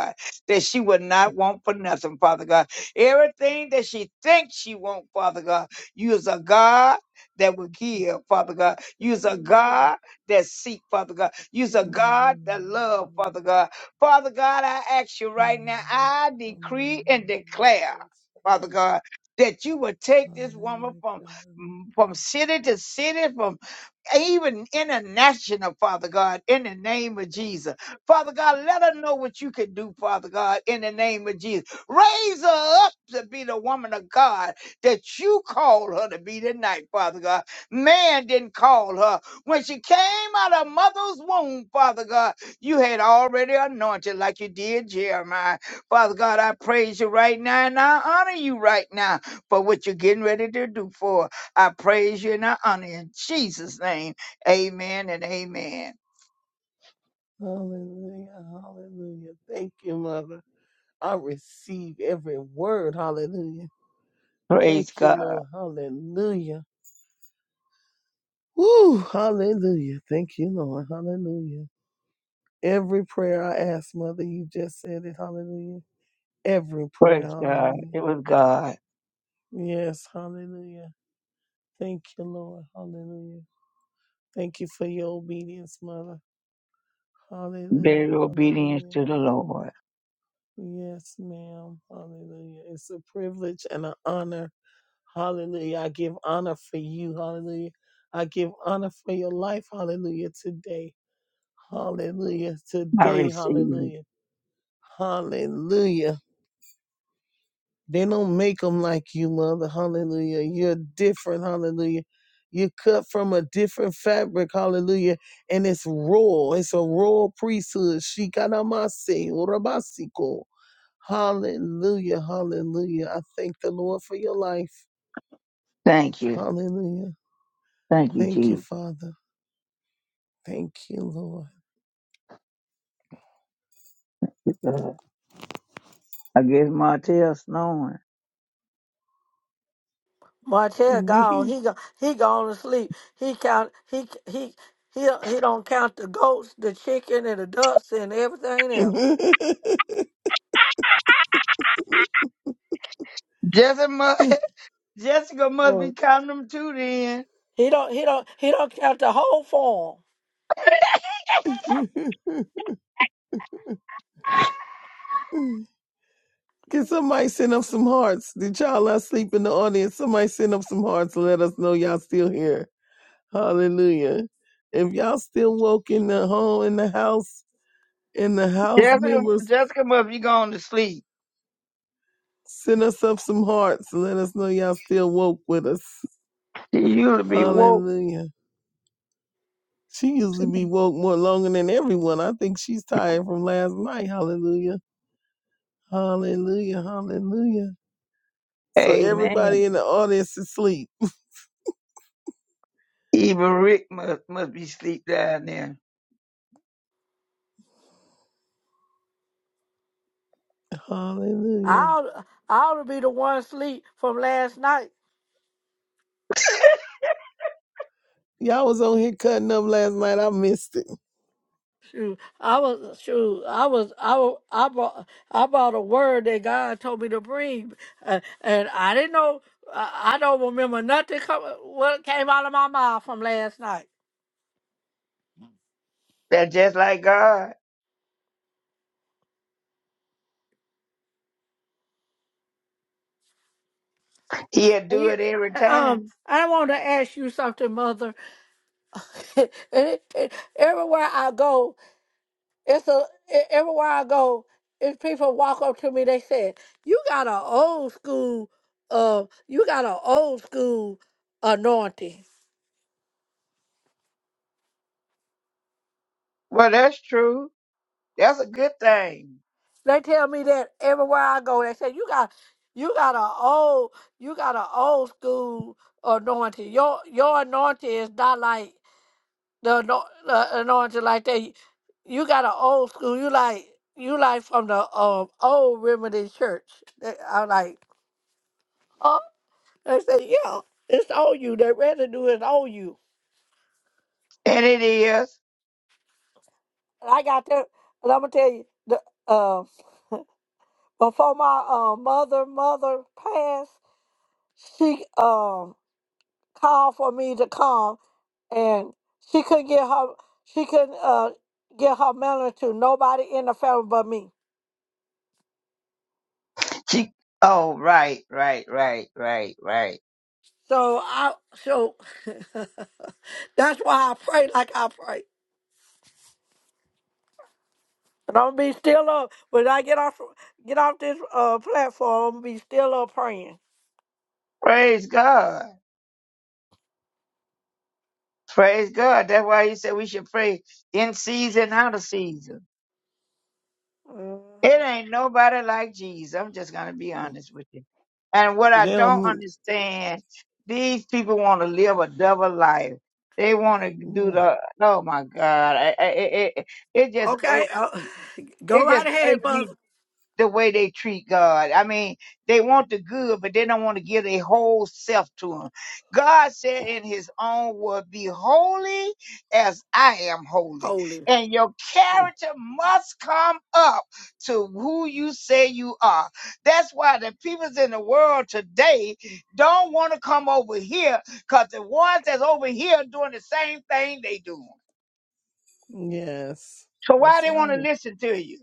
that she would not want for nothing, Father God. Everything that she thinks she wants, Father God, you is a God that will give, Father God. You is a
Hallelujah.
God that seek, Father God. You is a God that love, Father
Hallelujah.
God. Father God, I ask you right now,
Hallelujah.
I
Hallelujah.
decree and
Hallelujah.
declare,
Praise the Lord.
Father God, that you will take this woman
Hallelujah.
from from
Hallelujah.
city to city, from even international, Father God, in the name of Jesus. Father God, let her know what you can do, Father God, in the name of Jesus. Raise her up to be the woman of God that you called her to be tonight, Father God. Man didn't call her. When she came out of mother's womb, Father God, you had already anointed like you did Jeremiah. Father God, I praise you right now and I honor you right now for what you're getting ready to do for her. I praise you and I honor you in Jesus' name. Amen and amen.
Hallelujah. Hallelujah. Thank you, Mother. I receive every word. Hallelujah. Thank
Praise
you,
God.
Lord. Hallelujah. Woo. Hallelujah. Thank you, Lord. Hallelujah. Every prayer I ask, Mother, you just said it. Hallelujah. Every prayer.
Praise God.
Hallelujah.
It was God.
Yes. Hallelujah. Thank you, Lord. Hallelujah. Thank you for your obedience, Mother. Hallelujah.
Very obedience
Hallelujah.
to the Lord.
Yes, ma'am. Hallelujah. It's a privilege and an honor. Hallelujah. I give honor for you. Hallelujah. I give honor for your life. Hallelujah. Today. Hallelujah.
I
Today.
receive it.
Hallelujah. Hallelujah. They don't make them like you, mother. Hallelujah. You're different. Hallelujah. You're cut from a different fabric. Hallelujah. And it's royal. It's a royal priesthood. Shikanamase, urabasiko. Hallelujah. Hallelujah. I thank the Lord for your life.
Thank you.
Hallelujah.
Thank you,
Thank you,
Jesus.
Father. Thank you,
God. I guess Martell snowing.
Martell gone.
Lord.
He go, he gone to sleep. He count he he he he don't count the goats, the chicken, and the ducks and everything else.
Jessica, mu- [LAUGHS] Jessica must be
Right.
counting them too then.
He don't he don't he don't count the whole farm.
[LAUGHS] [LAUGHS] Can somebody send up some hearts? Did y'all not sleep in the audience? Somebody send up some hearts and let us know y'all still here. Hallelujah. If y'all still woke in the home, in the house, in the house
Jessica,
members,
Jessica must be going to sleep.
send us up some hearts and let us know y'all still woke with us.
You'll be woke.
Hallelujah. She usually be woke more longer than everyone. I think she's tired from last night. Hallelujah. Hallelujah. Hallelujah. So
Amen.
everybody in the audience is asleep.
Even Rick must, must be sleep down there.
I
Hallelujah.
ought, I ought to be the one sleep from last night.
Y'all was on here cutting up last night. I missed it.
Shoot, I was shoot, I was I was, I brought I brought a word that God told me to bring, uh, and I didn't know I, I don't remember nothing come, what came out of my mouth from last night.
That's just like God. He'll do
You-
it every
Um,
time.
I want to ask you something, Mother. [LAUGHS] everywhere I go, it's a e-, everywhere I go, if people walk up to me, they say, "You got an old school, uh, you got an old school anointing."
Well, that's true. That's a good thing.
They tell me that everywhere I go, they say, "You got, you got an old, you got an old school anointing. Your your anointing is not like." the ano- the anointing like that. You got an old school. You like you like from the um old remedy church. They- I'm like, oh, they say, yeah, it's on you. That residue is on you.
And it is.
And I got that. And I'm gonna tell you, the uh, before my uh, mother mother passed, she um called for me to come, and she couldn't get her she couldn't uh get her melanin to nobody in the family but me.
She, oh, right, right, right, right, right.
So I so [LAUGHS] that's why I pray like I pray. And I'm gonna be still up when I get off get off this uh platform. I'm gonna be still up praying.
Praise God. Praise God. That's why he said we should pray in season, out of season.
Mhm.
It ain't nobody like Jesus. I'm just going to be honest with you. And what I don't
Them.
understand, these people want to live a double life. They want to do the, oh my God. I, I, it, it it just, it,
Okay, uh, [LAUGHS] go
it just
right ahead,
irks me
mother.
the way they treat God. I mean, they want the good, but they don't want to give their whole self to Him. God said in His own word, Be holy as I am holy.
Holy,
And your character must come up to who you say you are. That's why the peoples in the world today don't want to come over here because the ones that's over here doing the same thing they doing.
Yes,
So why
that's
they want to
right.
listen to you?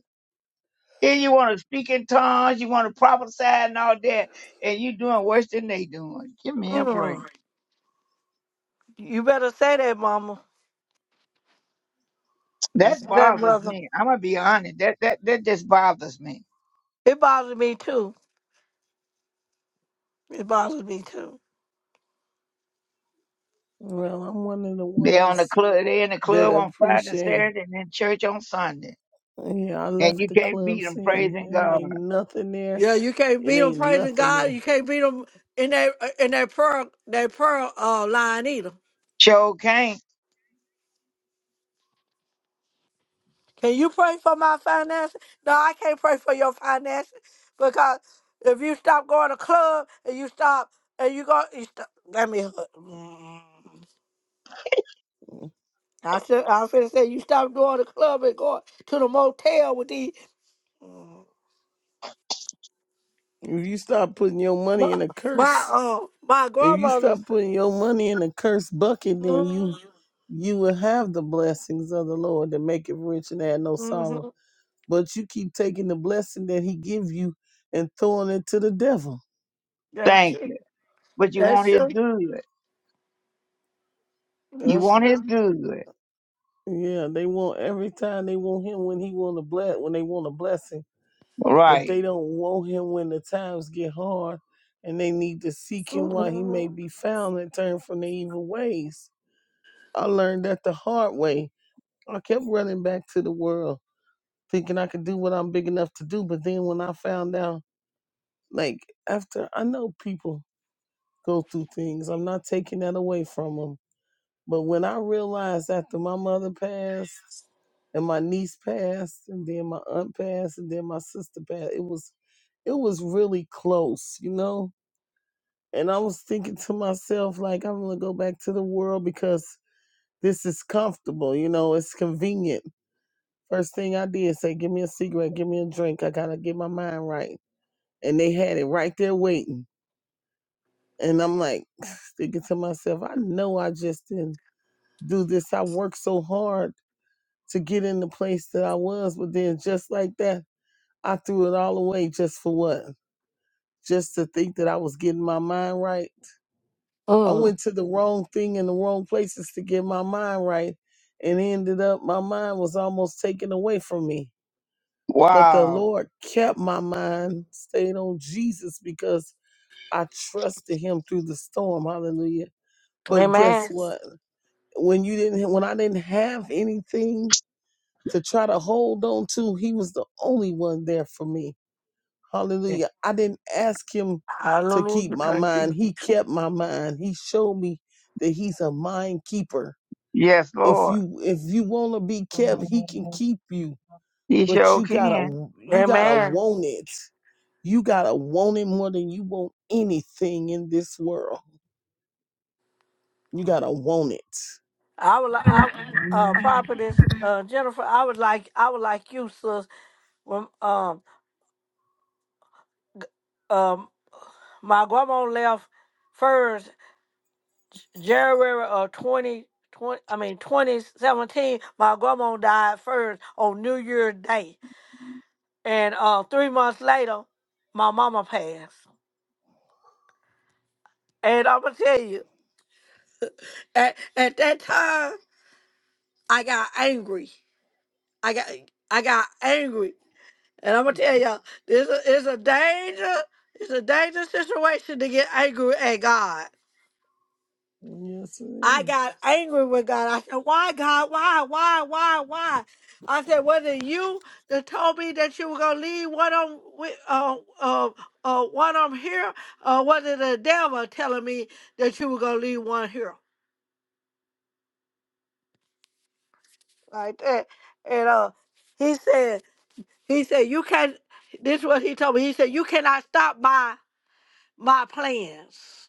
Then you want to speak in tongues, you want to prophesy and all that, and you doing worse than they doing. Give me a break.
Mm. you better say that, mama.
That
Say that,
bothers
mother.
me. I'm gonna be honest. That that that just bothers me.
It bothers me too. It bothers me too.
Well, I'm one of the
They on the
ones
club. They in the
that
club on Friday and
appreciate.
Saturday, and in church on Sunday,
Yeah, I
and
left
you
the
can't beat
club
them
scene
praising
and it
God.
ain't nothing there.
Yeah, you can't
It
beat them
ain't
praising
nothing
God.
there.
You can't beat them in that uh, in that prayer that prayer uh, line either.
Sure can't.
Can you pray for my finances? No, I can't pray for your finances because if you stop going to club and you stop and you go, you stop, let me. Mm.
Mm.
I should. I should say you stop going to club and going to the motel with these. Mm.
If you start putting your
My
money in a
my
curse,
uh, my
if you
grandmother.
start putting your money in a curse bucket, then you
Mm-hmm.
you will have the blessings of the Lord that make it rich and add no sorrow. but you keep taking the blessing that he give you and throwing it to the devil.
That's
Thank you.
true.
But you want
That's
His
true.
good. You
That's
want
true.
His good.
Yeah, they want every time they want him when he want a bless when they want a blessing, but
Right.
they don't want him when the times get hard and they need to seek him while he may
Mhm.
be found and turn from their evil ways. I learned that the hard way. I kept running back to the world, thinking I could do what I'm big enough to do, but then when I found out, like after I know people go through things, I'm not taking that away from them But when I realized after my mother passed and my niece passed and then my aunt passed and then my sister passed, it was it was really close, you know? And I was thinking to myself, like, I'm gonna go back to the world because this is comfortable, you know, it's convenient. First thing I did say, give me a cigarette, give me a drink. I gotta get my mind right. And they had it right there waiting. And I'm like [SIGHS] thinking to myself, I know I just didn't do this. I worked so hard to get in the place that I was. But then just like that, I threw it all away just for what? Just to think that I was getting my mind right. I
Mm.
went to the wrong thing in the wrong places to get my mind right and ended up my mind was almost taken away from me. But the
Wow.
Lord kept my mind stayed on Jesus because I trusted him through the storm. Hallelujah. But guess
Amen.
what? When you didn't when I didn't have anything to try to hold on to. He was the only one there for me. Hallelujah. I didn't ask him to keep
Hallelujah.
my
Thank
mind.
you.
He kept my mind. He showed me that he's a mind keeper.
Yes,
If
Lord.
you if you want to be kept, he can keep you,
He
but
sure
you got
can.
to you got to
Amen.
want it. You got to want it more than you want anything in this world. You got to want it.
I would, li- I, uh, prophetess uh, Jennifer. I would like, I would like you, sis. When um, g- um, my grandma left first January of twenty twenty. I mean twenty seventeen. My grandma died first on New Year's Day, and uh, three months later, my mama passed. And I'm gonna tell you, at at that time, I got angry. I got. I got angry And I'm gonna tell y'all, this is it's a danger. It's a dangerous situation to get angry at God.
Yes, it
I
is.
got angry with God. I said, "Why, God? Why? Why? Why? Why?" I said, "Was it you that told me that you were gonna leave one on with uh uh uh one on here, or was it the devil telling me that you were gonna leave one here like that?" And uh, he said, he said, "You can't." This is what he told me. He said, "You cannot stop my my plans,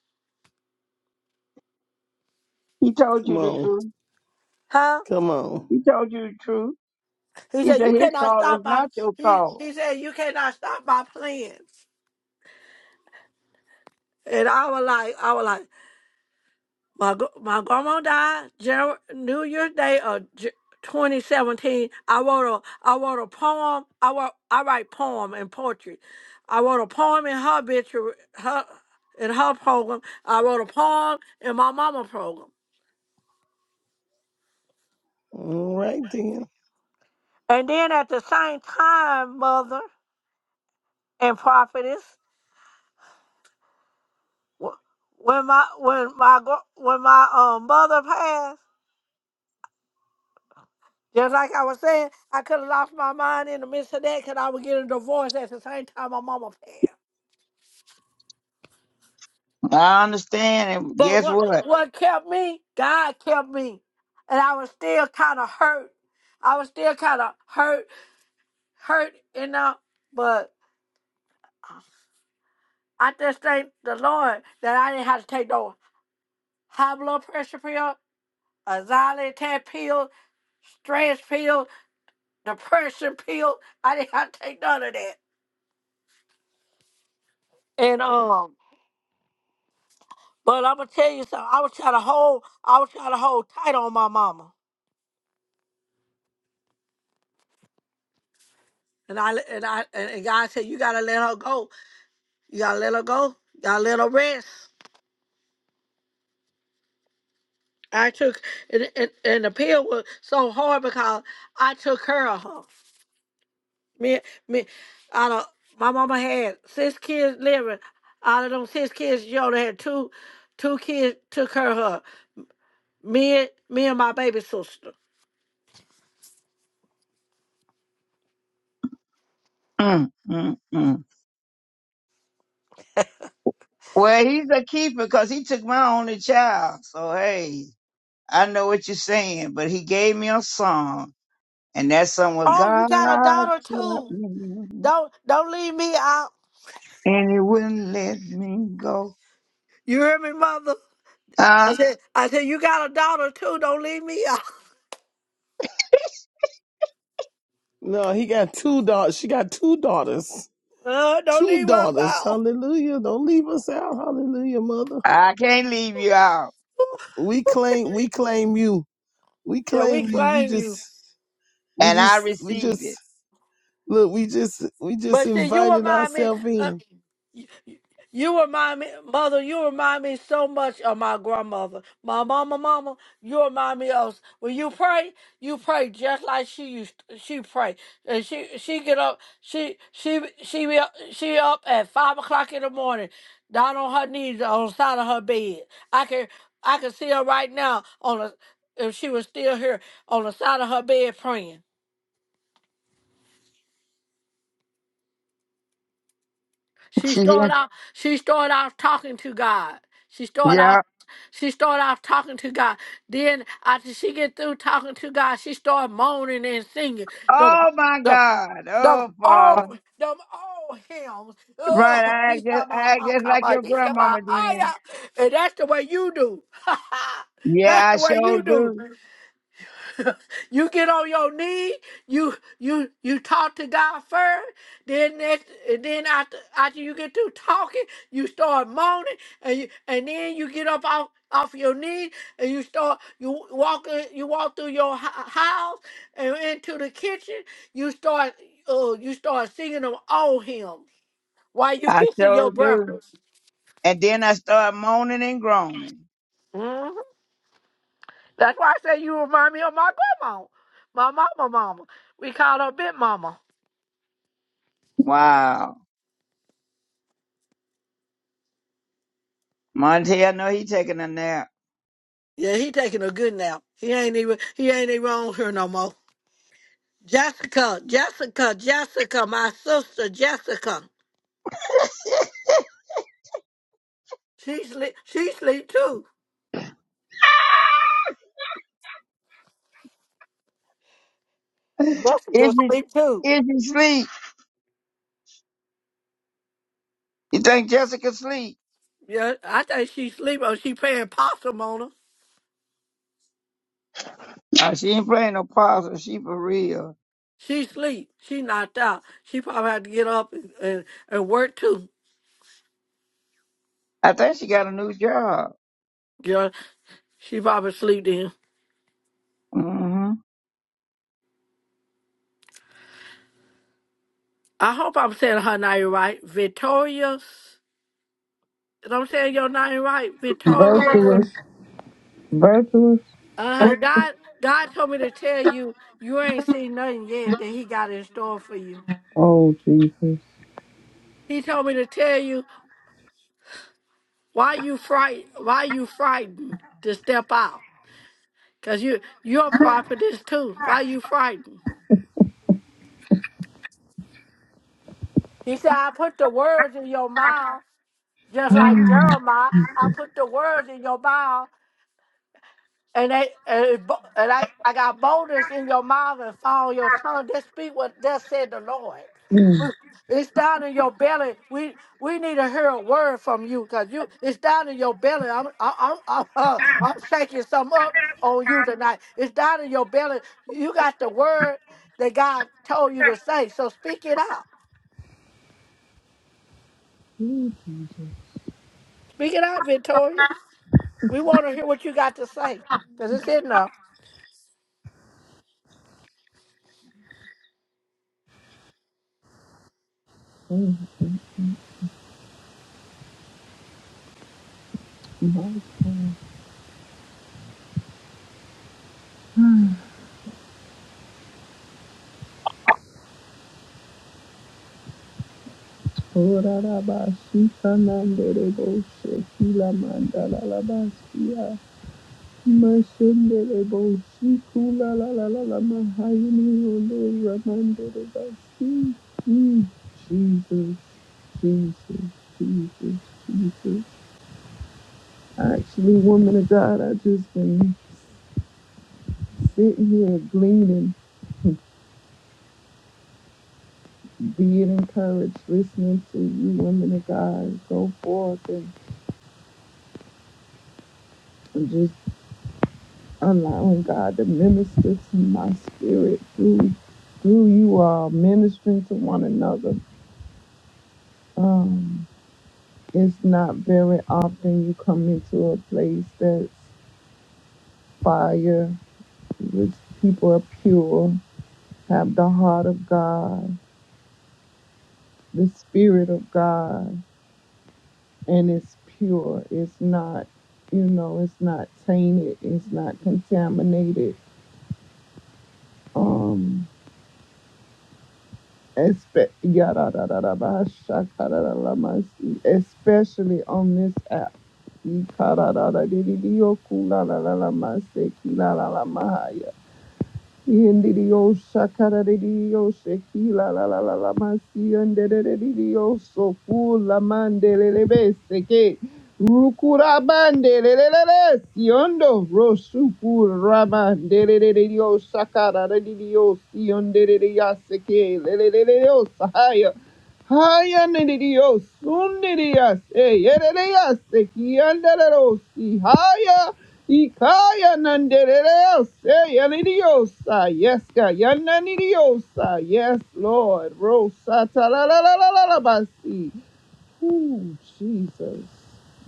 He told
Come
you the
on.
truth.
huh?"
Come on.
He told you the truth.
He
He
said,
said
"You
his
cannot
thought
stop
is
my."
not your
He
thought.
he said, "You cannot stop my plans." And I was like, I was like, my gr- my grandma died Jan- New Year's Day of J- 2017. I wrote a I wrote a poem. I wrote I write poem and poetry. I wrote a poem in her obituary, her in her program. I wrote a poem in my mama program.
All right then.
And then at the same time, mother and prophetess. When my when my gr- when my um mother passed, just like I was saying, I could have lost my mind in the midst of that because I was getting divorced at the same time my mama passed.
I understand. And
But
guess
what
what?
what kept me? God kept me, and I was still kind of hurt. I was still kind of hurt, hurt, you know. But I just thank the Lord that I didn't have to take no high blood pressure pill, a xylitol pill, stress pill, the pressure pill. I didn't have to take none of that. And um, but I'm gonna tell you something. I was trying to hold, I was trying to hold tight on my mama. And I and I and and God said, you gotta let her go. You gotta let her go. You gotta let her rest. I took and, and and the pill was so hard because I took care of her. Me me, out of my mama had six kids living. Out of them six kids, she only had two two kids took care of her. Me and me and my baby sister.
Mm, mm, mm. Well, he's a keeper because he took my only child. So, hey, I know what you're saying, but he gave me a song, and that song was
Oh, you
God
got a daughter
kept
too.
me,
Don't don't leave me out.
and he wouldn't let me go.
You hear me, mother? I
Huh?
said I said you got a daughter too. Don't leave me out. [LAUGHS]
No, he got two daughters. She got two daughters.
Uh, don't
Two
leave us
daughters.
out.
Hallelujah. Don't leave us out. Hallelujah, mother.
I can't leave you out.
We claim we claim you. We
Yeah, we
claim you. We
claim you.
just we
And I
just we
receive
just
it.
look, we just we just
But see, you
invited
remind me,
ourselves
uh,
in.
you, you remind me, mother, you remind me so much of my grandmother. My mama, mama, you remind me of, when you pray, you pray just like she used, she pray. And she, she get up, she, she, she, be up- she up at five o'clock in the morning, down on her knees on the side of her bed. I can, I can see her right now on the, if she was still here, on the side of her bed praying.
[LAUGHS]
She
yeah.
started out. She started off talking to God. She started
Yeah.
off. She started off talking to God. Then after she get through talking to God, she started moaning and singing. The
Oh my
the
God.
the
Oh Father.
old them old hymns.
Right.
Oh, [LAUGHS]
I act
he
just,
got my
I act
heart,
just
got
like
my-
your
he got my
grandmama
eye
did.
out. and that's the way you do. [LAUGHS]
Yeah,
that's
I
the way
sure
you do.
do.
[LAUGHS] you get on your knee, you you you talk to God first, then next, and then after after you get through talking, you start moaning, and you, and then you get up off off your knees and you start you walk in- you walk through your hou- house and into the kitchen. You start uh, you start singing them old hymns while you
I
fixing your
sure do.
breakfast.
And then I start moaning and groaning.
Mhm. That's why I say you remind me of my grandma, my mama, mama. We called her Big Mama.
Wow. Monty, I know he taking a nap.
Yeah, he taking a good nap. He ain't even he ain't even on here no more. Jessica, Jessica, Jessica, my sister Jessica. She sleep she sleep too.
Is
Jessica
he,
sleep too.
is he sleep? You think Jessica sleep?
Yeah, I think she sleep or she paying possum on her.
Uh, she ain't playing no possum. She for real.
She sleep. She knocked out. She probably had to get up and, and, and work too.
I think she got a new job.
Yeah. She probably sleep then.
Mm-hmm.
I hope I'm saying her name right. Victorious. You know what I'm saying your name right? Victorious.
Virtuous. [LAUGHS] Virtuous.
Uh-huh. God God told me to tell you you ain't seen nothing yet that he got in store for you.
Oh, Jesus.
He told me to tell you why you fright why you frightened to step out. Cause you you're a prophetess too. Why you frightened? He said, I put the words in your mouth, just like Jeremiah. I put the words in your mouth and they and, bo- and I, I got boldness in your mouth and fall on your tongue. Just speak what thus said the Lord. We- It's down in your belly. We we need to hear a word from you because you it's down in your belly. I'm I, I'm I'm, [LAUGHS] uh, I'm shaking some up on you tonight. It's down in your belly. You got the word that God told you to say. So speak it out. Speak it out, Victoria. We want to hear what you got to say because it's in there.
Mm. Orarabasi kanandere bose kila mandala la basia. Masundere bose kula la la la la mahayini ondo ramandere basi. Mm, Jesus, Jesus, Jesus, Jesus. Actually, woman of God, I just been sitting here gleaning, being encouraged, listening to you, women of God, go forth and, and just allowing God to minister to my spirit through. through you all ministering to one another. Um, it's not very often you come into a place that's fire, which people are pure, have the heart of God, the spirit of God, and it's pure. It's not, you know, it's not tainted, it's not contaminated. Um, espe- yada, da, da, da, ba, shaka, da, da, la, ma, si. especially on this app Ikarada, Ikarararaririyo kulalalala maseki lalalama mahaya. Yendirio shakaradirio shekila la la la la la. masi yanderedirio sofu la mandelelebe seke rukura bandelelelele siondo rosuku ramandeleledirio shakaradirio sionderiria seke leleleleo sahaya haya nedirio sundirias e yererias seki yanderero si haya Ikaya nanderereose, yanidiosa. Yes, God. Yananidiosa. Yes, Lord. Rosa talalalalabasi. Ooh, Jesus.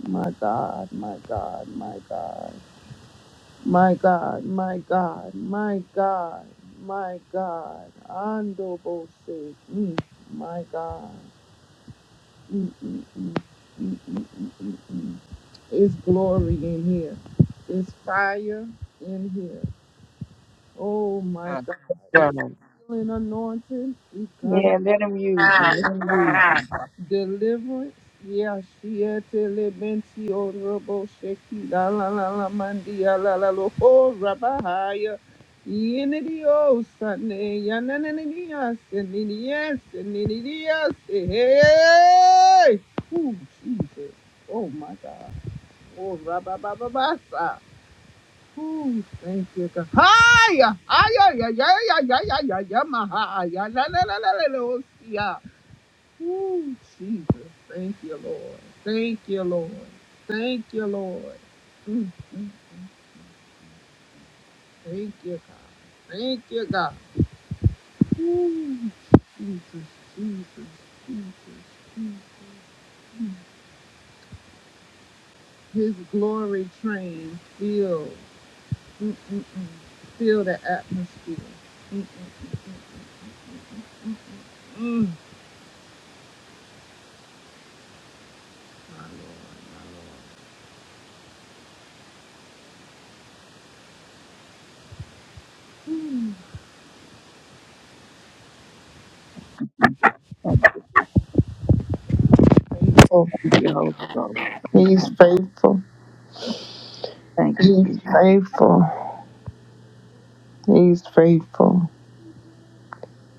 My God, my God, my God. My God, my God, my God, my God. Ando bose. Mm, my God. Mm, mm, mm. It's glory in here. It's fire in here. Oh my
Uh,
God. Is
Yeah,
healing anointed? Is God
Yeah, let him use you. Let him use you.
deliverance? Yeah, she had to live in the honorable Sheki, la la la la mandia la la lo ho rabahaya. Yenidio sane yanananias and yes and yes hey. Oh Jesus. Oh my God. Oh rababababasa. Ooh, thank you, God. Hiya! Hiya! Ya, ya, ya, ya, ya, ya, ya, maha, ya, la, la, la, la, la, la, oh, yeah. Ooh, Jesus. Thank you, Lord. Thank you, Lord. Thank you, Lord. Mm, thank you, God. Thank you, God. Ooh, Jesus, Jesus, Jesus. His glory train fills, mm, mm, mm, fill the atmosphere. Mm, mm, mm, my
Thank you,
Lord. Oh,
Thank you Holy Ghost. Thank
he's
you.
faithful,
Thank you, Jesus.
faithful. He's faithful.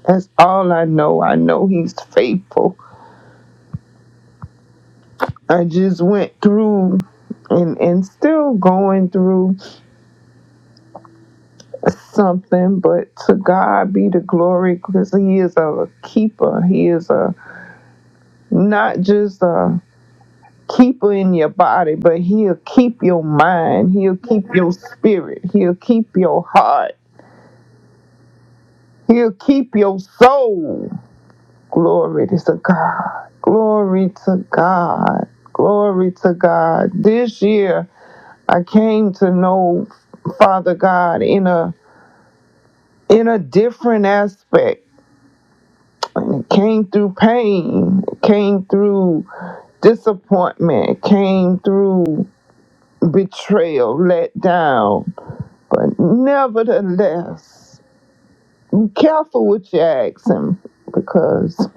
That's all I know. I know he's faithful. I just went through and, and still going through something, but to God be the glory because he is a keeper. He is a not just a keeper in your body, but he'll keep your mind. He'll keep your spirit. He'll keep your heart. He'll keep your soul. Glory to God. Glory to God. Glory to God. This year I came to know Father God in a in a different aspect. And it came through pain, it came through disappointment, it came through betrayal, let down. But nevertheless, be careful what you ask him because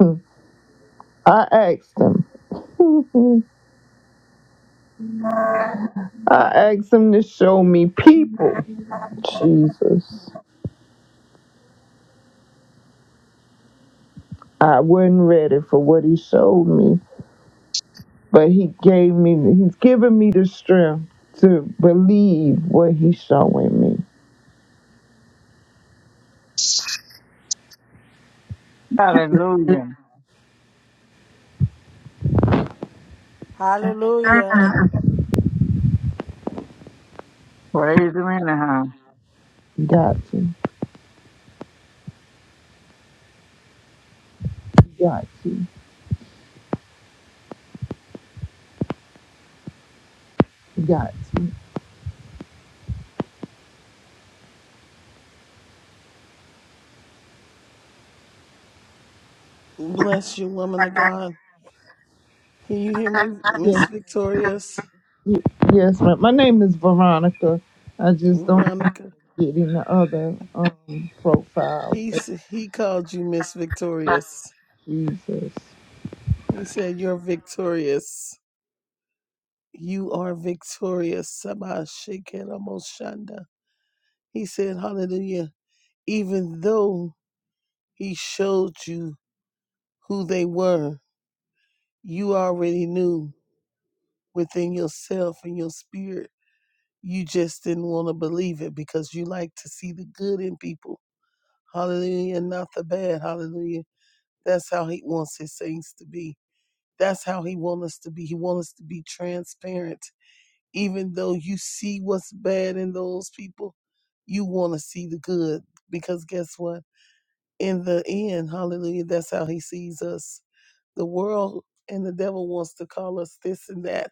[LAUGHS] I asked him. [LAUGHS] I asked him to show me people. Jesus. I wasn't ready for what he showed me, but he gave me, he's given me the strength to believe what he's showing me.
Hallelujah.
Hallelujah.
Praise him anyhow.
You Got to, you. Got to, you. Got you.
Bless you, woman of God. Can you hear me, Miss
Yes,
Victorious?
y- yes ma'am. My name is Veronica. I just don't
Veronica.
get in the other um, profile.
He
But
s- he called you Miss Victorious.
Jesus.
He said you're victorious. You are victorious. Sabah Shekera He said, Hallelujah, even though he showed you who they were, you already knew within yourself and your spirit. You just didn't want to believe it because you like to see the good in people. Hallelujah, not the bad. Hallelujah. That's how he wants his saints to be. That's how he wants us to be. He wants us to be transparent. Even though you see what's bad in those people, you want to see the good because guess what? in the end, hallelujah, that's how he sees us. The world and the devil wants to call us this and that.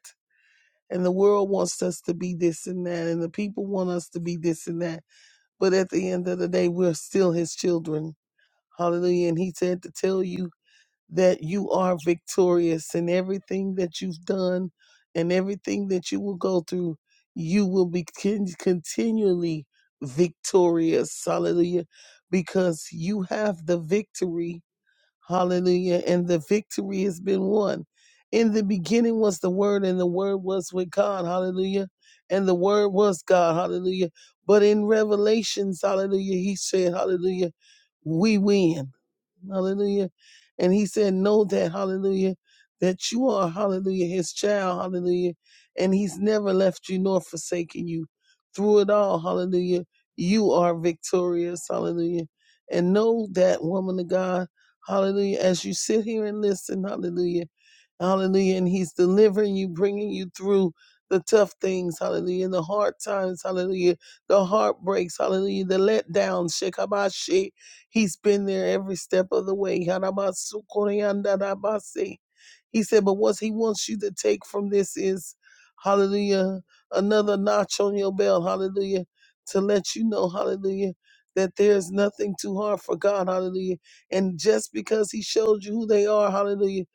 And the world wants us to be this and that. And the people want us to be this and that. But at the end of the day, we're still his children. Hallelujah. And he said to tell you that you are victorious in everything that you've done and everything that you will go through. You will be con- continually victorious. Hallelujah. Because you have the victory Hallelujah. And the victory has been won. In the beginning was the Word, and the Word was with God. Hallelujah. And the Word was God. Hallelujah. But in Revelations, hallelujah, he said, hallelujah, we win. Hallelujah. And he said, know that, hallelujah, that you are, hallelujah, his child. Hallelujah. And he's never left you nor forsaken you. Through it all, hallelujah, you are victorious. Hallelujah. And know that, woman of God. Hallelujah. As you sit here and listen, hallelujah. Hallelujah. And he's delivering you, bringing you through the tough things, hallelujah, the hard times, hallelujah, the heartbreaks, hallelujah, the letdowns, shekabashi. He's been there every step of the way. Harabasu koreandarabase. He said, but what he wants you to take from this is, hallelujah, another notch on your belt, hallelujah, to let you know, hallelujah, that there's nothing too hard for God, hallelujah and just because he showed you who they are, hallelujah,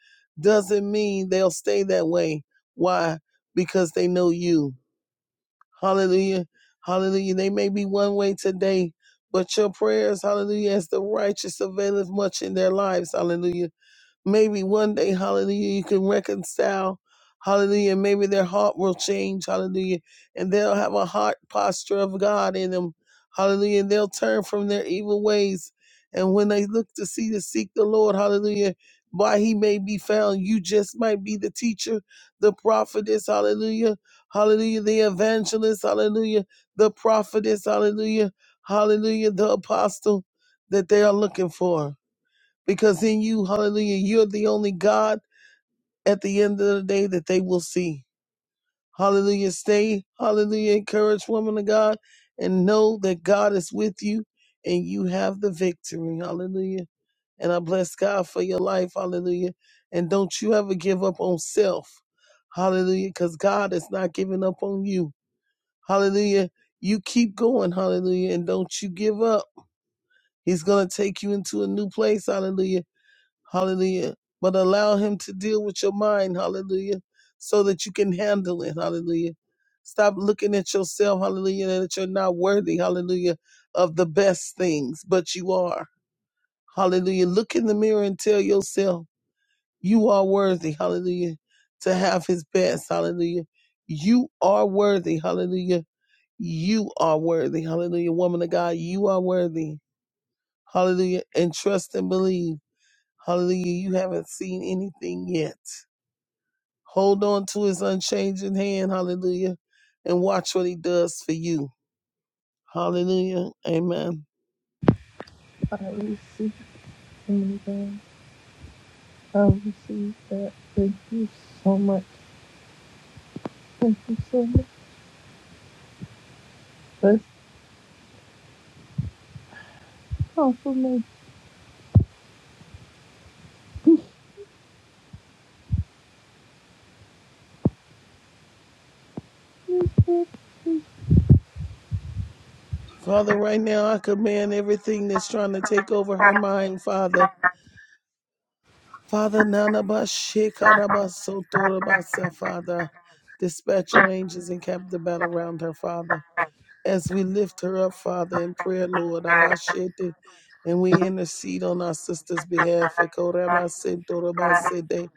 doesn't mean they'll stay that way. Why? Because they know you. Hallelujah. Hallelujah. They may be one way today, but your prayers, hallelujah, as the righteous availeth much in their lives. Hallelujah. Maybe one day, hallelujah, you can reconcile. Hallelujah. Maybe their heart will change. Hallelujah. And they'll have a heart posture of God in them. Hallelujah. And they'll turn from their evil ways. And when they look to see to seek the Lord, hallelujah, why he may be found, you just might be the teacher, the prophetess, hallelujah. Hallelujah. The evangelist, hallelujah. The prophetess, hallelujah. Hallelujah. The apostle that they are looking for because in you, hallelujah, you're the only God at the end of the day that they will see. Hallelujah. Stay, hallelujah, encouraged woman of God, and know that God is with you and you have the victory. Hallelujah. And I bless God for your life. Hallelujah. And don't you ever give up on self. Hallelujah. Because God is not giving up on you. Hallelujah. You keep going. Hallelujah. And don't you give up. He's going to take you into a new place. Hallelujah Hallelujah. But allow him to deal with your mind. Hallelujah. So that you can handle it. Hallelujah. Stop looking at yourself. Hallelujah. That you're not worthy. Hallelujah. Of the best things, but you are. Hallelujah. Look in the mirror and tell yourself you are worthy. Hallelujah. To have his best. Hallelujah. You are worthy. Hallelujah. You are worthy. Hallelujah. Woman of God, you are worthy. Hallelujah. And trust and believe. Hallelujah. You haven't seen anything yet. Hold on to his unchanging hand. Hallelujah. And watch what he does for you. Hallelujah. Amen.
I receive anything. I receive that. Thank you so much. Thank you so much. That's compliment. Thank
Father, right now I command everything that's trying to take over her mind, Father. Father, Nanabashikarabasa, Father. Dispatch your angels and cap the battle around her, Father. as we lift her up, Father, in prayer, Lord, Abashete, and we intercede on our sister's behalf. Ekorabasento, Rabasete,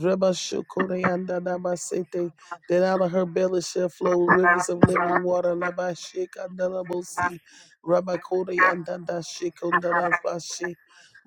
Rabashokoreanda, Dabasete, That out of her belly shall flow rivers of living water. Labashekandalabosi, Rabakoreanda, Dashekondarabashi,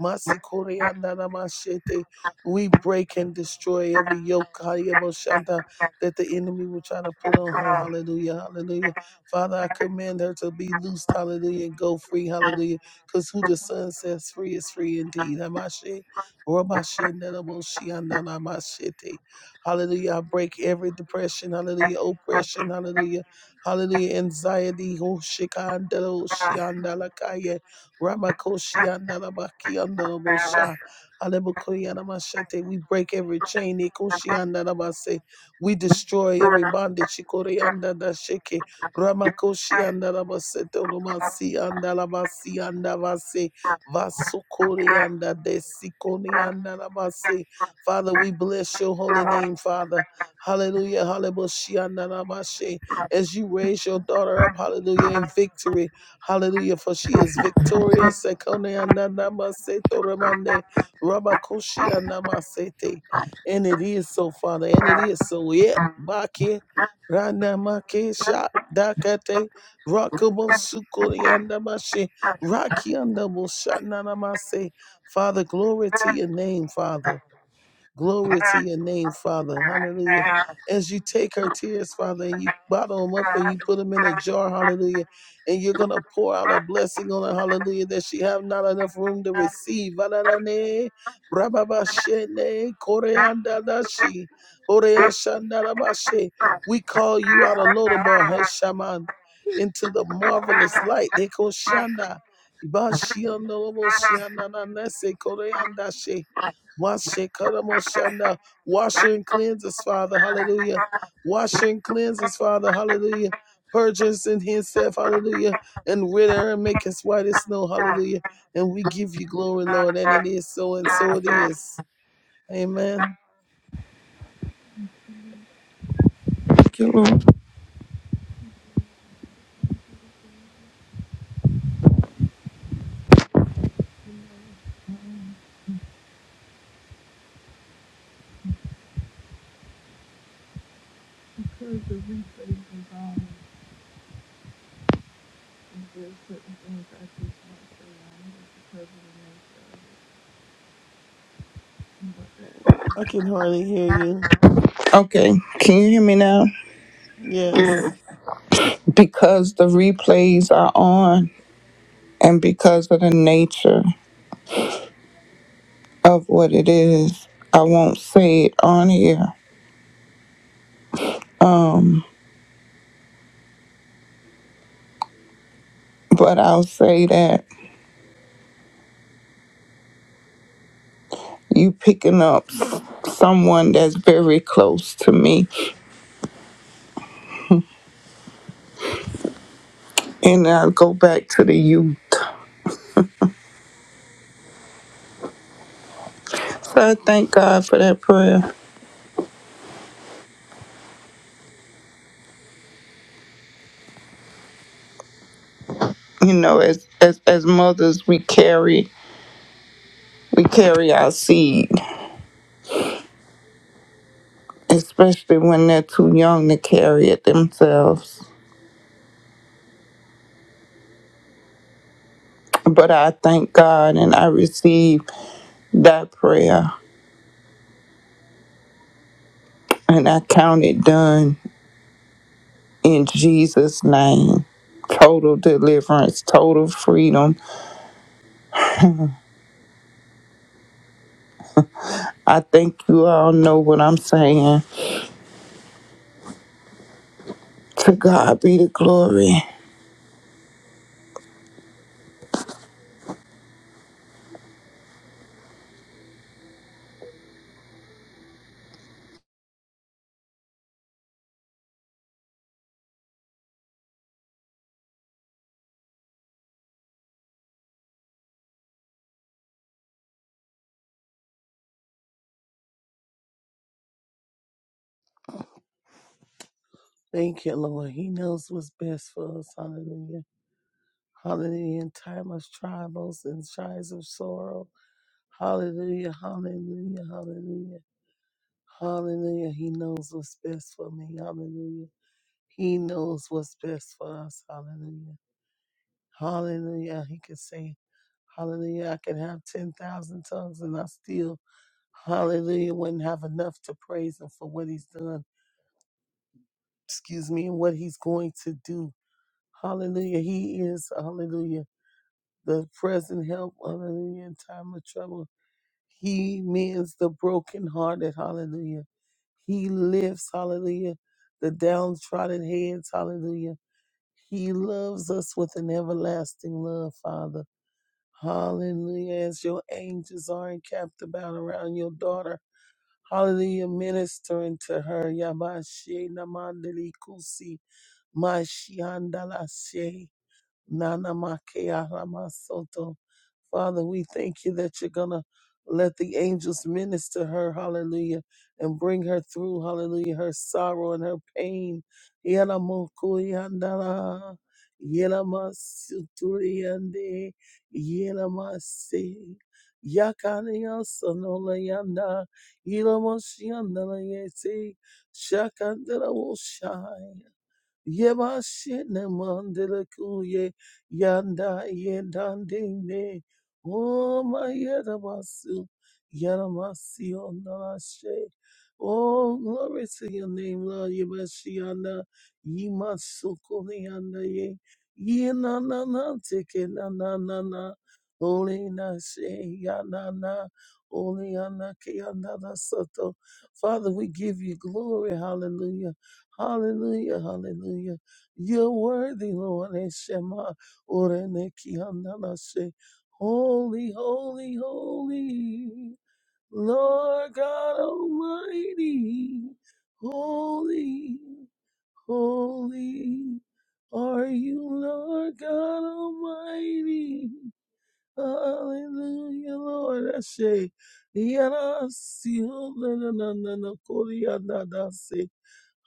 Masikoreanda, Namashete. We break and destroy every yoke Hayabashanta, that the enemy will try to put on her. Hallelujah, hallelujah. Father, I command her to be loosed, hallelujah, and go free, hallelujah, because who the Son sets free is free indeed. Hamashe, Ramashe, Nenamoshi, Ananamashete. Hallelujah. I break every depression, hallelujah, oppression, hallelujah, hallelujah, anxiety, Hoshikandaloshiandalakaya, Ramakoshiandalabakiandalabosha. Alemokoyanamashete. We break every chain. Ikoshiandalabase. We destroy every bondage. Shikoryandadashike. Ramakoshi andalabasete romasi andalabasi andavase vasokori andadesikoni andalabase. Father, we bless your holy name, Father. Hallelujah. Hallelujah. andalabashe. As you raise your daughter up, hallelujah, in victory. Hallelujah. For she is victorious. Sekoni andalabase toromande. Ramakoshi andamasete. And it is so, Father. And it is so. Yeah. Bakia. Ranamakesha Dakate Rakabosukuri Andamashi Raki Andamushanamase. Father, glory to your name, Father. Glory to your name, Father. Hallelujah. As you take her tears, Father, and you bottle them up and you put them in a jar, hallelujah. And you're going to pour out a blessing on her, hallelujah, that she have not enough room to receive. Ba-da-da-ne, ra-ba-ba-she-ne, koreanda-da-shi, oreashandara-ba-she. We call you out of Lodabar, Heshaman, into the marvelous light. Dekoshanda, ibashiandolobo-shiandananese, koreanda-she. Mashekaramoshanda. Wash her and cleanse us, Father. Hallelujah. Wash her and cleanse us, Father. Hallelujah. Purge us in Himself. Hallelujah. And rid her and make us white as snow. Hallelujah. And we give you glory, Lord. And it is so, and so it is. Amen.
you, Heard the replay is on, and there's certain things I just want to say. I heard it
I can hardly hear you.
in there. Okay, can you hear me now?
Yes.
Because the replays are on, and because of the nature of what it is, I won't say it on here, but I'll say that you picking up s- someone that's very close to me, and I'll go back to the you. So I thank God for that prayer. you know as as as mothers we carry we carry our seed especially when they're too young to carry it themselves but i thank god and i receive that prayer and i count it done in jesus name total deliverance total freedom i think you all know what i'm saying to god be the glory
Thank you, Lord. He knows what's best for us. Hallelujah. Hallelujah. In time of trials and trials of sorrow. Hallelujah. Hallelujah. Hallelujah. Hallelujah. He knows what's best for me. Hallelujah. He knows what's best for us. Hallelujah. Hallelujah. He can say, Hallelujah. I can have 10,000 tongues and I still, Hallelujah, wouldn't have enough to praise him for what he's done. Excuse me, and what he's going to do. Hallelujah. He is, Hallelujah, the present help. Hallelujah, in time of trouble. He mends the brokenhearted. Hallelujah. He lifts, hallelujah, the downtrodden heads. Hallelujah. He loves us with an everlasting love, Father. Hallelujah. As your angels are encamped about around your daughter. Hallelujah. Ministering to her. Yamashe namandeli kusi. Mashiandala Nana Makea Ramasoto. Father, we thank you that you're going to let the angels minister her, hallelujah, and bring her through, hallelujah, her sorrow and her pain. Yana moku yandara, yana masuturi yande, yana masi, yakani yasanola yanda, yana moshi yandala yesi, shakandara woshai. Yebashene mandele kuye yanda yendandine. Oh my yerabasu yeramasi onarashe. Oh glory to your name, Lord Yebashiana. Yimasukuni yanda ye. Yena na na teke na na na na. Holy na she yana na Holy anake yanda da soto Father, we give you glory. Hallelujah. Hallelujah, hallelujah. You're worthy, Lord. Eshema oreneki andanase. Holy, holy, holy, Lord God Almighty. Holy, holy are you, Lord God Almighty. Hallelujah, Lord. Ashe. Yarasi, na na na na na, kori, andadase.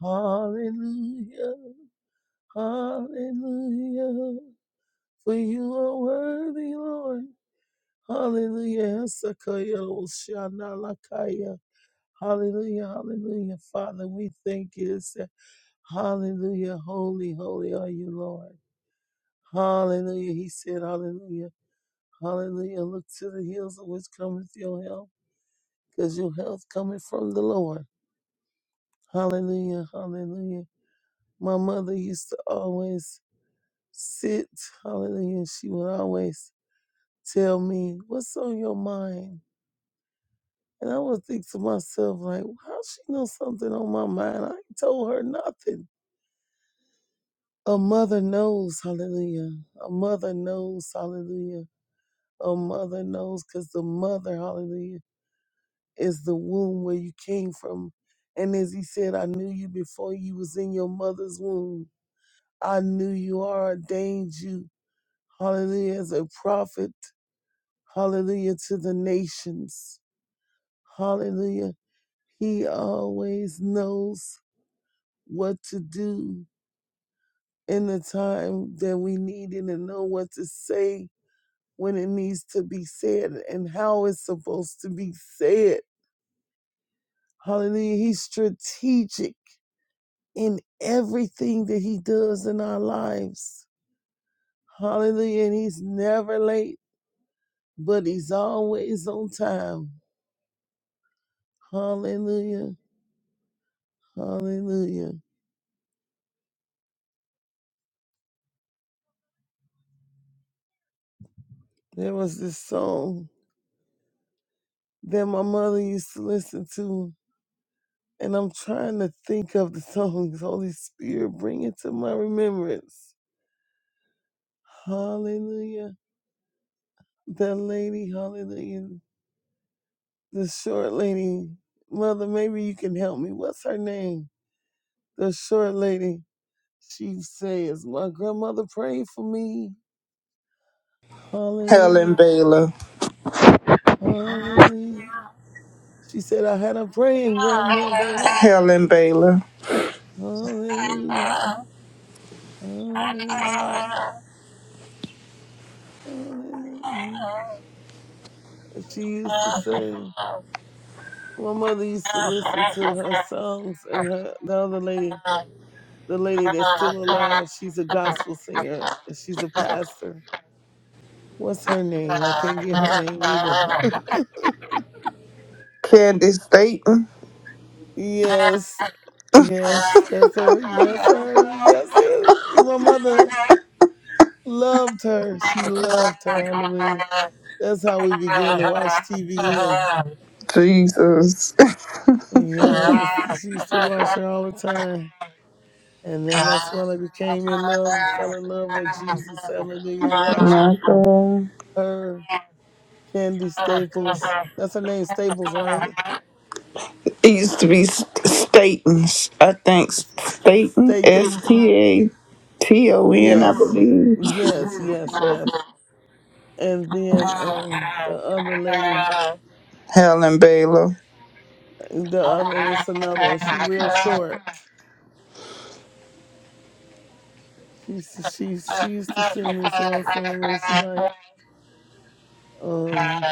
Hallelujah. Hallelujah. For you are worthy, Lord. Hallelujah. Sakaya Oshana Lakaya. Hallelujah. Hallelujah. Father, we thank you. It's a- Hallelujah. Holy, holy are you, Lord. Hallelujah. He said, Hallelujah. Hallelujah. Look to the hills of which cometh your help, because your health cometh from the Lord. Hallelujah. Hallelujah. My mother used to always sit. Hallelujah. She would always tell me what's on your mind. And I would think to myself, like, how she know something on my mind? I ain't told her nothing. A mother knows, hallelujah. A mother knows, hallelujah. A mother knows because the mother, hallelujah, is the womb where you came from. And as he said, I knew you before you was in your mother's womb. I knew you are ordained you, hallelujah, as a prophet, hallelujah, to the nations. Hallelujah He always knows what to do in the time that we need it and know what to say when it needs to be said and how it's supposed to be said. Hallelujah. He's strategic in everything that he does in our lives. Hallelujah. And he's never late, but he's always on time. Hallelujah. Hallelujah. There was this song that my mother used to listen to And I'm trying to think of the [LAUGHS] songs. Holy Spirit, bring it to my remembrance. Hallelujah. That lady, hallelujah. The short lady. Mother, maybe you can help me. What's her name? The short lady. She says, My grandmother prayed for me.
helen
Hallelujah.
baylor
Hallelujah. She said, I had a praying grandmother.
helen baylor
Hallelujah. Hallelujah. Hallelujah. And She used to say. My mother used to listen to her songs, and her the other lady, the lady that's still alive, she's a gospel singer and she's a pastor. What's her name? I can't get her name either. [LAUGHS]
candace Dayton.
Yes, yes, that's her. Yes, her. That's it. My mother loved her. She loved her. Hallelujah. That's how we began to watch TVN.
jesus
Yes, she used to watch her all the time. And then that's when I became in love, fell in love with Jesus. Hallelujah.
[LAUGHS]
Watching
my God.
her, Candy Staples. That's her name, Staples, right?
It used to be Statons, I think. Staten, S
Statons.
T A T O N, I
Yes.
believe.
Yes, yes, yes. And then um the other lady,
Helen Baylor.
the other and it's another one. She real short. She used to- she she used to sing this one song where she like, um,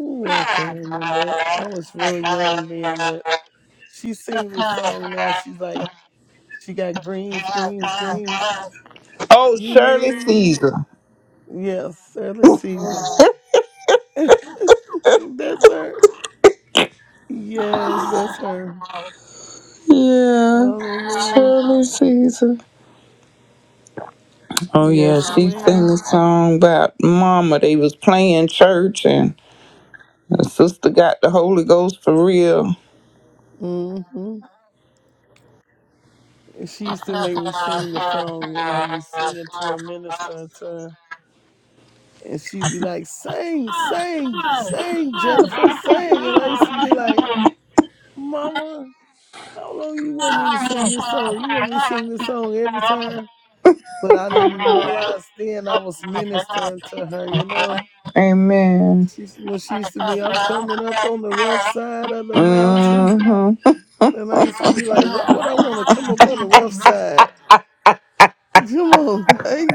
ooh, I can't remember. I was real young then, but she sings this song now. She's like She got greens, greens, greens.
Oh,
You
Shirley
name it.
Caesar.
Yes, early season. [LAUGHS] that's her. Yes, that's her.
Yeah,
Hallelujah.
Shirley Caesar. Oh, yeah,
Yes,
she sang
ma'am.
a song about Mama. They was playing church and the sister got the Holy Ghost for real.
hmm She used to make me sing the song when I'd be singing to her, ministering to her. And she'd be like, sing, sing, sing, Jennifer, sing. And I used to be like, Mama, how long you want me to sing this song? You want me to sing this song every time? but I didn't realize then I was ministering to her. You know,
Amen.
she when she used to be, I'm coming up on the rough side of the mountain,
hmm
and I used to be like, why would I want to come up on the rough side? [LAUGHS] Come on, like,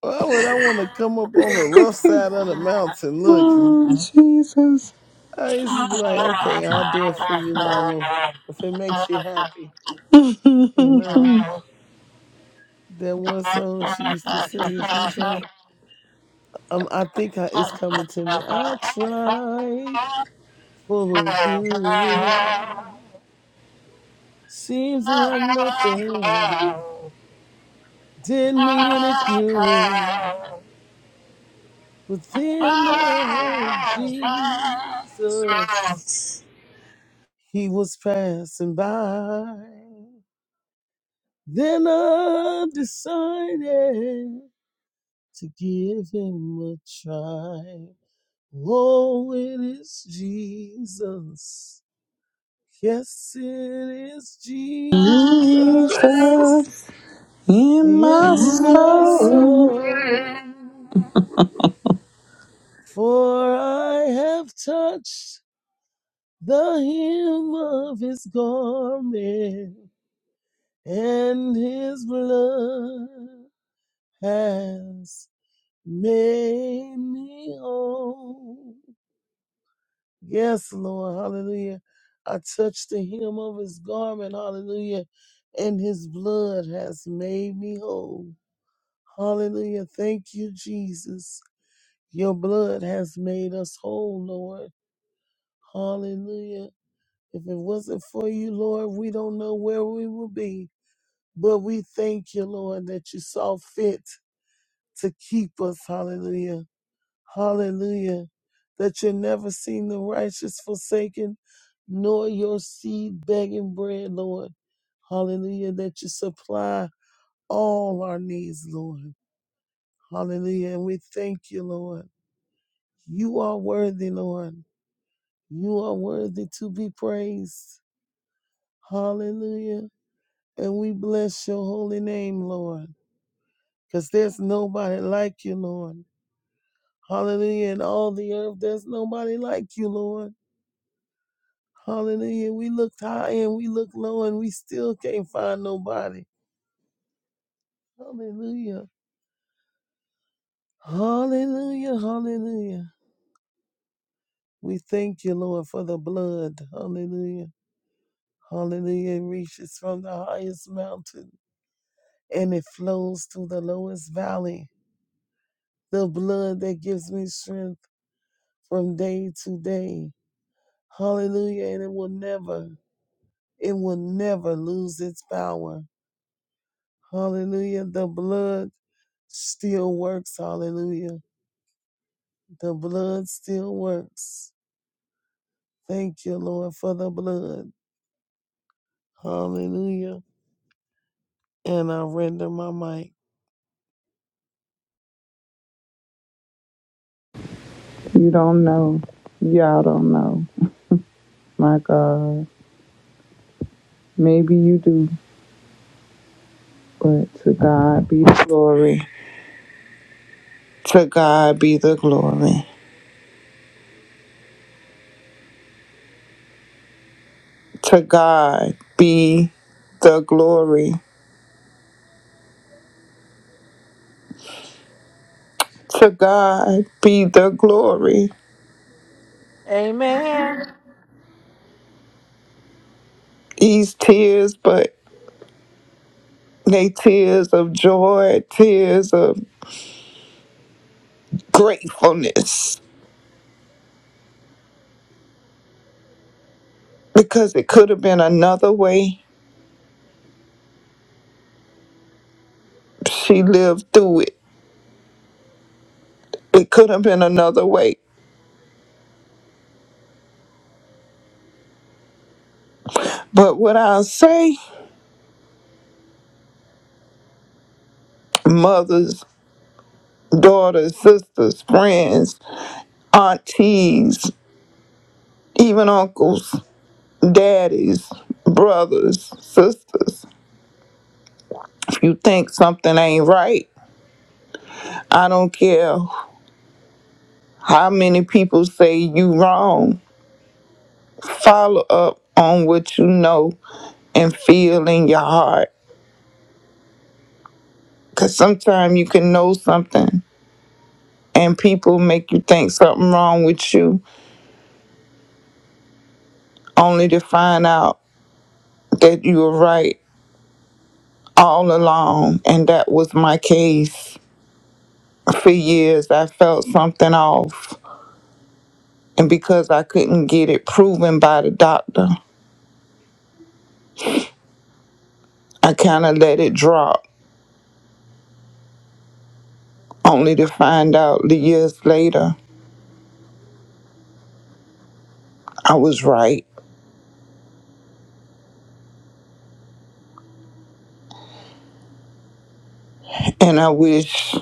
why would I want to come up on the rough side of the mountain? Look,
Oh, Jesus,
I used to be like, okay, I'll do it for you, Mama, if it makes you happy. You know, that one song she used to sing, she's like. Um, I think I, it's coming to me. I tried for good. Seems like nothing did me any good. But then uh, Jesus, he was passing by. Then I decided to give him a try. Oh, it is Jesus. Yes, it is Jesus.
Jesus in my
in my
soul.
soul, for I have touched the hem of his garment, and his blood has made me whole. Yes, Lord, hallelujah. I touched the hem of his garment, hallelujah, and his blood has made me whole. Hallelujah. Thank you, Jesus. Your blood has made us whole, Lord. Hallelujah. If it wasn't for you, Lord, we don't know where we would be. But we thank you, Lord, that you saw fit to keep us. Hallelujah. Hallelujah. That you never seen the righteous forsaken, nor your seed begging bread, Lord. Hallelujah. That you supply all our needs, Lord. Hallelujah. And we thank you, Lord. You are worthy, Lord. You are worthy to be praised. Hallelujah. And we bless your holy name, Lord, because there's nobody like you, Lord. Hallelujah. In all the earth, there's nobody like you, Lord. Hallelujah. We looked high and we looked low and we still can't find nobody. Hallelujah. Hallelujah. Hallelujah. We thank you, Lord, for the blood. Hallelujah. Hallelujah. It reaches from the highest mountain and it flows through the lowest valley. the blood that gives me strength from day to day. Hallelujah. And it will never, it will never lose its power. Hallelujah. The blood still works. Hallelujah. The blood still works. Thank you, Lord, for the blood. Hallelujah. And I render my mic.
You don't know. Y'all don't know. My God. Maybe you do, but to God be the glory. To God be the glory. To God be the glory. To God be the glory.
Amen.
These tears, but they tears of joy, tears of gratefulness. Because it could have been another way. She lived through it. It could have been another way. But what I'll say, mothers daughters, sisters, friends, aunties, even uncles, daddies, brothers, sisters. If you think something ain't right, I don't care how many people say you wrong. Follow up on what you know and feel in your heart. Cause sometimes you can know something and people make you think something wrong with you only to find out that you were right all along and that was my case for years I felt something off. And because I couldn't get it proven by the doctor, I kind of let it drop, only to find out the years later I was right. And I wish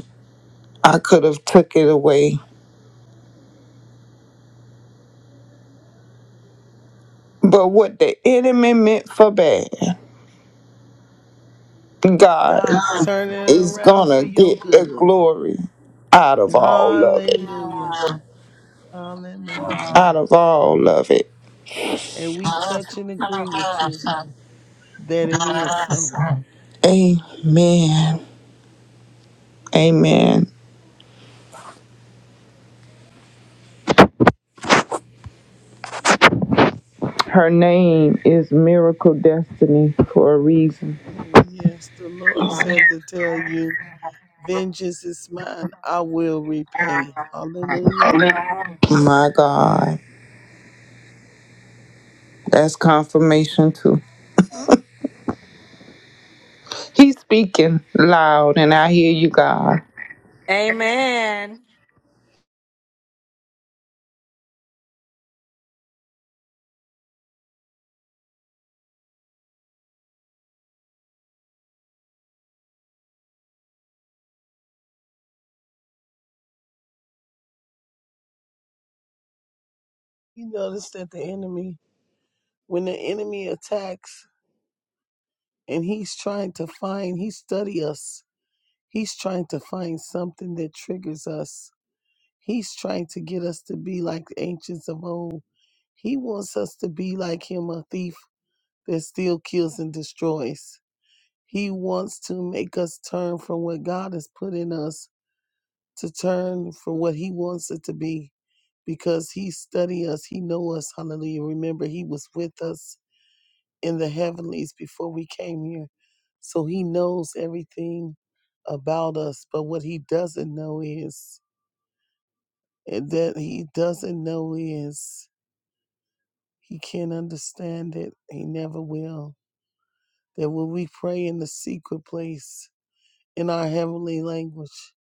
I could have took it away. But what the enemy meant for bad, God
God's turning it
is
around for
gonna
your
get the
good.
glory out of all of it.
Hallelujah. Hallelujah.
Out of all of it.
And we touch and agree with you that it is so.
Amen. Amen. Her name is Miracle Destiny for a reason.
Mm, Yes, the Lord said to tell you, vengeance is mine, I will repay. Hallelujah.
My God, that's confirmation too. He's speaking loud, and I hear you, God.
Amen.
You notice that the enemy, when the enemy attacks and he's trying to find, he study us. He's trying to find something that triggers us. He's trying to get us to be like the ancients of old. He wants us to be like him, a thief that still kills and destroys. He wants to make us turn from what God has put in us to turn from what he wants it to be because he study us he know us hallelujah remember he was with us in the heavenlies before we came here so he knows everything about us but what he doesn't know is and that he doesn't know is he can't understand it he never will that when we pray in the secret place in our heavenly language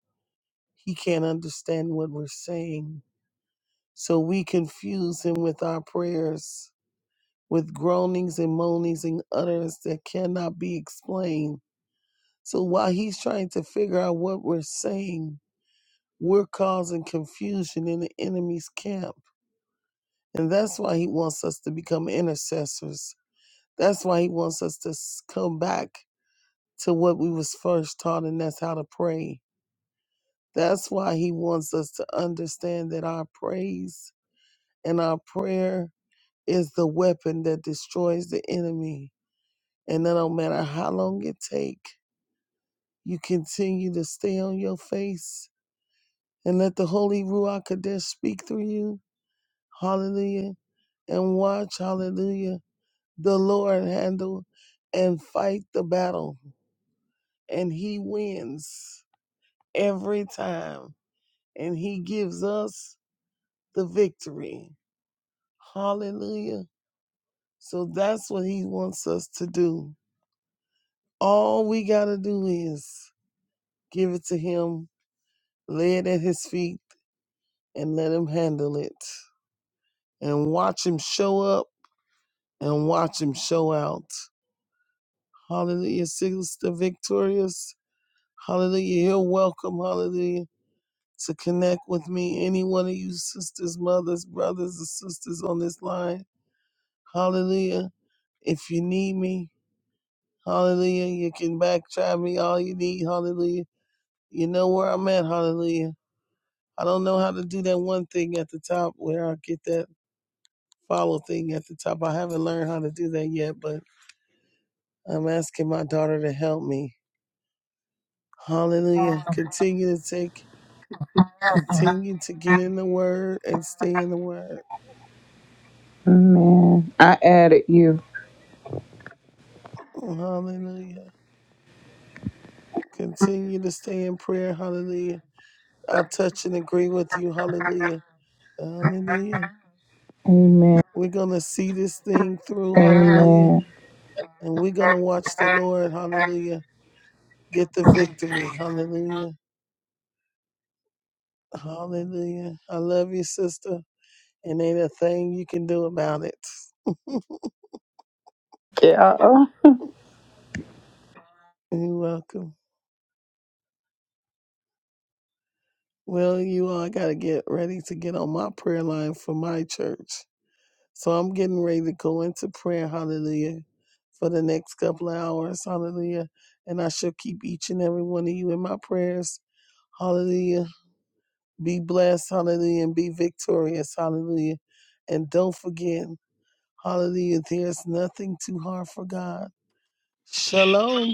he can't understand what we're saying So we confuse him with our prayers, with groanings and moanings and utterance that cannot be explained. So while he's trying to figure out what we're saying, we're causing confusion in the enemy's camp. And that's why he wants us to become intercessors. That's why he wants us to s- come back to what we was first taught, and that's how to pray. That's why he wants us to understand that our praise and our prayer is the weapon that destroys the enemy. And that no matter how long it take, you continue to stay on your face and let the Holy Ruach Kodesh speak through you. Hallelujah. And watch, hallelujah, the Lord handle and fight the battle. And he wins every time. And he gives us the victory. Hallelujah. So that's what he wants us to do. All we got to do is Give it to him, lay it at his feet, and let him handle it. And watch him show up and watch him show out. Hallelujah, Sister Victorious. Hallelujah. You're welcome, hallelujah, to connect with me. Any one of you sisters, mothers, brothers, and sisters on this line. Hallelujah. If you need me, hallelujah, you can back chat me all you need. Hallelujah. You know where I'm at. Hallelujah. I don't know how to do that one thing at the top where I get that follow thing at the top. I haven't learned how to do that yet, but I'm asking my daughter to help me. Hallelujah. Continue to take, continue to get in the word and stay in the word.
Amen. I added you.
Hallelujah. Continue to stay in prayer. Hallelujah. I'll touch and agree with you. Hallelujah. Hallelujah.
Amen.
We're going to see this thing through. Hallelujah.
Amen.
And we're going to watch the Lord. Hallelujah. Get the victory. Hallelujah. Hallelujah. I love you, sister. and ain't a thing you can do about it. [LAUGHS] You're welcome. Well, you all got to get ready to get on my prayer line for my church. So I'm getting ready to go into prayer, hallelujah, for the next couple of hours, hallelujah. And I shall keep each and every one of you in my prayers, hallelujah. Be blessed, hallelujah, and be victorious, hallelujah. And don't forget, hallelujah, there's nothing too hard for God. Shalom.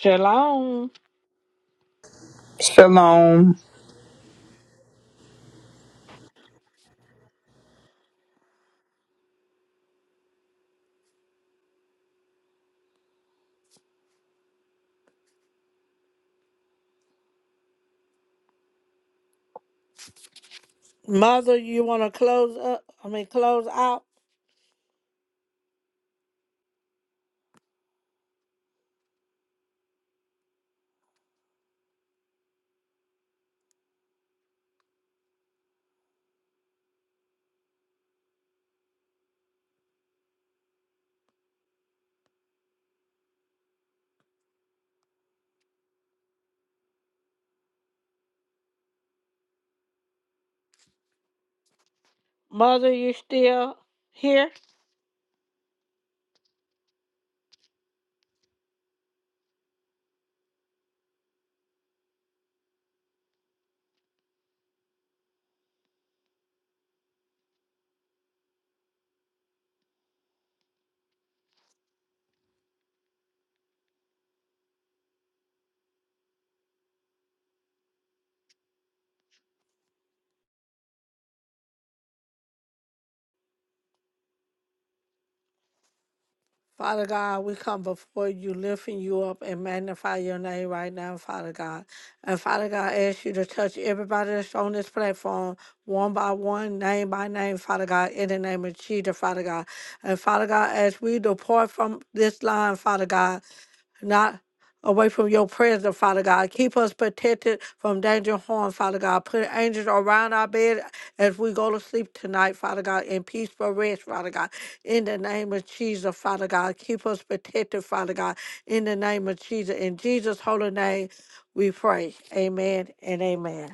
Shalom.
Shalom.
Mother, you want to close up? I mean, close out. Mother, you still here? Father God, we come before you, lifting you up and magnify your name right now, Father God. And Father God, I ask you to touch everybody that's on this platform, one by one, name by name, Father God, in the name of Jesus, Father God. And Father God, as we depart from this line, Father God, not away from your presence, Father God. Keep us protected from danger and harm, Father God. Put angels around our bed as we go to sleep tonight, Father God, in peaceful rest, Father God. In the name of Jesus, Father God. Keep us protected, Father God. In the name of Jesus. In Jesus' holy name, we pray. Amen and amen.